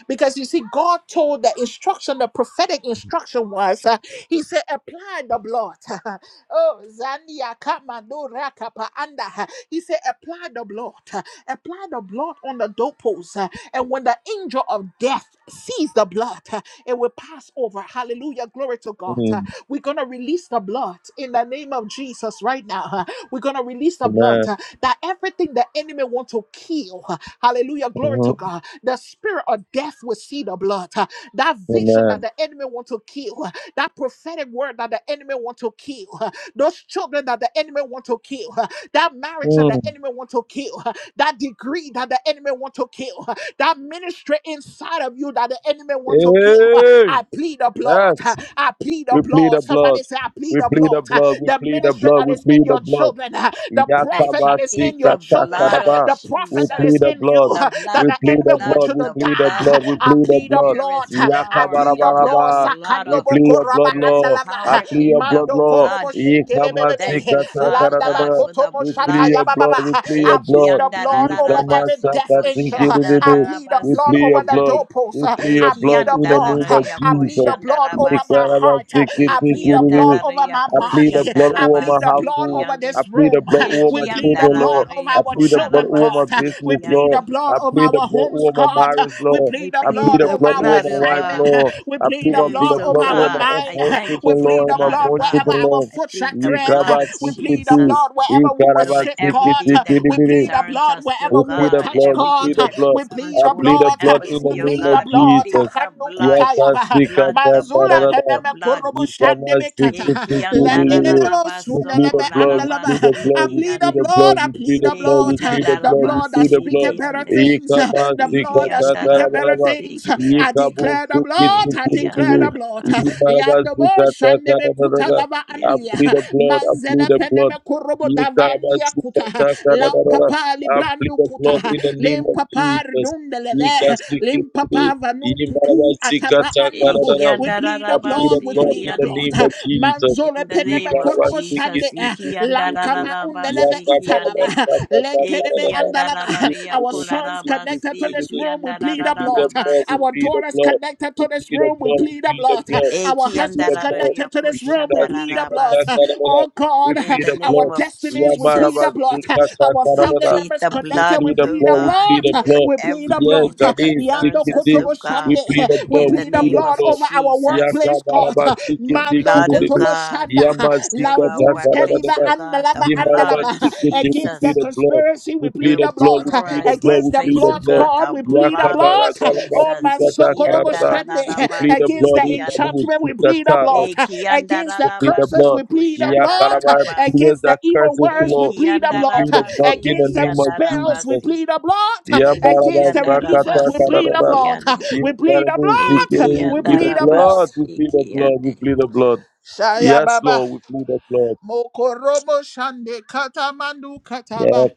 Speaker 1: Because you see, God told the instruction, the prophetic instruction was, uh, He said, apply the blood. oh, Zandia Kamando Rakapa Anda. He said, apply the blood. uh, Apply the blood on the doorpost. uh, And when the angel of death sees the blood, uh, it will pass over. Hallelujah. Glory to God. Uh,
Speaker 2: mm.
Speaker 1: We're going to release the blood in the name of Jesus right now. uh, We're going to release the blood
Speaker 2: Amen.
Speaker 1: uh, that everything the enemy wants to kill. uh, Hallelujah. Glory
Speaker 2: Mhm.
Speaker 1: to God. The spirit of death will see the blood. Uh, That vision that
Speaker 2: Amen.
Speaker 1: the enemy want to kill, uh, that prophetic word that the enemy want to kill, uh, those children that the enemy want to kill, uh, that marriage that the
Speaker 2: Mm.
Speaker 1: enemy want to kill, uh, that degree that the enemy want to kill, uh, that ministry inside of you that the enemy want to kill. uh,
Speaker 2: Hey!
Speaker 1: I plead the blood.
Speaker 2: Yes.
Speaker 1: uh, I plead the
Speaker 2: We plead
Speaker 1: blood.
Speaker 2: the blood.
Speaker 1: Somebody say, I plead
Speaker 2: We
Speaker 1: the
Speaker 2: plead the
Speaker 1: blood. uh,
Speaker 2: blood. We
Speaker 1: The
Speaker 2: plead the
Speaker 1: ministry
Speaker 2: blood.
Speaker 1: that
Speaker 2: We
Speaker 1: is in
Speaker 2: plead the
Speaker 1: your
Speaker 2: blood.
Speaker 1: children, uh, the
Speaker 3: I
Speaker 1: prophet that is
Speaker 3: plead
Speaker 1: in your
Speaker 3: the
Speaker 1: children,
Speaker 3: blood
Speaker 1: uh,
Speaker 2: Yakabasikatakaraba.
Speaker 3: of
Speaker 1: the prophet prophet
Speaker 2: We
Speaker 1: that is
Speaker 2: plead
Speaker 3: Jesus.
Speaker 2: the
Speaker 1: in you
Speaker 2: blood.
Speaker 3: The
Speaker 1: that
Speaker 2: We
Speaker 3: blood,
Speaker 1: the
Speaker 3: the
Speaker 2: plead
Speaker 1: enemy
Speaker 2: the
Speaker 1: wants
Speaker 3: blood,
Speaker 2: blood.
Speaker 1: you
Speaker 2: We
Speaker 1: to
Speaker 3: the
Speaker 2: plead the
Speaker 3: blood.
Speaker 1: die.
Speaker 2: blood. We
Speaker 1: I
Speaker 2: plead the
Speaker 1: plead the
Speaker 2: blood.
Speaker 3: There
Speaker 1: blood.
Speaker 3: is
Speaker 1: I
Speaker 3: power
Speaker 1: plead the
Speaker 3: in the
Speaker 1: blood.
Speaker 2: Yakabarabaraba.
Speaker 3: blood
Speaker 2: We
Speaker 3: of.
Speaker 1: Sakandobo
Speaker 2: plead your
Speaker 1: koraba
Speaker 2: blood,
Speaker 3: There is
Speaker 2: Lord. I
Speaker 1: andalava.
Speaker 3: power
Speaker 2: plead your
Speaker 3: in the
Speaker 2: blood,
Speaker 1: Mando
Speaker 2: Lord.
Speaker 1: korobo
Speaker 3: blood.
Speaker 1: shikele
Speaker 3: We thank
Speaker 1: bebebe.
Speaker 3: you, Father
Speaker 1: Landaba
Speaker 3: God,
Speaker 2: Yikamasikatakarabaraba.
Speaker 3: for the
Speaker 1: kotomo
Speaker 2: We
Speaker 1: shata
Speaker 2: plead
Speaker 3: blood.
Speaker 2: your blood. We
Speaker 1: yabababa.
Speaker 2: plead
Speaker 1: I
Speaker 2: your
Speaker 3: Eki
Speaker 1: plead
Speaker 2: blood.
Speaker 1: the blood over
Speaker 3: andarararaba
Speaker 1: every death
Speaker 3: soko
Speaker 1: angel. I
Speaker 2: Yikamasakatikiribidi.
Speaker 1: plead the
Speaker 3: shandararaba
Speaker 2: We
Speaker 1: blood
Speaker 2: plead
Speaker 1: over
Speaker 2: your
Speaker 3: siki
Speaker 1: the
Speaker 2: blood.
Speaker 3: ande.
Speaker 1: doorpost.
Speaker 2: We plead your
Speaker 1: I
Speaker 3: Eki
Speaker 1: plead
Speaker 2: blood
Speaker 1: the
Speaker 2: in the
Speaker 1: blood.
Speaker 2: name of
Speaker 3: andarararia
Speaker 1: I
Speaker 3: ko
Speaker 1: plead the
Speaker 2: Jesus.
Speaker 1: blood over
Speaker 3: shandaraba
Speaker 1: my
Speaker 3: so.
Speaker 1: heart. I
Speaker 3: Eki
Speaker 1: plead the blood
Speaker 2: Yikarabasikitikiribidi.
Speaker 1: over
Speaker 3: andarararia
Speaker 1: my
Speaker 2: I
Speaker 3: ko
Speaker 2: plead the
Speaker 1: body.
Speaker 2: blood
Speaker 1: I
Speaker 2: over
Speaker 3: shandaraba
Speaker 2: my
Speaker 1: plead the blood
Speaker 3: siki
Speaker 2: household.
Speaker 1: over
Speaker 3: ande.
Speaker 2: I
Speaker 1: this
Speaker 2: plead the
Speaker 1: room.
Speaker 2: blood over
Speaker 1: We
Speaker 2: my
Speaker 3: Eki
Speaker 1: plead the
Speaker 2: children,
Speaker 1: blood blood
Speaker 2: Lord.
Speaker 1: of
Speaker 3: andarararia
Speaker 2: I
Speaker 1: our
Speaker 3: ko
Speaker 2: plead the blood
Speaker 1: children,
Speaker 3: laraba
Speaker 2: over
Speaker 1: God.
Speaker 2: my
Speaker 1: Uh, We
Speaker 2: business,
Speaker 3: siki
Speaker 1: plead the
Speaker 2: Lord.
Speaker 3: ande.
Speaker 1: blood
Speaker 2: I
Speaker 1: of
Speaker 2: plead the
Speaker 1: our
Speaker 2: blood
Speaker 1: homes,
Speaker 2: over my
Speaker 1: God. Uh,
Speaker 2: marriage,
Speaker 1: We
Speaker 2: Lord.
Speaker 3: I
Speaker 1: plead the
Speaker 2: I plead
Speaker 3: plead
Speaker 1: blood
Speaker 2: the
Speaker 3: the
Speaker 1: of
Speaker 2: blood
Speaker 1: our
Speaker 2: over
Speaker 3: blood
Speaker 2: my
Speaker 3: of
Speaker 2: wife,
Speaker 3: uh,
Speaker 1: assignment. Uh,
Speaker 2: Lord.
Speaker 1: We
Speaker 2: I
Speaker 1: plead
Speaker 2: plead
Speaker 1: the
Speaker 2: my
Speaker 3: him.
Speaker 1: blood
Speaker 2: blood, the
Speaker 3: So
Speaker 1: of
Speaker 2: blood
Speaker 1: our
Speaker 2: over my
Speaker 3: God,
Speaker 1: mind.
Speaker 3: I
Speaker 2: unborn
Speaker 1: Uh,
Speaker 3: thank you
Speaker 1: We
Speaker 2: children,
Speaker 3: for the
Speaker 1: plead
Speaker 2: Lord, and
Speaker 1: the
Speaker 2: my
Speaker 3: blood
Speaker 1: blood
Speaker 3: of
Speaker 2: born
Speaker 1: wherever
Speaker 3: God.
Speaker 2: children,
Speaker 1: our
Speaker 2: Lord.
Speaker 3: I
Speaker 1: foot shall
Speaker 3: plead the
Speaker 1: tread. Uh,
Speaker 2: Yikaba
Speaker 3: blood of
Speaker 1: We plead the
Speaker 2: sikiti,
Speaker 3: Jesus
Speaker 1: blood wherever we will
Speaker 2: yikaraba
Speaker 3: over
Speaker 1: sit, God.
Speaker 2: sikiti,
Speaker 3: everything
Speaker 1: Uh,
Speaker 3: that
Speaker 1: We
Speaker 2: kidibidi.
Speaker 1: plead the
Speaker 3: concerns
Speaker 1: blood
Speaker 3: us, oh
Speaker 2: We
Speaker 1: wherever we
Speaker 2: plead
Speaker 1: will
Speaker 2: the
Speaker 3: God,
Speaker 1: touch,
Speaker 2: blood. We
Speaker 1: God.
Speaker 2: plead
Speaker 3: everything
Speaker 2: the
Speaker 1: Uh,
Speaker 3: that
Speaker 2: blood.
Speaker 1: We plead
Speaker 3: concerns
Speaker 2: I
Speaker 1: the
Speaker 2: plead
Speaker 3: Royal
Speaker 2: the
Speaker 1: blood. Uh,
Speaker 2: blood in the
Speaker 1: We
Speaker 3: Embassy, oh
Speaker 2: name
Speaker 1: plead
Speaker 2: of
Speaker 1: the
Speaker 3: God. We
Speaker 1: blood. Uh,
Speaker 3: plead
Speaker 2: Jesus.
Speaker 3: the blood,
Speaker 1: kutaya,
Speaker 3: the
Speaker 1: uh,
Speaker 3: blood, the
Speaker 1: Manzula
Speaker 3: blood, the
Speaker 2: Yakasikatakarada.
Speaker 1: peneme
Speaker 3: blood.
Speaker 1: kurubu shandebe
Speaker 3: Eh,
Speaker 1: kata.
Speaker 3: kianda
Speaker 1: Lende de
Speaker 2: Yikamasikutikiruru.
Speaker 1: de lo
Speaker 3: rararaba,
Speaker 2: We plead
Speaker 3: soko
Speaker 2: the blood. We
Speaker 1: sundelebe
Speaker 3: laraba,
Speaker 2: plead
Speaker 1: Father,
Speaker 2: the
Speaker 3: si
Speaker 1: I
Speaker 2: blood. We
Speaker 1: plead the
Speaker 2: plead
Speaker 3: kiande.
Speaker 2: the
Speaker 1: blood.
Speaker 2: blood.
Speaker 1: I
Speaker 2: We
Speaker 1: plead
Speaker 2: plead the
Speaker 1: the
Speaker 3: Eh,
Speaker 2: blood.
Speaker 1: blood.
Speaker 2: We plead
Speaker 3: kianda
Speaker 2: the
Speaker 1: The
Speaker 2: blood. We
Speaker 3: raba,
Speaker 1: blood that
Speaker 2: plead the
Speaker 3: si
Speaker 2: blood.
Speaker 1: speaketh better
Speaker 3: kiande.
Speaker 1: things. The
Speaker 3: Eh,
Speaker 1: blood that
Speaker 3: kianda
Speaker 1: speaketh better
Speaker 3: raba,
Speaker 2: Yikamasikatakarabaraba.
Speaker 3: si
Speaker 1: things. I
Speaker 3: kiande.
Speaker 1: declare the blood.
Speaker 3: Eh,
Speaker 1: I declare
Speaker 3: kianda
Speaker 1: the
Speaker 2: Yikabusikitikiruru.
Speaker 1: blood.
Speaker 3: raba, si-
Speaker 1: Yandabo shandebe kuta
Speaker 2: Yimarabasikatakarabaraba.
Speaker 3: eh,
Speaker 1: lava
Speaker 2: I
Speaker 3: kian-
Speaker 1: andia.
Speaker 2: plead the blood. I
Speaker 1: Manzela
Speaker 2: plead the blood.
Speaker 1: peneme kurobo dava andia kuta.
Speaker 2: Yikamasikatakarabaraba
Speaker 1: Lampapa libranu kuta.
Speaker 2: applicable in the name of
Speaker 1: Limpapa
Speaker 2: Jesus.
Speaker 1: rdundeleve.
Speaker 2: Yikasikiru,
Speaker 1: Limpapa vanu kutu atava
Speaker 3: eh,
Speaker 1: andu.
Speaker 2: yimbarabasikatakarara.
Speaker 1: We
Speaker 3: kianda
Speaker 1: plead the
Speaker 3: rararaba,
Speaker 2: Apply
Speaker 1: blood.
Speaker 2: the
Speaker 1: We
Speaker 3: si
Speaker 2: blood
Speaker 1: plead
Speaker 2: in
Speaker 1: the
Speaker 2: the
Speaker 3: kiande.
Speaker 1: blood.
Speaker 2: name of Jesus.
Speaker 1: Manzole
Speaker 3: In the
Speaker 1: peneme
Speaker 3: name of
Speaker 1: korobo shande
Speaker 3: Jesus,
Speaker 1: eh,
Speaker 3: iki
Speaker 2: Yikarabasikitikitikiru,
Speaker 1: lankava
Speaker 3: andarararaba,
Speaker 1: undeleve
Speaker 3: siki
Speaker 1: italava
Speaker 3: ande,
Speaker 1: lenkedebe
Speaker 3: iki
Speaker 2: yakabarabasakatakarara.
Speaker 1: andalava.
Speaker 3: andarararia
Speaker 1: Our sons
Speaker 3: kolaraba,
Speaker 1: connected to this
Speaker 3: siki
Speaker 2: Yikurukutukutukutu.
Speaker 1: room, we
Speaker 2: We
Speaker 1: plead the
Speaker 2: plead
Speaker 1: blood.
Speaker 2: the
Speaker 3: andarararaba,
Speaker 2: blood, we
Speaker 3: so,
Speaker 1: Our
Speaker 2: plead the
Speaker 1: daughters
Speaker 2: blood,
Speaker 1: connected
Speaker 2: we
Speaker 1: to this
Speaker 2: plead the
Speaker 1: room, we
Speaker 2: blood, we
Speaker 1: plead the
Speaker 2: plead the
Speaker 1: blood.
Speaker 2: blood,
Speaker 1: Our
Speaker 3: iki
Speaker 2: we plead the
Speaker 1: husbands
Speaker 2: blood.
Speaker 3: andarararia
Speaker 1: connected to this room, we plead the
Speaker 3: koshandararaba,
Speaker 1: blood.
Speaker 3: si.
Speaker 2: Yikasikatakararar.
Speaker 1: Oh
Speaker 2: We
Speaker 1: God,
Speaker 3: In
Speaker 2: plead
Speaker 3: the
Speaker 2: the
Speaker 1: our
Speaker 3: name
Speaker 2: blood.
Speaker 3: of
Speaker 1: destinies, we plead the
Speaker 3: Jesus,
Speaker 1: blood. Our
Speaker 3: we
Speaker 1: family
Speaker 2: Yabarabasikatakararar.
Speaker 3: plead
Speaker 1: members
Speaker 3: the
Speaker 2: We
Speaker 1: connected,
Speaker 3: blood,
Speaker 1: we
Speaker 2: plead the
Speaker 3: O
Speaker 1: plead the
Speaker 2: blood. We
Speaker 3: God,
Speaker 2: plead the
Speaker 1: blood.
Speaker 3: over
Speaker 2: blood.
Speaker 1: We plead the
Speaker 2: Yeah,
Speaker 3: everything
Speaker 1: blood.
Speaker 3: that
Speaker 2: Jade,
Speaker 1: Yando
Speaker 3: concerns us,
Speaker 2: Sikiti.
Speaker 3: O
Speaker 1: kotobo shande.
Speaker 2: We
Speaker 3: God.
Speaker 2: plead the
Speaker 1: We
Speaker 3: In
Speaker 2: blood. We
Speaker 3: the
Speaker 1: plead the
Speaker 2: plead
Speaker 3: name
Speaker 2: the
Speaker 1: blood
Speaker 3: of
Speaker 2: blood.
Speaker 1: over our
Speaker 3: Jesus,
Speaker 1: workplace, God.
Speaker 2: Yakabaraba
Speaker 3: the
Speaker 2: Sikiti
Speaker 1: mando.
Speaker 3: blood, O
Speaker 2: Kididu.
Speaker 1: Kotobo
Speaker 3: God,
Speaker 1: Shanda,
Speaker 2: Yama
Speaker 3: over our
Speaker 2: Sikata
Speaker 1: Lamvuns
Speaker 3: workplace,
Speaker 1: Kaliva
Speaker 3: O
Speaker 2: Karadadaba.
Speaker 3: God, the
Speaker 1: Andalava
Speaker 3: blood
Speaker 2: Yimaraba
Speaker 3: of
Speaker 1: Andalava.
Speaker 2: Sikiti. We
Speaker 1: Against
Speaker 2: plead
Speaker 1: the
Speaker 3: Jesus
Speaker 2: the blood.
Speaker 1: conspiracy,
Speaker 2: We
Speaker 1: we
Speaker 2: plead
Speaker 3: Over
Speaker 1: plead
Speaker 2: the
Speaker 1: the
Speaker 3: with your
Speaker 2: blood.
Speaker 1: blood.
Speaker 2: We plead the
Speaker 3: chlorized
Speaker 2: blood.
Speaker 1: Against
Speaker 2: We
Speaker 1: the
Speaker 2: plead
Speaker 3: workplace,
Speaker 2: the
Speaker 3: oh
Speaker 1: plot,
Speaker 2: blood.
Speaker 3: God,
Speaker 1: God,
Speaker 3: the
Speaker 1: we plead the
Speaker 3: blood of
Speaker 1: blood.
Speaker 2: Yakabaragalaba
Speaker 1: Oh
Speaker 3: Jesus.
Speaker 1: man, so
Speaker 2: Sikata
Speaker 1: Sokorobo
Speaker 2: Karadada. We
Speaker 1: Shande.
Speaker 2: plead the
Speaker 3: Ikiandarararabasi,
Speaker 1: Against
Speaker 2: blood.
Speaker 1: the
Speaker 3: kiande.
Speaker 2: Yakabu
Speaker 1: enchantment, we plead the
Speaker 2: Sikata.
Speaker 1: blood. Against
Speaker 2: We
Speaker 1: the
Speaker 2: plead the
Speaker 1: curses,
Speaker 2: blood.
Speaker 1: we
Speaker 3: Ikiandararabasoko,
Speaker 1: plead the blood.
Speaker 2: Yakaraba. Yes,
Speaker 3: shandararabasi.
Speaker 1: Against the
Speaker 2: that
Speaker 1: evil
Speaker 2: curses, you
Speaker 1: words, we
Speaker 2: know.
Speaker 1: plead the
Speaker 2: We
Speaker 1: blood.
Speaker 2: plead the blood
Speaker 3: Ikiandarabasi,
Speaker 2: in
Speaker 1: Against
Speaker 2: the
Speaker 1: the
Speaker 2: name of
Speaker 1: spells, we
Speaker 2: Jesus.
Speaker 3: kiandarabasi.
Speaker 1: plead the blood. Against the releases, we
Speaker 3: Ikiandarabasi,
Speaker 1: plead the
Speaker 2: Yabarabasakatakarabaraba.
Speaker 1: blood.
Speaker 3: kiande.
Speaker 1: We plead the
Speaker 2: Incredible
Speaker 1: blood.
Speaker 2: Zikiri, we
Speaker 1: We
Speaker 2: plead the
Speaker 1: plead the blood.
Speaker 2: blood, we
Speaker 3: Ikiandarabasi,
Speaker 2: plead the blood, we
Speaker 3: kiande.
Speaker 2: plead the blood.
Speaker 1: Shaya
Speaker 2: Yes,
Speaker 1: Baba.
Speaker 2: Lord, we plead the blood.
Speaker 1: Mokorobo shande katamandu
Speaker 2: Yeah,
Speaker 1: kataba.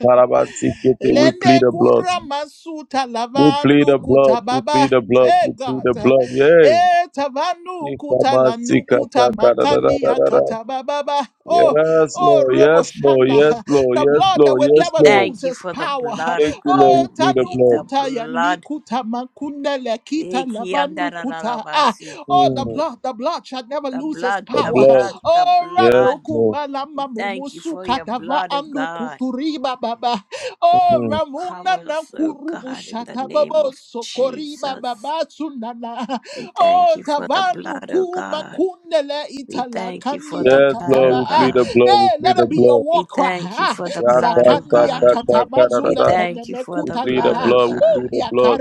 Speaker 2: Karabasikete, we plead
Speaker 1: Lende
Speaker 2: the blood.
Speaker 1: kura masuta
Speaker 2: We plead
Speaker 1: lavandu
Speaker 2: the blood, we
Speaker 1: kutababa.
Speaker 2: plead the blood,
Speaker 1: Eh
Speaker 2: we plead the
Speaker 1: God.
Speaker 2: blood. Yay.
Speaker 1: Eh tavanu kutalandu kutamakandi
Speaker 2: Ikamasikatakararararara.
Speaker 1: akatababa. Oh,
Speaker 2: Yes,
Speaker 1: oh,
Speaker 2: Lord,
Speaker 1: robo
Speaker 2: yes, Lord,
Speaker 1: shanda.
Speaker 2: yes, Lord,
Speaker 1: The
Speaker 2: yes,
Speaker 1: blood that
Speaker 2: Lord,
Speaker 1: will
Speaker 3: We
Speaker 2: yes,
Speaker 1: never
Speaker 2: Lord.
Speaker 1: lose
Speaker 3: thank you
Speaker 1: its
Speaker 3: for the
Speaker 1: power.
Speaker 3: blood
Speaker 2: Thank
Speaker 3: of
Speaker 2: you, Lord,
Speaker 3: God.
Speaker 1: Oh,
Speaker 2: we
Speaker 3: We
Speaker 2: plead the
Speaker 3: plead
Speaker 2: blood.
Speaker 3: the
Speaker 1: tanukuta ya
Speaker 3: blood.
Speaker 1: nikuta makundele kita labanukuta. Ah,
Speaker 3: Ikiandarararabasi.
Speaker 1: oh, the
Speaker 2: Mm,
Speaker 1: blood, the blood shall never
Speaker 3: The
Speaker 1: lose its
Speaker 3: blood,
Speaker 2: the
Speaker 3: the
Speaker 1: power.
Speaker 2: blood.
Speaker 3: blood, the
Speaker 1: Oh,
Speaker 2: Yes,
Speaker 3: blood.
Speaker 2: Lord.
Speaker 1: ranukuma
Speaker 3: We
Speaker 1: lama
Speaker 3: thank you for
Speaker 1: mumusuka
Speaker 3: your
Speaker 1: tava
Speaker 3: blood, oh God.
Speaker 1: anukuturiba baba. Oh,
Speaker 2: Mhm.
Speaker 1: ramuna
Speaker 3: Cover
Speaker 1: na
Speaker 3: us, oh
Speaker 1: kurubu
Speaker 3: God, in the
Speaker 1: shata
Speaker 3: name
Speaker 1: bobo
Speaker 3: of
Speaker 1: sokoriba
Speaker 3: Jesus.
Speaker 1: babasunana.
Speaker 3: We thank
Speaker 1: Oh,
Speaker 3: you for the
Speaker 1: tavanu
Speaker 3: blood, oh
Speaker 1: kuma
Speaker 3: God.
Speaker 1: kunele
Speaker 3: We
Speaker 1: itala
Speaker 3: thank you for the
Speaker 1: kania
Speaker 2: Yes,
Speaker 3: blood,
Speaker 2: Lord,
Speaker 3: oh
Speaker 1: kataba.
Speaker 2: we
Speaker 1: Ah,
Speaker 2: plead the
Speaker 3: God.
Speaker 2: blood, we
Speaker 1: Hey,
Speaker 2: plead
Speaker 1: let
Speaker 2: the
Speaker 1: it be your
Speaker 2: blood.
Speaker 1: war
Speaker 3: We thank you
Speaker 1: Ah,
Speaker 3: for the blood,
Speaker 2: Yaka,
Speaker 3: oh
Speaker 1: Zakania
Speaker 3: God.
Speaker 2: saka, taka, da, da,
Speaker 3: We
Speaker 1: katabazule
Speaker 2: da.
Speaker 3: thank you for
Speaker 2: We
Speaker 3: the
Speaker 2: plead the
Speaker 3: blood,
Speaker 1: penemekutala.
Speaker 3: oh
Speaker 2: blood, we
Speaker 1: Woo!
Speaker 2: plead
Speaker 3: God.
Speaker 2: the blood.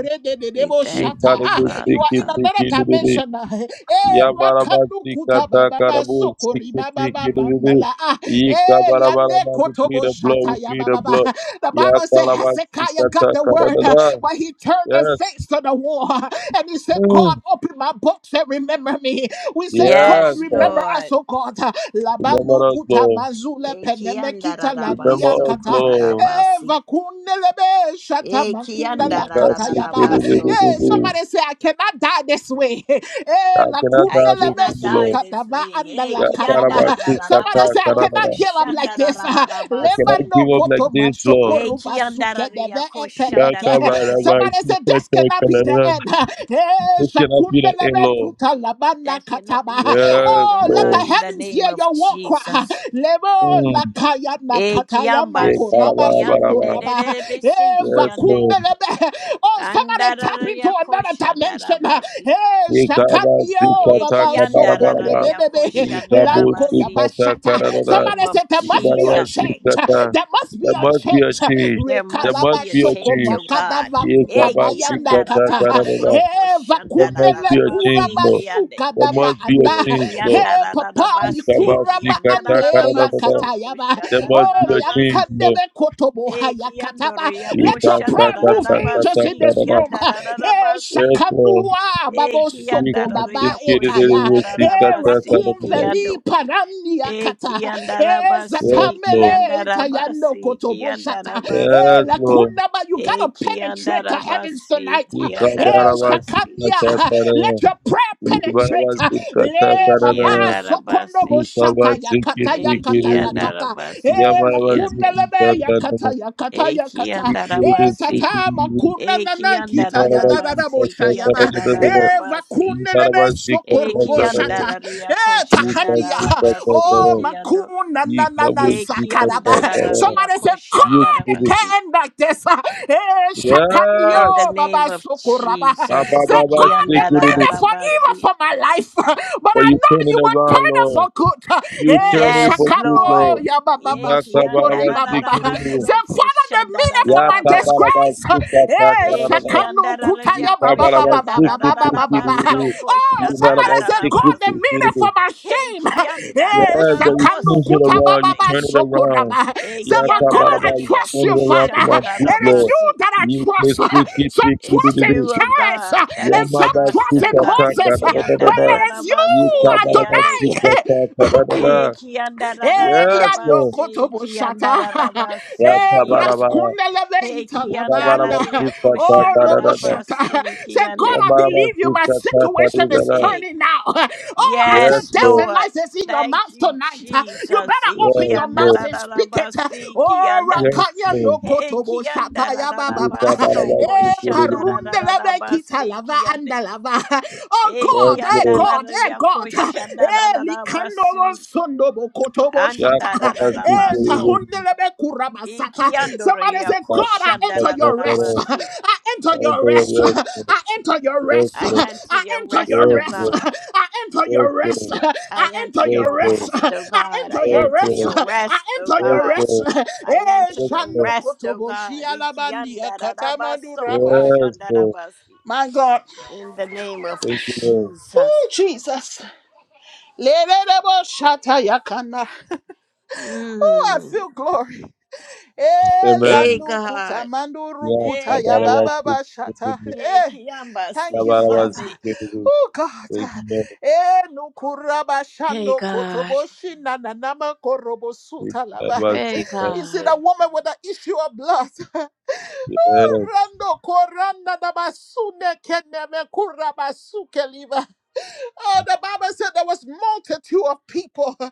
Speaker 3: We
Speaker 1: shata.
Speaker 3: thank you,
Speaker 1: Ah,
Speaker 2: Incredible,
Speaker 1: you
Speaker 3: Father
Speaker 1: are
Speaker 2: sticky,
Speaker 1: in
Speaker 3: God.
Speaker 1: another
Speaker 2: sticky, do, do, do.
Speaker 1: dimension. ah. Eh,
Speaker 2: Yabaraba, sika,
Speaker 1: rakanukuta
Speaker 2: taka, da,
Speaker 1: bababa
Speaker 2: bo,
Speaker 1: sokori
Speaker 2: sticky,
Speaker 1: bababa
Speaker 2: sticky, do, do, do.
Speaker 1: mandala. Ah,
Speaker 2: Yika,
Speaker 1: eh,
Speaker 2: bara, bara,
Speaker 1: yane
Speaker 2: bara. We plead
Speaker 1: kotobo
Speaker 2: the blood, we
Speaker 1: shata ya
Speaker 2: plead the
Speaker 1: bababa.
Speaker 2: blood.
Speaker 1: The Bible
Speaker 2: Yaka,
Speaker 1: says
Speaker 2: da, ba,
Speaker 1: Hezekiah
Speaker 2: sika,
Speaker 1: got the
Speaker 2: taka, da, da,
Speaker 1: word, ah,
Speaker 2: da.
Speaker 1: but he turned his
Speaker 2: Yes.
Speaker 1: face to the wall door and he said, God,
Speaker 2: Mm.
Speaker 1: open my box and remember me. We said, God,
Speaker 2: Yes.
Speaker 3: Yes,
Speaker 2: sir.
Speaker 1: remember us,
Speaker 3: Lord.
Speaker 1: oh God. Labanu
Speaker 2: Remember us,
Speaker 1: kuta
Speaker 2: Lord.
Speaker 1: mazule penemekita
Speaker 2: Remember
Speaker 1: lania
Speaker 3: Ekiandararabaso
Speaker 2: us,
Speaker 1: kata.
Speaker 2: Lord.
Speaker 3: kolarabasi.
Speaker 1: Eva kunelebe shata makunda la
Speaker 2: Yika,
Speaker 1: kata
Speaker 2: sticky,
Speaker 1: yaba.
Speaker 2: do, do,
Speaker 3: Ekiandararabaso.
Speaker 2: do, do,
Speaker 1: Hey,
Speaker 2: do.
Speaker 1: somebody say, I cannot die this way. Eh,
Speaker 2: I
Speaker 1: la
Speaker 2: cannot
Speaker 3: I
Speaker 2: die this
Speaker 1: kundelebe
Speaker 3: cannot
Speaker 2: way,
Speaker 3: die
Speaker 2: Lord.
Speaker 3: this
Speaker 1: sukataba
Speaker 3: way.
Speaker 1: anda
Speaker 3: Eh,
Speaker 1: la
Speaker 2: Ya
Speaker 1: karaba.
Speaker 2: karaba sita ta
Speaker 1: Somebody say, I
Speaker 3: kiandarararabasoko
Speaker 1: cannot
Speaker 2: karaba.
Speaker 1: give up like this.
Speaker 2: I
Speaker 1: Leba
Speaker 2: cannot
Speaker 3: shandarararabasi.
Speaker 1: no
Speaker 2: give up like
Speaker 1: koto
Speaker 2: this,
Speaker 1: mashoko
Speaker 2: Lord.
Speaker 3: Eh,
Speaker 1: ruba suke deve
Speaker 2: Ya
Speaker 1: eteleke.
Speaker 3: kiandarariyakoshandarabasi.
Speaker 2: karaba
Speaker 1: Somebody say,
Speaker 2: sita
Speaker 1: this
Speaker 2: ta
Speaker 1: cannot be the
Speaker 2: karaba.
Speaker 1: end. Eh,
Speaker 2: This cannot be the end,
Speaker 1: shakundelebe
Speaker 2: Lord.
Speaker 1: kuta labanda
Speaker 3: That cannot be the
Speaker 1: kataba.
Speaker 2: Yes,
Speaker 3: end, oh
Speaker 1: Oh, let
Speaker 3: God,
Speaker 1: the
Speaker 2: Lord.
Speaker 3: in the
Speaker 1: heavens hear
Speaker 3: name of
Speaker 1: your war cry.
Speaker 3: Jesus.
Speaker 1: Lebo la
Speaker 2: Mm.
Speaker 1: kaya na
Speaker 3: Eh,
Speaker 1: kataya
Speaker 2: Ya
Speaker 3: kiambasi,
Speaker 1: makoraba
Speaker 2: karaba baraba.
Speaker 1: sokoraba.
Speaker 3: kianderebesi,
Speaker 1: Eh,
Speaker 2: Yes,
Speaker 3: kiande-
Speaker 2: Lord.
Speaker 1: vakundelebe. Oh, somebody tap into another dimension. uh,
Speaker 3: andarariyakoshandarabasi.
Speaker 1: Hey,
Speaker 2: Ya karaba sita
Speaker 1: shakanyo,
Speaker 3: Eh,
Speaker 2: ta
Speaker 1: Baba
Speaker 2: karaba
Speaker 1: Soko
Speaker 2: baraba.
Speaker 1: Rebebebe
Speaker 2: Ya kabo
Speaker 1: Lanko
Speaker 3: kiandararariyakoshandarabasi.
Speaker 2: sita ta
Speaker 1: Yabashata.
Speaker 3: In the
Speaker 2: karaba.
Speaker 3: name
Speaker 1: Somebody
Speaker 3: of
Speaker 1: said there
Speaker 2: Ya
Speaker 1: must be
Speaker 2: karaba
Speaker 1: a
Speaker 3: Jesus.
Speaker 2: sita
Speaker 1: change. uh,
Speaker 2: ta.
Speaker 1: There must be
Speaker 2: There
Speaker 1: a
Speaker 2: must be a
Speaker 1: change. uh,
Speaker 2: change.
Speaker 3: There
Speaker 2: There
Speaker 3: must
Speaker 2: must
Speaker 1: Rekalaba
Speaker 3: be a
Speaker 2: be a
Speaker 1: Shoko
Speaker 3: change, oh
Speaker 2: change.
Speaker 3: God.
Speaker 1: Makadava
Speaker 2: Ya
Speaker 3: Eh,
Speaker 2: karaba
Speaker 1: Kutabaya
Speaker 2: sita
Speaker 3: kianda da
Speaker 2: ta
Speaker 3: da
Speaker 1: Nakata. uh,
Speaker 3: ba
Speaker 2: karaba.
Speaker 3: soko
Speaker 1: Hey,
Speaker 2: That
Speaker 3: shanda da da
Speaker 2: must
Speaker 1: Vakundele
Speaker 2: be
Speaker 3: da
Speaker 2: a
Speaker 3: ba
Speaker 2: change,
Speaker 3: si
Speaker 1: Kuraba
Speaker 2: Lord.
Speaker 3: kiande.
Speaker 2: There
Speaker 1: Sukadava
Speaker 2: must be a
Speaker 1: Anda.
Speaker 3: Eh,
Speaker 1: huh?
Speaker 2: change, Lord.
Speaker 3: kianda
Speaker 1: Hey,
Speaker 3: da da da
Speaker 1: Papa
Speaker 3: ba si
Speaker 2: Kabasi
Speaker 1: Kuraba
Speaker 3: kianda da
Speaker 2: kata
Speaker 3: da da
Speaker 1: Ande
Speaker 3: ba
Speaker 2: kararabada.
Speaker 3: soko
Speaker 1: Yakatayaba.
Speaker 2: There
Speaker 3: shanda da
Speaker 2: must
Speaker 3: da
Speaker 1: Oh,
Speaker 2: be
Speaker 3: da
Speaker 2: a
Speaker 3: ba
Speaker 2: change,
Speaker 3: si.
Speaker 2: Lord.
Speaker 1: Lankandebe Kotobo
Speaker 3: Eh, kiando
Speaker 1: Hayakataba.
Speaker 3: re ya ko
Speaker 1: Let your
Speaker 2: Ikasa
Speaker 1: prayer
Speaker 3: shanda
Speaker 1: Hey,
Speaker 3: da da
Speaker 1: move
Speaker 3: da
Speaker 2: kata
Speaker 3: ba
Speaker 2: kata
Speaker 1: angels in
Speaker 3: si
Speaker 1: this
Speaker 2: karara.
Speaker 1: room.
Speaker 3: kianda da da da
Speaker 1: Hey,
Speaker 3: ba
Speaker 2: Yes,
Speaker 3: si.
Speaker 2: Lord.
Speaker 1: Shakanua,
Speaker 3: Eh,
Speaker 1: Babo
Speaker 2: We
Speaker 3: kianda
Speaker 1: Soko,
Speaker 2: can
Speaker 3: da re
Speaker 2: see
Speaker 1: Baba
Speaker 3: ya ko
Speaker 1: Etaya.
Speaker 3: shanda da
Speaker 1: Hey,
Speaker 2: kiririrusi
Speaker 3: da ba
Speaker 2: kata
Speaker 3: si
Speaker 2: kararabada.
Speaker 1: Rakunveli,
Speaker 3: kiando.
Speaker 1: Parania
Speaker 3: Eh,
Speaker 1: Kata.
Speaker 3: kianda da
Speaker 1: Hey,
Speaker 3: ba
Speaker 2: Yes,
Speaker 3: si
Speaker 2: Lord.
Speaker 3: kianda
Speaker 1: Zatamele,
Speaker 3: da ba
Speaker 1: Etayano
Speaker 3: si
Speaker 1: Kotobo
Speaker 3: kianda da
Speaker 1: Shata.
Speaker 3: ba
Speaker 1: Hey,
Speaker 3: si.
Speaker 2: Yes, Lord.
Speaker 1: Lakunaba, you gotta penetrate the heavens
Speaker 3: Ekiandarabasi,
Speaker 1: tonight. Hey,
Speaker 2: Ikabarabasi
Speaker 3: Kiandarabasi,
Speaker 2: kata
Speaker 1: Shakania, let
Speaker 2: karara.
Speaker 1: your prayer penetrate.
Speaker 2: Ibarabasi kata
Speaker 1: Le, Baba
Speaker 2: karara.
Speaker 1: Sokonobo
Speaker 3: Ekiandarabasi,
Speaker 1: Shata,
Speaker 2: Ikabasi
Speaker 1: Yakata, Yakata,
Speaker 2: kiririru.
Speaker 1: Yakata. Hey,
Speaker 3: Ekiandarabasi,
Speaker 2: Yamarabasi
Speaker 3: Kiande,
Speaker 2: kata
Speaker 1: Lakunelebe, kata
Speaker 2: karara.
Speaker 1: ya kata ya kata. E
Speaker 2: Ikiririsi
Speaker 3: Ekiandarabasi,
Speaker 1: tata
Speaker 2: kiririru.
Speaker 1: makuna nana
Speaker 2: You
Speaker 1: kita ya da
Speaker 2: Parabasi
Speaker 1: da da bo
Speaker 3: Ekiandarabasi,
Speaker 1: shaya ba. E
Speaker 2: Katakara,
Speaker 3: Kiandarabasi,
Speaker 2: you
Speaker 1: vakune lebe
Speaker 2: Parabasi
Speaker 1: sokoro bo
Speaker 2: Katakara,
Speaker 3: Ekiandararia
Speaker 1: E
Speaker 2: you
Speaker 1: tahandia.
Speaker 2: Kasi
Speaker 3: Koshandarabasi,
Speaker 1: Oh
Speaker 2: Katakara,
Speaker 3: Kiando,
Speaker 1: makuna
Speaker 2: you
Speaker 1: nana na
Speaker 2: Kabuchi
Speaker 1: sakaraba.
Speaker 2: Katakara,
Speaker 3: Ekiandararia
Speaker 1: Somebody say
Speaker 2: you
Speaker 1: the
Speaker 2: Kiri.
Speaker 3: Koshandarabasi.
Speaker 1: turn back this. Eh,
Speaker 3: In the
Speaker 2: Yes!
Speaker 1: shakandio,
Speaker 3: name
Speaker 1: Baba
Speaker 3: of
Speaker 1: Sokoraba.
Speaker 3: Jesus,
Speaker 1: Say,
Speaker 2: Ababa
Speaker 1: God, the
Speaker 2: Sikiri.
Speaker 1: minute for evil
Speaker 3: Ekiandarabasi.
Speaker 1: for my life, but
Speaker 2: But
Speaker 1: I
Speaker 2: you
Speaker 1: know
Speaker 2: turn
Speaker 1: you
Speaker 2: it
Speaker 1: will
Speaker 2: around,
Speaker 1: turn it for
Speaker 2: Lord.
Speaker 1: good.
Speaker 2: You turn
Speaker 1: Eh,
Speaker 2: it
Speaker 3: Yes,
Speaker 2: for good,
Speaker 3: Lord.
Speaker 1: Shakano,
Speaker 2: Lord.
Speaker 1: ya Baba
Speaker 3: Eki
Speaker 1: Sokori,
Speaker 2: Nakababa
Speaker 1: Baba.
Speaker 2: Sikiri.
Speaker 1: Say,
Speaker 3: andararabaso
Speaker 1: Father, the minute for my
Speaker 3: koshandararabasi.
Speaker 2: Yakabalaba
Speaker 1: disgrace. Eh,
Speaker 3: Eki
Speaker 2: Sikatakara,
Speaker 1: Shakano,
Speaker 2: you
Speaker 3: andararaya
Speaker 1: Kutaya, Baba,
Speaker 2: Kabalaba
Speaker 1: Baba, Baba, Baba,
Speaker 2: Sikiri.
Speaker 1: Baba, Baba.
Speaker 3: koshandararabaso
Speaker 2: You
Speaker 1: Oh, somebody say, God the
Speaker 2: Parabasi
Speaker 3: koshandararabasi.
Speaker 1: meaning
Speaker 2: Kiri.
Speaker 1: for my shame.
Speaker 3: Eki
Speaker 2: Yes,
Speaker 1: Eh,
Speaker 2: but you
Speaker 1: shakando
Speaker 2: change it
Speaker 3: andararabasi
Speaker 2: around, you
Speaker 1: kutabababa
Speaker 3: kiande.
Speaker 2: turn it around.
Speaker 1: sokoraba. Say,
Speaker 2: Yeah,
Speaker 3: Eki
Speaker 1: but
Speaker 2: talk about
Speaker 1: God, I
Speaker 2: about you
Speaker 3: andararaya
Speaker 1: trust
Speaker 2: turn
Speaker 1: you,
Speaker 2: it around for my
Speaker 1: Father.
Speaker 2: good
Speaker 1: It is
Speaker 2: Lord.
Speaker 1: you
Speaker 3: koshandararabasi.
Speaker 1: that I
Speaker 2: You play
Speaker 1: trust.
Speaker 2: siki
Speaker 1: Some
Speaker 2: siki do
Speaker 3: It's
Speaker 1: trust
Speaker 2: do
Speaker 1: in
Speaker 3: you,
Speaker 2: do.
Speaker 3: O
Speaker 1: chariots
Speaker 3: God,
Speaker 1: uh,
Speaker 3: that
Speaker 2: Yeah,
Speaker 3: I
Speaker 1: and
Speaker 2: my
Speaker 1: some
Speaker 2: bad
Speaker 3: trust,
Speaker 1: trust
Speaker 3: O
Speaker 1: in
Speaker 2: sika
Speaker 3: God.
Speaker 2: taka
Speaker 1: horses,
Speaker 2: da
Speaker 1: uh,
Speaker 3: Eki
Speaker 2: da da da
Speaker 1: but
Speaker 2: da.
Speaker 1: it is you,
Speaker 2: You
Speaker 3: andararabasi
Speaker 2: talk about about
Speaker 3: kiande.
Speaker 2: sika
Speaker 1: Adonai.
Speaker 2: taka da da
Speaker 3: Eh,
Speaker 2: da.
Speaker 3: kianda da da da da
Speaker 1: Eya
Speaker 2: Yes,
Speaker 1: no
Speaker 2: Lord.
Speaker 3: basi,
Speaker 1: kotobo shata.
Speaker 3: kianda da da
Speaker 2: Yeah,
Speaker 3: basi,
Speaker 1: E
Speaker 2: talk about
Speaker 3: kiando.
Speaker 2: about
Speaker 1: braskundeleve
Speaker 3: Hey,
Speaker 2: you talk
Speaker 3: kianda
Speaker 2: about
Speaker 3: da
Speaker 1: italavanda.
Speaker 3: da
Speaker 2: about
Speaker 3: ya
Speaker 2: sika
Speaker 1: Oh
Speaker 2: taka
Speaker 3: koshanda
Speaker 2: da
Speaker 1: robo
Speaker 2: da
Speaker 3: da
Speaker 2: da.
Speaker 1: shata.
Speaker 3: basi,
Speaker 1: Say, God,
Speaker 2: Yeah,
Speaker 3: kiande.
Speaker 1: I
Speaker 2: my
Speaker 1: believe
Speaker 2: bad
Speaker 1: you. My
Speaker 2: sika taka
Speaker 1: situation
Speaker 2: da da
Speaker 1: is
Speaker 2: da.
Speaker 3: Eh,
Speaker 1: turning now. Oh, I said,
Speaker 2: Yes,
Speaker 3: yes,
Speaker 1: death
Speaker 2: Lord.
Speaker 1: and
Speaker 3: Lord.
Speaker 1: life is in your
Speaker 3: Thank
Speaker 1: mouth
Speaker 3: you,
Speaker 1: tonight. Uh, You
Speaker 3: Jesus.
Speaker 1: better
Speaker 3: Eh,
Speaker 1: open
Speaker 2: Yes,
Speaker 1: your
Speaker 3: Kianda
Speaker 1: mouth
Speaker 3: da
Speaker 2: Lord.
Speaker 1: and
Speaker 3: da da
Speaker 1: speak it. Uh,
Speaker 3: basi,
Speaker 1: Oh,
Speaker 3: kianda.
Speaker 2: Yes,
Speaker 1: rakanya no
Speaker 2: Lord.
Speaker 3: Hey,
Speaker 1: kotobo shata
Speaker 3: kianda da
Speaker 1: ya
Speaker 3: da da
Speaker 1: baba.
Speaker 2: You talk
Speaker 1: ba.
Speaker 2: about
Speaker 3: baso,
Speaker 2: about sika
Speaker 1: E
Speaker 2: do do
Speaker 3: koshanda
Speaker 2: do.
Speaker 3: da da da da
Speaker 1: parundeleve kita
Speaker 3: basi,
Speaker 1: lava
Speaker 3: kiande.
Speaker 1: andalava. Oh
Speaker 3: Eh,
Speaker 2: Yes,
Speaker 1: God,
Speaker 3: kianda
Speaker 2: Lord.
Speaker 3: da
Speaker 1: God,
Speaker 3: da
Speaker 1: eh
Speaker 3: ya
Speaker 1: God,
Speaker 3: koshanda da
Speaker 1: eh
Speaker 3: da da
Speaker 1: likandobo
Speaker 3: basi,
Speaker 1: sondobo kotobo
Speaker 2: Já
Speaker 3: anda da
Speaker 1: shata,
Speaker 3: da
Speaker 2: quase
Speaker 3: da
Speaker 1: eh
Speaker 3: baso.
Speaker 2: tudo
Speaker 1: tahundelebe kurabasata. Somebody
Speaker 3: Ikiandoria
Speaker 1: say,
Speaker 2: está
Speaker 1: God, I
Speaker 2: se
Speaker 1: enter
Speaker 2: passando
Speaker 1: your rest.
Speaker 2: para
Speaker 3: koshandarabasi.
Speaker 1: I
Speaker 2: a
Speaker 1: enter your rest.
Speaker 2: anterior.
Speaker 1: I enter your rest.
Speaker 3: I
Speaker 2: Resgo,
Speaker 3: enter
Speaker 1: I
Speaker 3: your
Speaker 1: enter
Speaker 3: rest,
Speaker 1: your
Speaker 3: O
Speaker 1: rest.
Speaker 2: resgo,
Speaker 3: God.
Speaker 1: I enter your rest.
Speaker 2: resgo,
Speaker 1: I
Speaker 3: I
Speaker 1: enter
Speaker 3: enter
Speaker 1: your
Speaker 3: your
Speaker 1: rest.
Speaker 2: resgo,
Speaker 3: rest, O
Speaker 1: I
Speaker 3: God. I
Speaker 1: enter your
Speaker 3: enter
Speaker 1: rest.
Speaker 2: resgo,
Speaker 3: your
Speaker 1: I
Speaker 3: rest, O
Speaker 1: enter your
Speaker 3: God.
Speaker 1: rest.
Speaker 2: resgo,
Speaker 3: I
Speaker 1: Eh
Speaker 3: enter your
Speaker 2: resgo,
Speaker 1: shando
Speaker 3: rest, O
Speaker 1: kotobo
Speaker 3: God.
Speaker 1: shialabandia
Speaker 3: Ikiandarabaso
Speaker 1: katamandurapa.
Speaker 2: resgo.
Speaker 3: koshandarabasi.
Speaker 1: My God.
Speaker 3: In the name of
Speaker 2: Thank you,
Speaker 3: Jesus.
Speaker 1: Oh, Jesus. Lerereboshatayakana. Oh, I
Speaker 3: Mm.
Speaker 1: feel glory.
Speaker 3: Hey,
Speaker 2: Amen.
Speaker 1: Elanukuta
Speaker 3: God.
Speaker 2: Yeah,
Speaker 1: mandurukuta
Speaker 3: Hey,
Speaker 2: Barabbas,
Speaker 3: God.
Speaker 2: Barabbas, Thank
Speaker 1: shata.
Speaker 2: you,
Speaker 3: Hey,
Speaker 1: Eh, Thank
Speaker 3: Kiambasi,
Speaker 1: you,
Speaker 2: Barabbas,
Speaker 1: Father.
Speaker 3: Kiande.
Speaker 1: Oh, God. Eh,
Speaker 3: Hey,
Speaker 1: nukurabashando
Speaker 3: God.
Speaker 1: na nanama korobosuta lava.
Speaker 3: Hey,
Speaker 1: You see,
Speaker 3: God.
Speaker 1: the woman with the issue of blood.
Speaker 2: Yes,
Speaker 1: Oh, rando koranda dabasune keneme kurabasuke liva. Oh, the Bible said there was multitude of people.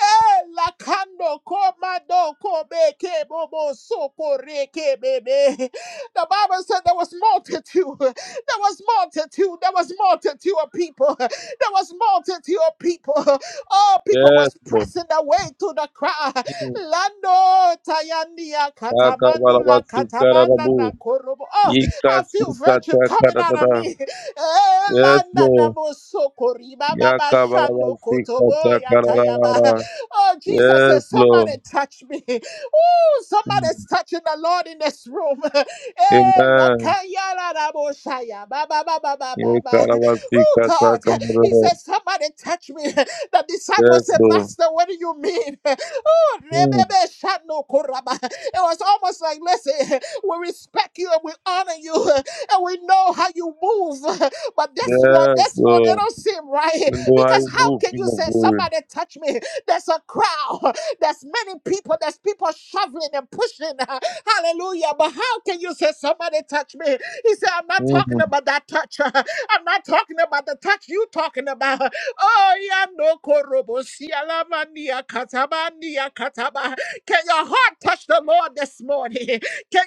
Speaker 1: Eh, la kando komado kobe bobo soko reke bebe. The Bible said there was multitude. There was multitude. There was multitude of people. There was multitude of people. All people
Speaker 2: yes,
Speaker 1: was
Speaker 2: Lord.
Speaker 1: pressing their way to the crowd.
Speaker 2: Mm.
Speaker 1: Lando tayandia
Speaker 2: Baka
Speaker 1: katamandula
Speaker 2: Barabbas,
Speaker 1: katamana na
Speaker 2: Karabu,
Speaker 1: korobo. Oh, I
Speaker 2: Ika,
Speaker 1: feel
Speaker 2: Sika,
Speaker 1: virtue coming out of
Speaker 2: Takara,
Speaker 1: me. Eh,
Speaker 2: Yes,
Speaker 1: landa na
Speaker 2: Lord.
Speaker 1: mosoko riba baba shando kotobo ya tayaba.
Speaker 2: Yakabarabasikatakaralara.
Speaker 1: Oh, Jesus
Speaker 2: Yes,
Speaker 1: says,
Speaker 2: Lord.
Speaker 1: somebody touch me. Ooh, Somebody's
Speaker 2: Mm.
Speaker 1: touching the Lord in this room. Eh,
Speaker 2: Amen.
Speaker 1: lakaya la la bo shaya. Ba, ba, ba, ba, ba, ba, ba. Oh God, he
Speaker 2: Yakarabasikatakaralara.
Speaker 1: said, Somebody touch me. The disciple
Speaker 2: Yes,
Speaker 1: said,
Speaker 2: Lord.
Speaker 1: Master, what do you mean? Oh,
Speaker 2: Mm.
Speaker 1: rebebe shano koraba. It was almost like, Listen, we respect you and we honor you and we know how you move. But this one,
Speaker 2: Yes,
Speaker 1: this one, it
Speaker 2: Lord.
Speaker 1: don't seem right
Speaker 2: In the high
Speaker 1: because how
Speaker 2: move,
Speaker 1: can
Speaker 2: King
Speaker 1: you
Speaker 2: of
Speaker 1: say,
Speaker 2: glory.
Speaker 1: Somebody touch me? There's a crowd. There's many people, there's people shoveling and pushing. uh, Hallelujah. But how can you say somebody touch me? He said, I'm not talking
Speaker 2: Mm.
Speaker 1: about that touch. uh, I'm not talking about the touch you talking about. Oh, yeah, no korobo sialamania katabania kataba. Can your heart touch the Lord this morning? Can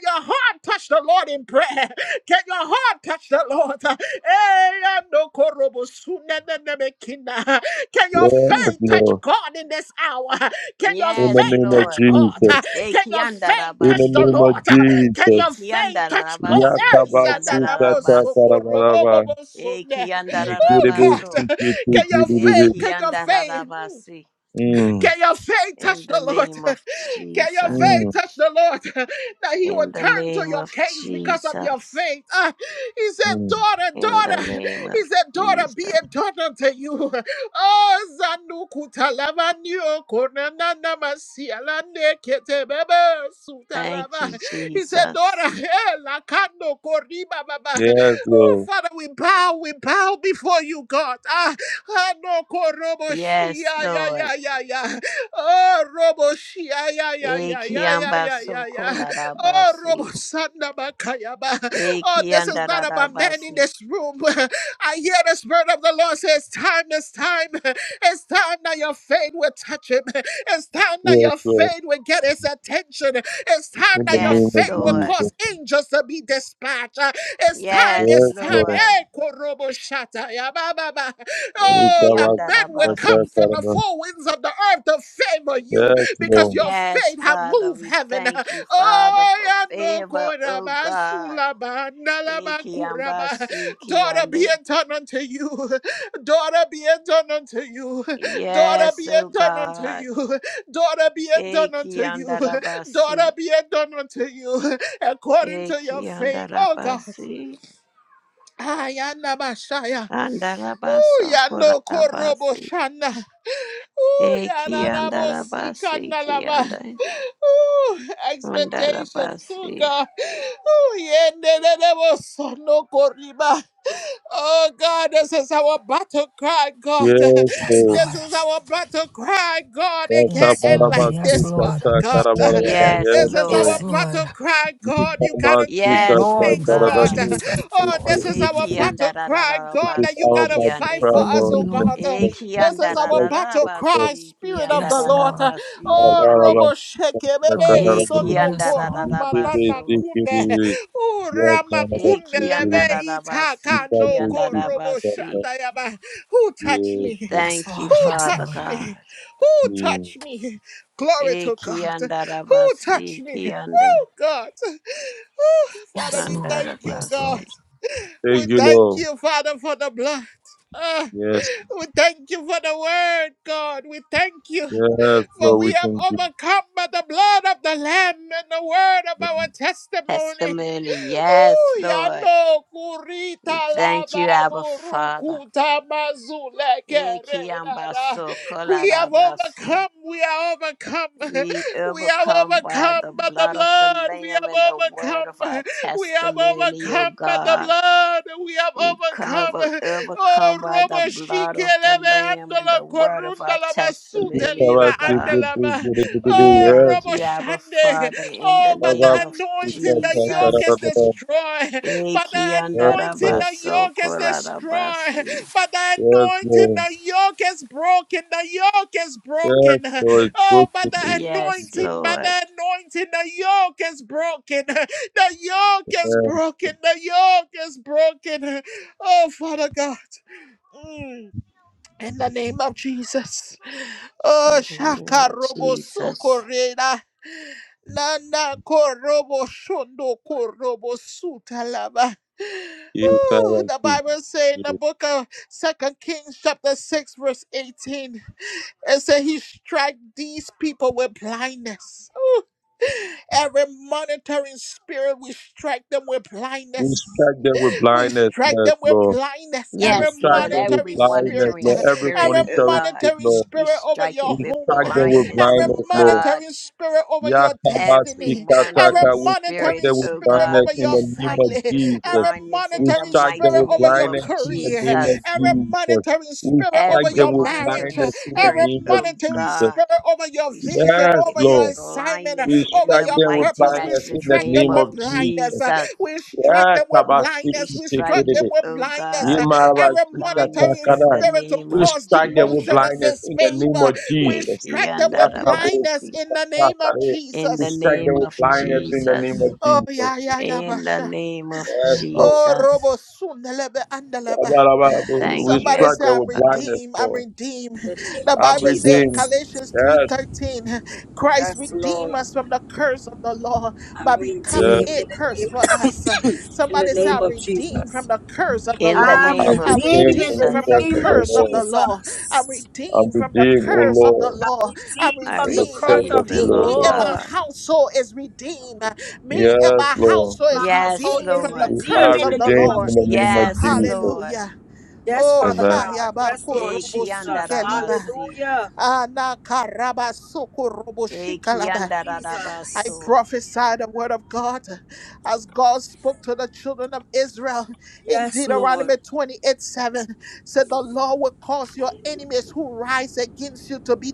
Speaker 1: your heart touch the Lord in prayer? Can your heart touch the Lord? Eh, yeah, no korobo suneneneme kinda. Can your
Speaker 2: Yes,
Speaker 1: faith touch
Speaker 2: Lord.
Speaker 1: God in this hour? Can your
Speaker 2: In the
Speaker 3: Yes,
Speaker 1: faith
Speaker 2: name of
Speaker 3: Lord.
Speaker 1: touch God?
Speaker 2: Jesus.
Speaker 1: Can your faith
Speaker 2: In the
Speaker 1: touch the
Speaker 3: Ekiandarabaso.
Speaker 2: name of
Speaker 1: Lord? Can your
Speaker 2: Jesus.
Speaker 1: faith touch God?
Speaker 3: Ekiandarabasi.
Speaker 1: Eh,
Speaker 3: Kiandarabasi.
Speaker 2: Yakabasikatakarabara.
Speaker 1: sanadabosokorobobobo-sone. God,
Speaker 3: Ekiandarabaso.
Speaker 1: can your faith,
Speaker 2: Ikiribisikitikiririri.
Speaker 1: can your faith, mm,
Speaker 3: Ekiandarabasi.
Speaker 2: Mm.
Speaker 1: can your faith
Speaker 3: In
Speaker 1: touch the
Speaker 3: the
Speaker 1: Lord?
Speaker 3: name of
Speaker 1: Can your
Speaker 3: Jesus.
Speaker 1: faith
Speaker 2: Mm.
Speaker 1: touch the Lord? That he will
Speaker 3: In the
Speaker 1: turn to
Speaker 3: name
Speaker 1: your
Speaker 3: of
Speaker 1: case because of your
Speaker 3: Jesus.
Speaker 1: faith. Ah, he said,
Speaker 2: Mm.
Speaker 1: daughter,
Speaker 3: In the
Speaker 1: daughter.
Speaker 3: name
Speaker 1: He
Speaker 3: of
Speaker 1: said, daughter, be
Speaker 3: Jesus.
Speaker 1: a daughter to you. Oh, Zanuku he
Speaker 3: Thank you,
Speaker 1: said,
Speaker 3: Jesus.
Speaker 1: Daughter, eh, lakando koriba baba.
Speaker 2: Yes,
Speaker 1: Oh,
Speaker 2: Lord.
Speaker 1: Father, we bow, we bow before you, God. Ah, ah, no korobo
Speaker 3: Yes,
Speaker 1: shia, ya,
Speaker 3: Lord.
Speaker 1: ya, ya, ya. Oh, robo shia, ya, ya, ya, ya, ya, ya, ya,
Speaker 3: Ekiambaso
Speaker 1: ya. Oh, robo
Speaker 3: kolarabasi.
Speaker 1: sanda bakaya ba. Oh, this is not about men in
Speaker 3: Ekiandarabasi.
Speaker 1: this room. I hear the Spirit of the Lord says, Time is time. It's time that your faith will touch him. It's time that
Speaker 2: Yes,
Speaker 1: your
Speaker 2: Lord.
Speaker 1: faith will get his attention. It's time
Speaker 2: In the
Speaker 1: that your
Speaker 2: name
Speaker 3: Yes,
Speaker 2: of
Speaker 1: faith will
Speaker 3: Lord.
Speaker 2: Jesus.
Speaker 1: cause angels to be dispatched. Uh, It's time,
Speaker 3: Yes,
Speaker 2: Yes,
Speaker 1: it's time.
Speaker 2: Lord.
Speaker 3: Lord.
Speaker 1: Eh, korobo shata ya ba ba ba.
Speaker 2: We
Speaker 1: Oh,
Speaker 2: come
Speaker 1: that
Speaker 2: out
Speaker 1: men will
Speaker 2: to the
Speaker 1: come
Speaker 3: Ekiandarabasi.
Speaker 1: from the
Speaker 2: Father.
Speaker 1: four winds of the earth to favor you
Speaker 2: Yes,
Speaker 1: because
Speaker 2: Lord.
Speaker 1: your
Speaker 3: Yes,
Speaker 1: faith have
Speaker 3: Father,
Speaker 1: moved
Speaker 3: we
Speaker 1: heaven.
Speaker 3: thank you, Father,
Speaker 1: Oh,
Speaker 3: for
Speaker 1: ya no
Speaker 3: favor, oh
Speaker 1: koraba
Speaker 3: God.
Speaker 1: sulaba nalaba kuraba.
Speaker 3: Ekiambasi
Speaker 1: Daughter, be
Speaker 3: kiande.
Speaker 1: it done unto you. Daughter, be it done unto you. Daughter, be
Speaker 3: Yes,
Speaker 1: it
Speaker 3: oh
Speaker 1: done unto
Speaker 3: God.
Speaker 1: you. Daughter, be it done unto you. Daughter,
Speaker 3: Ekiandarabasi.
Speaker 1: be it done unto you. According to your faith, oh God.
Speaker 3: Ekiandarabasi.
Speaker 1: Ayana Bashaya. Ooh,
Speaker 3: Andarabaso
Speaker 1: ya no Korobo
Speaker 3: kurabasi.
Speaker 1: Shana. Ooh, Yananabo na na bo sika
Speaker 3: Ekiandarabasi
Speaker 1: na Lava.
Speaker 3: kiande.
Speaker 1: Ooh, expectation. Oh
Speaker 3: Andarabasi.
Speaker 1: God. Ooh, Yendelebo Sono Koriba. Oh God, this is our battle cry, God.
Speaker 2: Yes,
Speaker 4: Yes,
Speaker 2: Lord.
Speaker 1: This
Speaker 4: Lord.
Speaker 1: is our battle cry, God.
Speaker 2: Yes, Lord.
Speaker 1: It can't
Speaker 2: Yes,
Speaker 4: Yes,
Speaker 1: end
Speaker 4: Lord.
Speaker 1: like
Speaker 4: Yes,
Speaker 1: this,
Speaker 4: Lord.
Speaker 1: Father God.
Speaker 3: Yes,
Speaker 1: This is our
Speaker 4: Yes,
Speaker 2: Lord.
Speaker 3: Lord.
Speaker 4: Lord.
Speaker 1: battle cry,
Speaker 2: We
Speaker 1: God. You
Speaker 2: come
Speaker 1: gotta
Speaker 2: out to the
Speaker 1: change
Speaker 3: Yes, oh
Speaker 4: Glory,
Speaker 1: things,
Speaker 4: Lord
Speaker 2: Father.
Speaker 1: God.
Speaker 3: God.
Speaker 4: Jesus.
Speaker 1: Oh, this
Speaker 4: Glory.
Speaker 1: is
Speaker 3: E
Speaker 1: our battle cry,
Speaker 2: This
Speaker 1: God,
Speaker 2: is
Speaker 1: that you
Speaker 3: kiandarararabasi
Speaker 2: our
Speaker 1: gotta
Speaker 2: body
Speaker 1: fight
Speaker 3: kiande.
Speaker 2: prayer,
Speaker 1: for us,
Speaker 2: Lord,
Speaker 4: Glory,
Speaker 1: oh
Speaker 2: in the
Speaker 4: Lord.
Speaker 1: God.
Speaker 3: E
Speaker 2: name of Jesus.
Speaker 1: This is
Speaker 2: Yes,
Speaker 1: our
Speaker 2: Lord.
Speaker 1: battle
Speaker 2: Yes, Lord. Yes, Lord.
Speaker 1: cry,
Speaker 3: kiandarararabasi
Speaker 1: Spirit of the
Speaker 4: Yes,
Speaker 1: Lord.
Speaker 4: Lord.
Speaker 3: kiandararabasi
Speaker 1: Oh,
Speaker 3: kiande.
Speaker 1: Robo Sheke,
Speaker 4: Lord,
Speaker 1: Bebe,
Speaker 3: E
Speaker 4: yes, Lord.
Speaker 1: Sondo,
Speaker 4: Yes, Lord.
Speaker 1: Koruma, Nana,
Speaker 3: kiandarararabaso.
Speaker 1: Kune.
Speaker 2: Yeah,
Speaker 3: E
Speaker 2: Canada,
Speaker 1: Uramakundelebe
Speaker 2: Super
Speaker 3: kiandararabasi
Speaker 1: itakando
Speaker 2: Bowl
Speaker 1: korobo
Speaker 2: Super
Speaker 3: kiandarabasi.
Speaker 1: shatayaba. Who touch
Speaker 2: Bowl.
Speaker 3: We
Speaker 1: me?
Speaker 4: Yes,
Speaker 3: thank you,
Speaker 4: Lord.
Speaker 1: Who
Speaker 4: Yes,
Speaker 3: Father
Speaker 4: Lord.
Speaker 1: touch me?
Speaker 3: God.
Speaker 1: Who touch me? Glory
Speaker 3: E
Speaker 1: to God. Who touch
Speaker 3: kiandarabasi
Speaker 1: me?
Speaker 3: kiande.
Speaker 1: God. Father,
Speaker 4: Yes,
Speaker 1: we
Speaker 4: Lord.
Speaker 1: thank you,
Speaker 4: Yes,
Speaker 1: God.
Speaker 4: Lord.
Speaker 3: Andarabasi.
Speaker 1: We
Speaker 2: Thank you,
Speaker 1: thank
Speaker 2: Lord.
Speaker 1: you, Father, for the blood. Ah,
Speaker 2: Yes,
Speaker 1: we thank you for the word, God. We thank you
Speaker 2: yes,
Speaker 1: for
Speaker 2: Lord, we
Speaker 1: we have
Speaker 2: thank you.
Speaker 1: overcome by the blood of the Lamb and the word of our testimony.
Speaker 3: Testimony, yes,
Speaker 1: Ooh,
Speaker 3: Lord.
Speaker 1: yano
Speaker 3: We
Speaker 1: kurita
Speaker 3: thank
Speaker 1: lava
Speaker 3: you, Abba Father.
Speaker 1: burukuta mazule
Speaker 3: E
Speaker 1: kererara.
Speaker 3: kiambaso
Speaker 1: We have
Speaker 3: kolarabasi.
Speaker 1: overcome, we are overcome,
Speaker 3: We
Speaker 1: we have
Speaker 3: overcome by
Speaker 1: overcome
Speaker 3: the
Speaker 1: by the
Speaker 3: blood of the
Speaker 1: blood, we
Speaker 3: Lamb
Speaker 1: have
Speaker 3: and the word of our
Speaker 1: overcome, we have
Speaker 3: testimony, O
Speaker 1: overcome by the
Speaker 3: God.
Speaker 1: blood, we have
Speaker 3: We cover,
Speaker 1: overcome, Oh,
Speaker 3: overcome by the
Speaker 1: Robo Shike
Speaker 3: blood of the
Speaker 1: Lebe
Speaker 3: Lamb and
Speaker 1: Andola
Speaker 3: the word of
Speaker 1: Corunda
Speaker 3: our
Speaker 1: Lava Sute
Speaker 2: Even
Speaker 3: testimony, O
Speaker 1: Liva
Speaker 2: Sabbath, we
Speaker 3: God.
Speaker 2: go to
Speaker 1: Andalava.
Speaker 2: the
Speaker 3: We
Speaker 2: beginning.
Speaker 1: Oh,
Speaker 3: thank
Speaker 1: Robo
Speaker 3: you,
Speaker 2: Yes,
Speaker 3: Abba
Speaker 1: Shande.
Speaker 3: Father, in the
Speaker 1: Oh, but the
Speaker 3: name
Speaker 2: Sabbath,
Speaker 3: of
Speaker 2: yes,
Speaker 1: anointing,
Speaker 2: Lord.
Speaker 1: the
Speaker 2: to
Speaker 1: yoke
Speaker 3: Jesus.
Speaker 1: is
Speaker 2: the beginning.
Speaker 1: destroyed. But the
Speaker 2: Yes,
Speaker 1: anointing,
Speaker 2: Lord.
Speaker 1: the
Speaker 3: Ekiandarabasoko
Speaker 1: yoke is destroyed.
Speaker 3: larabasi.
Speaker 1: But the
Speaker 2: Yes,
Speaker 1: anointing,
Speaker 2: Lord.
Speaker 1: the yoke is broken. The yoke is
Speaker 2: Yes,
Speaker 1: broken.
Speaker 2: Lord. It's
Speaker 1: Oh,
Speaker 2: good
Speaker 1: but
Speaker 2: to
Speaker 1: the
Speaker 2: be
Speaker 3: Yes,
Speaker 1: anointing, by
Speaker 3: Lord,
Speaker 1: the anointing, the yoke is broken. The yoke is
Speaker 2: here.
Speaker 1: broken. The yoke is broken. Oh, Father God. Mm, In the name of Jesus. Oh,
Speaker 3: in the name
Speaker 1: Shaka
Speaker 3: of
Speaker 1: Robo
Speaker 3: Jesus.
Speaker 1: Socorrera. Nana Korobo Shondo Korobo Sutalaba.
Speaker 2: You
Speaker 1: Ooh,
Speaker 2: can
Speaker 1: the
Speaker 2: see.
Speaker 1: Bible says in the
Speaker 2: We
Speaker 1: book of Second Kings chapter 6 verse 18, it said he strike these people with blindness. Every monitoring spirit, we strike them with blindness.
Speaker 2: strike them with
Speaker 1: We
Speaker 2: blindness,
Speaker 1: strike
Speaker 2: yes,
Speaker 1: them with
Speaker 2: Lord.
Speaker 1: blindness,
Speaker 2: We
Speaker 1: every
Speaker 3: Yes,
Speaker 2: strike
Speaker 3: Lord,
Speaker 2: them with
Speaker 3: every
Speaker 1: monitoring
Speaker 2: blindness,
Speaker 1: spirit,
Speaker 3: monitoring
Speaker 2: Lord. Every
Speaker 3: spirit,
Speaker 1: every
Speaker 3: oh
Speaker 2: monitoring
Speaker 3: God,
Speaker 2: spirit,
Speaker 1: monitoring
Speaker 2: Lord.
Speaker 3: we
Speaker 1: spirit over
Speaker 3: strike it
Speaker 1: your
Speaker 2: We
Speaker 3: with
Speaker 1: home,
Speaker 2: strike them with
Speaker 3: blindness,
Speaker 1: every
Speaker 3: oh
Speaker 2: blindness, Lord.
Speaker 3: God.
Speaker 1: monitoring spirit over your
Speaker 3: Every
Speaker 1: destiny, every
Speaker 2: Yakabasikataka.
Speaker 3: monitoring
Speaker 2: We strike
Speaker 3: spirit,
Speaker 1: monitoring
Speaker 2: them with
Speaker 3: oh
Speaker 1: spirit
Speaker 2: blindness
Speaker 3: God,
Speaker 1: over
Speaker 3: we
Speaker 2: in
Speaker 1: your
Speaker 2: the name
Speaker 3: strike
Speaker 2: of
Speaker 3: it
Speaker 1: family,
Speaker 3: with
Speaker 2: Jesus.
Speaker 1: every
Speaker 3: blindness in
Speaker 2: We
Speaker 3: the
Speaker 1: monitoring
Speaker 2: strike them
Speaker 3: mighty
Speaker 1: spirit
Speaker 2: with
Speaker 1: over
Speaker 3: name
Speaker 1: your
Speaker 3: of
Speaker 2: blindness in the
Speaker 1: career,
Speaker 2: name
Speaker 3: Jesus.
Speaker 2: of
Speaker 1: every
Speaker 2: Jesus.
Speaker 1: monitoring
Speaker 2: We
Speaker 1: spirit over
Speaker 2: strike
Speaker 3: Every
Speaker 1: your
Speaker 2: them with
Speaker 1: marriage,
Speaker 3: monitoring
Speaker 2: blindness in the
Speaker 1: every
Speaker 3: spirit,
Speaker 2: name of
Speaker 3: oh
Speaker 1: monitoring
Speaker 2: Jesus.
Speaker 3: God,
Speaker 1: spirit over your
Speaker 3: we
Speaker 1: vision,
Speaker 3: strike
Speaker 2: Yes,
Speaker 3: it
Speaker 1: over
Speaker 3: with
Speaker 1: your
Speaker 2: Lord.
Speaker 1: assignment,
Speaker 3: blindness
Speaker 2: We
Speaker 3: in
Speaker 1: over
Speaker 3: the
Speaker 2: strike
Speaker 1: your
Speaker 2: them with
Speaker 3: mighty,
Speaker 1: purpose. We
Speaker 2: blindness in
Speaker 3: matchless
Speaker 2: the
Speaker 1: strike them
Speaker 3: name
Speaker 2: name
Speaker 3: of
Speaker 1: with
Speaker 2: of
Speaker 1: blindness.
Speaker 2: Jesus.
Speaker 3: Jesus.
Speaker 1: We strike them with
Speaker 3: We
Speaker 1: blindness. We strike
Speaker 3: strike
Speaker 1: them
Speaker 3: it,
Speaker 2: Yakabasikitikididi.
Speaker 1: with
Speaker 3: oh
Speaker 1: blindness.
Speaker 3: God,
Speaker 1: Uh,
Speaker 3: with
Speaker 1: Every
Speaker 3: blindness
Speaker 1: monitoring
Speaker 3: in the
Speaker 2: Yimabasikatakada.
Speaker 1: spirit to
Speaker 3: name
Speaker 2: We
Speaker 3: of
Speaker 1: cause
Speaker 2: strike them with
Speaker 1: demotion and
Speaker 3: Jesus.
Speaker 2: blindness in the name
Speaker 1: disfavor.
Speaker 2: of
Speaker 1: We
Speaker 2: Jesus.
Speaker 1: strike them with
Speaker 3: Ekiandaraba.
Speaker 1: blindness in the name of
Speaker 2: Sakare.
Speaker 3: In
Speaker 2: We
Speaker 3: the
Speaker 1: Jesus.
Speaker 2: strike
Speaker 3: name
Speaker 2: them with
Speaker 3: of
Speaker 2: blindness in the name
Speaker 3: Jesus.
Speaker 2: of
Speaker 1: Oh, yeah,
Speaker 2: Jesus.
Speaker 1: yeah, yeah,
Speaker 3: In the
Speaker 1: Basha.
Speaker 3: name of
Speaker 2: Yes, Lord.
Speaker 1: Oh,
Speaker 3: Jesus.
Speaker 1: Robo Sundalebe Andalaba.
Speaker 2: We
Speaker 3: Thank you,
Speaker 1: Somebody
Speaker 2: strike
Speaker 1: say,
Speaker 3: Abba
Speaker 2: them
Speaker 1: I'm
Speaker 2: with
Speaker 3: Father.
Speaker 2: blindness,
Speaker 1: redeemed, I'm
Speaker 2: Lord.
Speaker 1: redeemed.
Speaker 4: the name
Speaker 1: The
Speaker 4: of
Speaker 2: I'm
Speaker 1: Bible says in
Speaker 2: redeemed.
Speaker 4: Jesus.
Speaker 1: Galatians
Speaker 2: Yes,
Speaker 1: 3:13, Christ
Speaker 4: Yes,
Speaker 1: redeemed
Speaker 4: Lord.
Speaker 1: us from the curse of the law
Speaker 4: I'm
Speaker 1: by becoming
Speaker 2: yes.
Speaker 4: redeemed
Speaker 1: a
Speaker 4: in the
Speaker 1: curse for us.
Speaker 4: name in the
Speaker 1: Somebody say,
Speaker 4: name
Speaker 1: I'm
Speaker 4: of
Speaker 1: redeemed from
Speaker 4: Jesus.
Speaker 1: the curse of the
Speaker 3: In the
Speaker 1: law.
Speaker 4: I'm
Speaker 3: name
Speaker 2: I'm
Speaker 3: of
Speaker 1: I'm
Speaker 4: redeemed
Speaker 2: redeemed
Speaker 4: in
Speaker 2: from
Speaker 1: redeemed
Speaker 2: the
Speaker 3: Jesus,
Speaker 4: the
Speaker 1: from the
Speaker 2: curse
Speaker 4: name
Speaker 2: of
Speaker 4: of
Speaker 2: the
Speaker 1: curse of the
Speaker 2: Lord.
Speaker 1: law. I'm
Speaker 4: Jesus.
Speaker 2: I'm
Speaker 1: redeemed from the
Speaker 2: redeemed, O
Speaker 1: curse of the
Speaker 2: Lord,
Speaker 4: I'm
Speaker 1: law. I'm
Speaker 4: redeemed
Speaker 3: I
Speaker 4: from
Speaker 2: from
Speaker 4: the
Speaker 2: the
Speaker 1: redeemed. I'm
Speaker 4: curse
Speaker 2: curse
Speaker 3: receive
Speaker 2: of
Speaker 4: of
Speaker 2: the
Speaker 3: the
Speaker 4: the
Speaker 1: redeemed.
Speaker 2: Lord.
Speaker 3: Lord
Speaker 1: Me and
Speaker 4: Lord.
Speaker 1: my
Speaker 3: God.
Speaker 1: household is redeemed. Me and
Speaker 2: Yes,
Speaker 1: my
Speaker 2: Lord.
Speaker 1: household
Speaker 4: My
Speaker 1: is
Speaker 3: Yes,
Speaker 4: household
Speaker 1: redeemed
Speaker 4: is
Speaker 1: from the
Speaker 3: Lord.
Speaker 2: We
Speaker 4: redeemed
Speaker 2: are
Speaker 1: curse
Speaker 4: in
Speaker 1: of
Speaker 4: the
Speaker 1: the
Speaker 4: name
Speaker 2: redeemed
Speaker 4: of
Speaker 1: Lord.
Speaker 2: in the name of
Speaker 3: Yes,
Speaker 4: Jesus.
Speaker 2: Jesus.
Speaker 3: Lord.
Speaker 1: Hallelujah.
Speaker 4: Yes,
Speaker 1: Oh,
Speaker 4: Father
Speaker 2: Amen.
Speaker 4: God.
Speaker 1: Shayaba
Speaker 4: Yes, Lord
Speaker 1: Korobo
Speaker 4: Jesus.
Speaker 1: Sukeliba.
Speaker 3: Ekiandarabasi.
Speaker 4: Hallelujah.
Speaker 1: Ana Karaba Soko Robo Shikalaba. I
Speaker 4: Jesus.
Speaker 3: Ekiandarabaso.
Speaker 1: prophesy the word of God as God spoke to the children of Israel in
Speaker 4: Yes, Lord.
Speaker 1: Deuteronomy 28 7. Said the Lord will cause your enemies who rise against you to be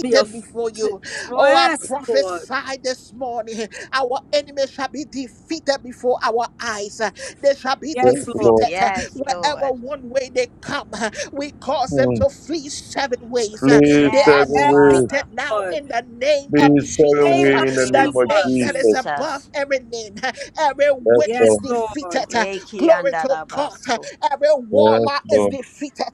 Speaker 4: Be a f-
Speaker 1: before you. Oh, I
Speaker 4: yes, Lord.
Speaker 1: prophesy this morning our enemies shall be defeated before our eyes. They shall be
Speaker 4: Yes,
Speaker 2: Yes,
Speaker 4: Lord.
Speaker 1: defeated
Speaker 2: Lord.
Speaker 3: Yes, Lord.
Speaker 1: wherever one way they come. We cause them
Speaker 2: Hmm.
Speaker 1: to flee seven ways.
Speaker 2: Please,
Speaker 1: They
Speaker 2: seven
Speaker 1: are
Speaker 3: Yes,
Speaker 4: Yes,
Speaker 2: ways.
Speaker 1: defeated
Speaker 3: Father.
Speaker 1: now
Speaker 4: Lord.
Speaker 1: in the name of
Speaker 2: Please, seven
Speaker 3: In
Speaker 4: Name
Speaker 1: Jesus
Speaker 3: the
Speaker 2: ways
Speaker 4: of
Speaker 2: in the
Speaker 3: name
Speaker 1: the
Speaker 2: name
Speaker 3: of
Speaker 2: of
Speaker 1: name that
Speaker 4: Jesus.
Speaker 1: is
Speaker 2: Jesus.
Speaker 1: above
Speaker 3: Jesus.
Speaker 1: every name. Every
Speaker 2: Yes,
Speaker 1: witch
Speaker 4: Yes,
Speaker 1: is
Speaker 2: Lord.
Speaker 4: Lord.
Speaker 1: defeated. Glory to God.
Speaker 3: Ekiandarabaso.
Speaker 1: Every
Speaker 2: Yes,
Speaker 1: warlock
Speaker 2: Lord.
Speaker 1: is defeated.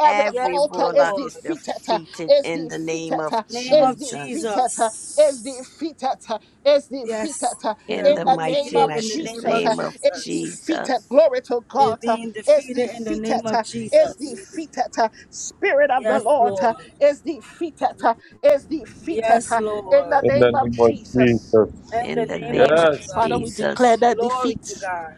Speaker 1: Every
Speaker 3: Every
Speaker 4: Yes,
Speaker 1: altar is
Speaker 3: warlock is
Speaker 4: Lord.
Speaker 1: defeated.
Speaker 3: defeated
Speaker 1: Is
Speaker 3: in the name
Speaker 1: defeated.
Speaker 3: of
Speaker 4: Name
Speaker 1: Is
Speaker 4: of
Speaker 3: Jesus.
Speaker 1: defeated. Is
Speaker 4: Jesus.
Speaker 1: defeated. Is
Speaker 4: Yes,
Speaker 1: defeated.
Speaker 4: they
Speaker 3: In
Speaker 4: are
Speaker 3: the
Speaker 1: In the name
Speaker 3: mighty
Speaker 4: defeated
Speaker 1: of
Speaker 4: in the
Speaker 3: matchless
Speaker 4: name
Speaker 1: Jesus.
Speaker 4: of
Speaker 3: name of
Speaker 1: Is
Speaker 4: Jesus.
Speaker 1: defeated.
Speaker 3: Jesus.
Speaker 1: Glory to
Speaker 4: They're
Speaker 1: God.
Speaker 4: being
Speaker 1: Is
Speaker 4: defeated in the name
Speaker 1: defeated.
Speaker 4: of
Speaker 1: Is
Speaker 4: Jesus.
Speaker 1: defeated. Spirit of the
Speaker 4: Yes,
Speaker 1: Lord
Speaker 4: Lord.
Speaker 1: is defeated. Is defeated.
Speaker 4: Yes,
Speaker 1: In the
Speaker 4: Lord.
Speaker 2: in the
Speaker 1: name of
Speaker 2: name of
Speaker 1: Jesus.
Speaker 2: Jesus.
Speaker 4: In the
Speaker 3: In the
Speaker 4: name of
Speaker 3: name of
Speaker 2: Yes,
Speaker 1: Father, we
Speaker 4: Jesus.
Speaker 1: declare
Speaker 3: Jesus.
Speaker 1: that
Speaker 4: Glory to
Speaker 1: defeat.
Speaker 4: God.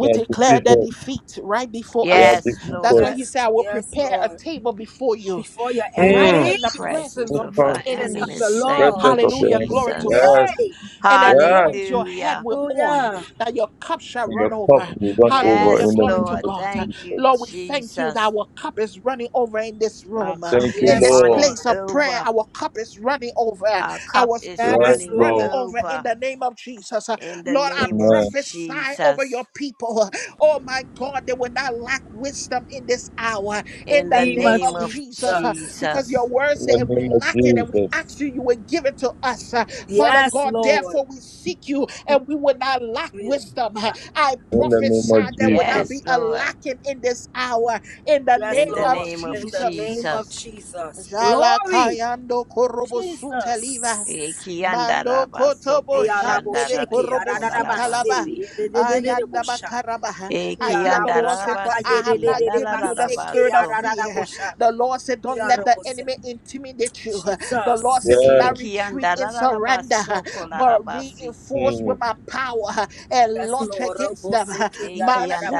Speaker 2: they are
Speaker 1: declare the
Speaker 2: defeated.
Speaker 1: defeat right before
Speaker 2: They are
Speaker 1: us.
Speaker 3: Yes,
Speaker 1: That's
Speaker 2: defeated.
Speaker 1: why
Speaker 3: Lord.
Speaker 1: he
Speaker 4: Yes,
Speaker 1: said, I will
Speaker 4: yes,
Speaker 1: prepare a
Speaker 4: Lord.
Speaker 1: table before you,
Speaker 4: Before your
Speaker 1: right
Speaker 3: In
Speaker 2: Mm.
Speaker 3: the
Speaker 4: enemies,
Speaker 1: in the
Speaker 4: it
Speaker 1: presence
Speaker 3: presence
Speaker 1: of
Speaker 3: of
Speaker 1: your
Speaker 3: our
Speaker 2: the
Speaker 4: says of the
Speaker 3: enemies.
Speaker 1: enemies.
Speaker 3: Thank
Speaker 2: Presence
Speaker 3: you,
Speaker 4: Lord.
Speaker 2: of the
Speaker 1: Hallelujah.
Speaker 2: enemy.
Speaker 1: Glory
Speaker 4: Hey,
Speaker 1: to
Speaker 3: Jesus.
Speaker 1: God.
Speaker 2: Yes,
Speaker 4: hey.
Speaker 1: And
Speaker 2: yes.
Speaker 1: anoint your head
Speaker 3: Hallelujah.
Speaker 1: with oil
Speaker 4: hallelujah.
Speaker 1: that your cup shall
Speaker 2: Your
Speaker 1: run
Speaker 2: cup
Speaker 1: over.
Speaker 2: will run over
Speaker 1: Hallelujah.
Speaker 3: Yes,
Speaker 2: in the
Speaker 1: Glory to
Speaker 2: name
Speaker 3: Lord.
Speaker 2: of
Speaker 1: God.
Speaker 3: Thank
Speaker 2: Jesus.
Speaker 3: you,
Speaker 1: Lord, we thank you
Speaker 3: Jesus.
Speaker 1: that our cup is running over in this
Speaker 3: Our
Speaker 1: room,
Speaker 3: cup
Speaker 2: Thank you,
Speaker 3: is
Speaker 1: in
Speaker 4: Yes,
Speaker 1: this
Speaker 3: running
Speaker 2: Lord.
Speaker 4: Lord.
Speaker 1: place of prayer.
Speaker 3: over.
Speaker 1: Our cup is running over.
Speaker 3: Our cup
Speaker 1: Our
Speaker 3: is
Speaker 1: cup
Speaker 2: Yes,
Speaker 1: is
Speaker 4: Yes,
Speaker 3: running
Speaker 1: running
Speaker 2: Lord.
Speaker 4: Lord.
Speaker 1: over in
Speaker 3: over
Speaker 1: the name of Jesus.
Speaker 3: in the
Speaker 1: Lord, I
Speaker 3: name of
Speaker 2: Amen.
Speaker 1: prophesy over
Speaker 3: Jesus.
Speaker 1: your people. Oh my God, they will not lack wisdom in this hour in
Speaker 3: In
Speaker 1: the
Speaker 3: the
Speaker 4: Name
Speaker 1: name
Speaker 4: of
Speaker 3: name
Speaker 1: of
Speaker 3: of
Speaker 1: Jesus. uh,
Speaker 4: Jesus.
Speaker 1: Because your
Speaker 3: Jesus.
Speaker 1: word
Speaker 2: In
Speaker 1: said,
Speaker 2: the
Speaker 1: if we
Speaker 2: name of
Speaker 1: lack it and we
Speaker 2: Jesus.
Speaker 1: ask you, you will give it to us. uh, Father
Speaker 4: Yes,
Speaker 1: God,
Speaker 4: Lord.
Speaker 1: therefore we seek you and we will not lack wisdom. uh, I
Speaker 2: In the name
Speaker 1: prophesy
Speaker 2: of
Speaker 1: there will not
Speaker 2: Jesus.
Speaker 3: Yes,
Speaker 1: be a
Speaker 3: Lord.
Speaker 1: lacking in this hour in the
Speaker 4: Yes,
Speaker 3: In
Speaker 1: name
Speaker 3: the
Speaker 1: of
Speaker 4: Lord.
Speaker 3: name of
Speaker 4: In the name
Speaker 1: Jesus.
Speaker 4: of
Speaker 3: Jesus.
Speaker 4: Jesus.
Speaker 1: Jala
Speaker 4: Glory.
Speaker 1: kayando korobo sutaliva.
Speaker 4: Jesus.
Speaker 1: Mando
Speaker 3: Ekiandaraba
Speaker 1: kotobo shandebe
Speaker 4: Eyarabosheke,
Speaker 3: shandararia
Speaker 1: korobo
Speaker 4: yarararabase,
Speaker 1: sutalaba.
Speaker 3: kolarabasi.
Speaker 1: Ayanda
Speaker 4: yededededebosha.
Speaker 1: makaraba. I hear the Lord say, For
Speaker 4: Yaraboshaka,
Speaker 1: I
Speaker 3: Ekiandarabasi
Speaker 1: have not given you the
Speaker 4: yededededebaseke,
Speaker 1: spirit of
Speaker 3: kiandararabaso.
Speaker 1: fear.
Speaker 4: yarararabosha.
Speaker 1: The Lord said, Don't let the
Speaker 4: Yarabose.
Speaker 1: enemy intimidate you. The
Speaker 4: Jesus.
Speaker 1: Lord said, Do not
Speaker 2: Yes,
Speaker 1: retreat in surrender,
Speaker 3: Ekiandararabaso
Speaker 1: but
Speaker 3: kolarabasi.
Speaker 1: reinforce with
Speaker 2: mm.
Speaker 1: my power and
Speaker 4: Yes,
Speaker 1: launch
Speaker 4: Lord.
Speaker 1: against them.
Speaker 4: Roboseke,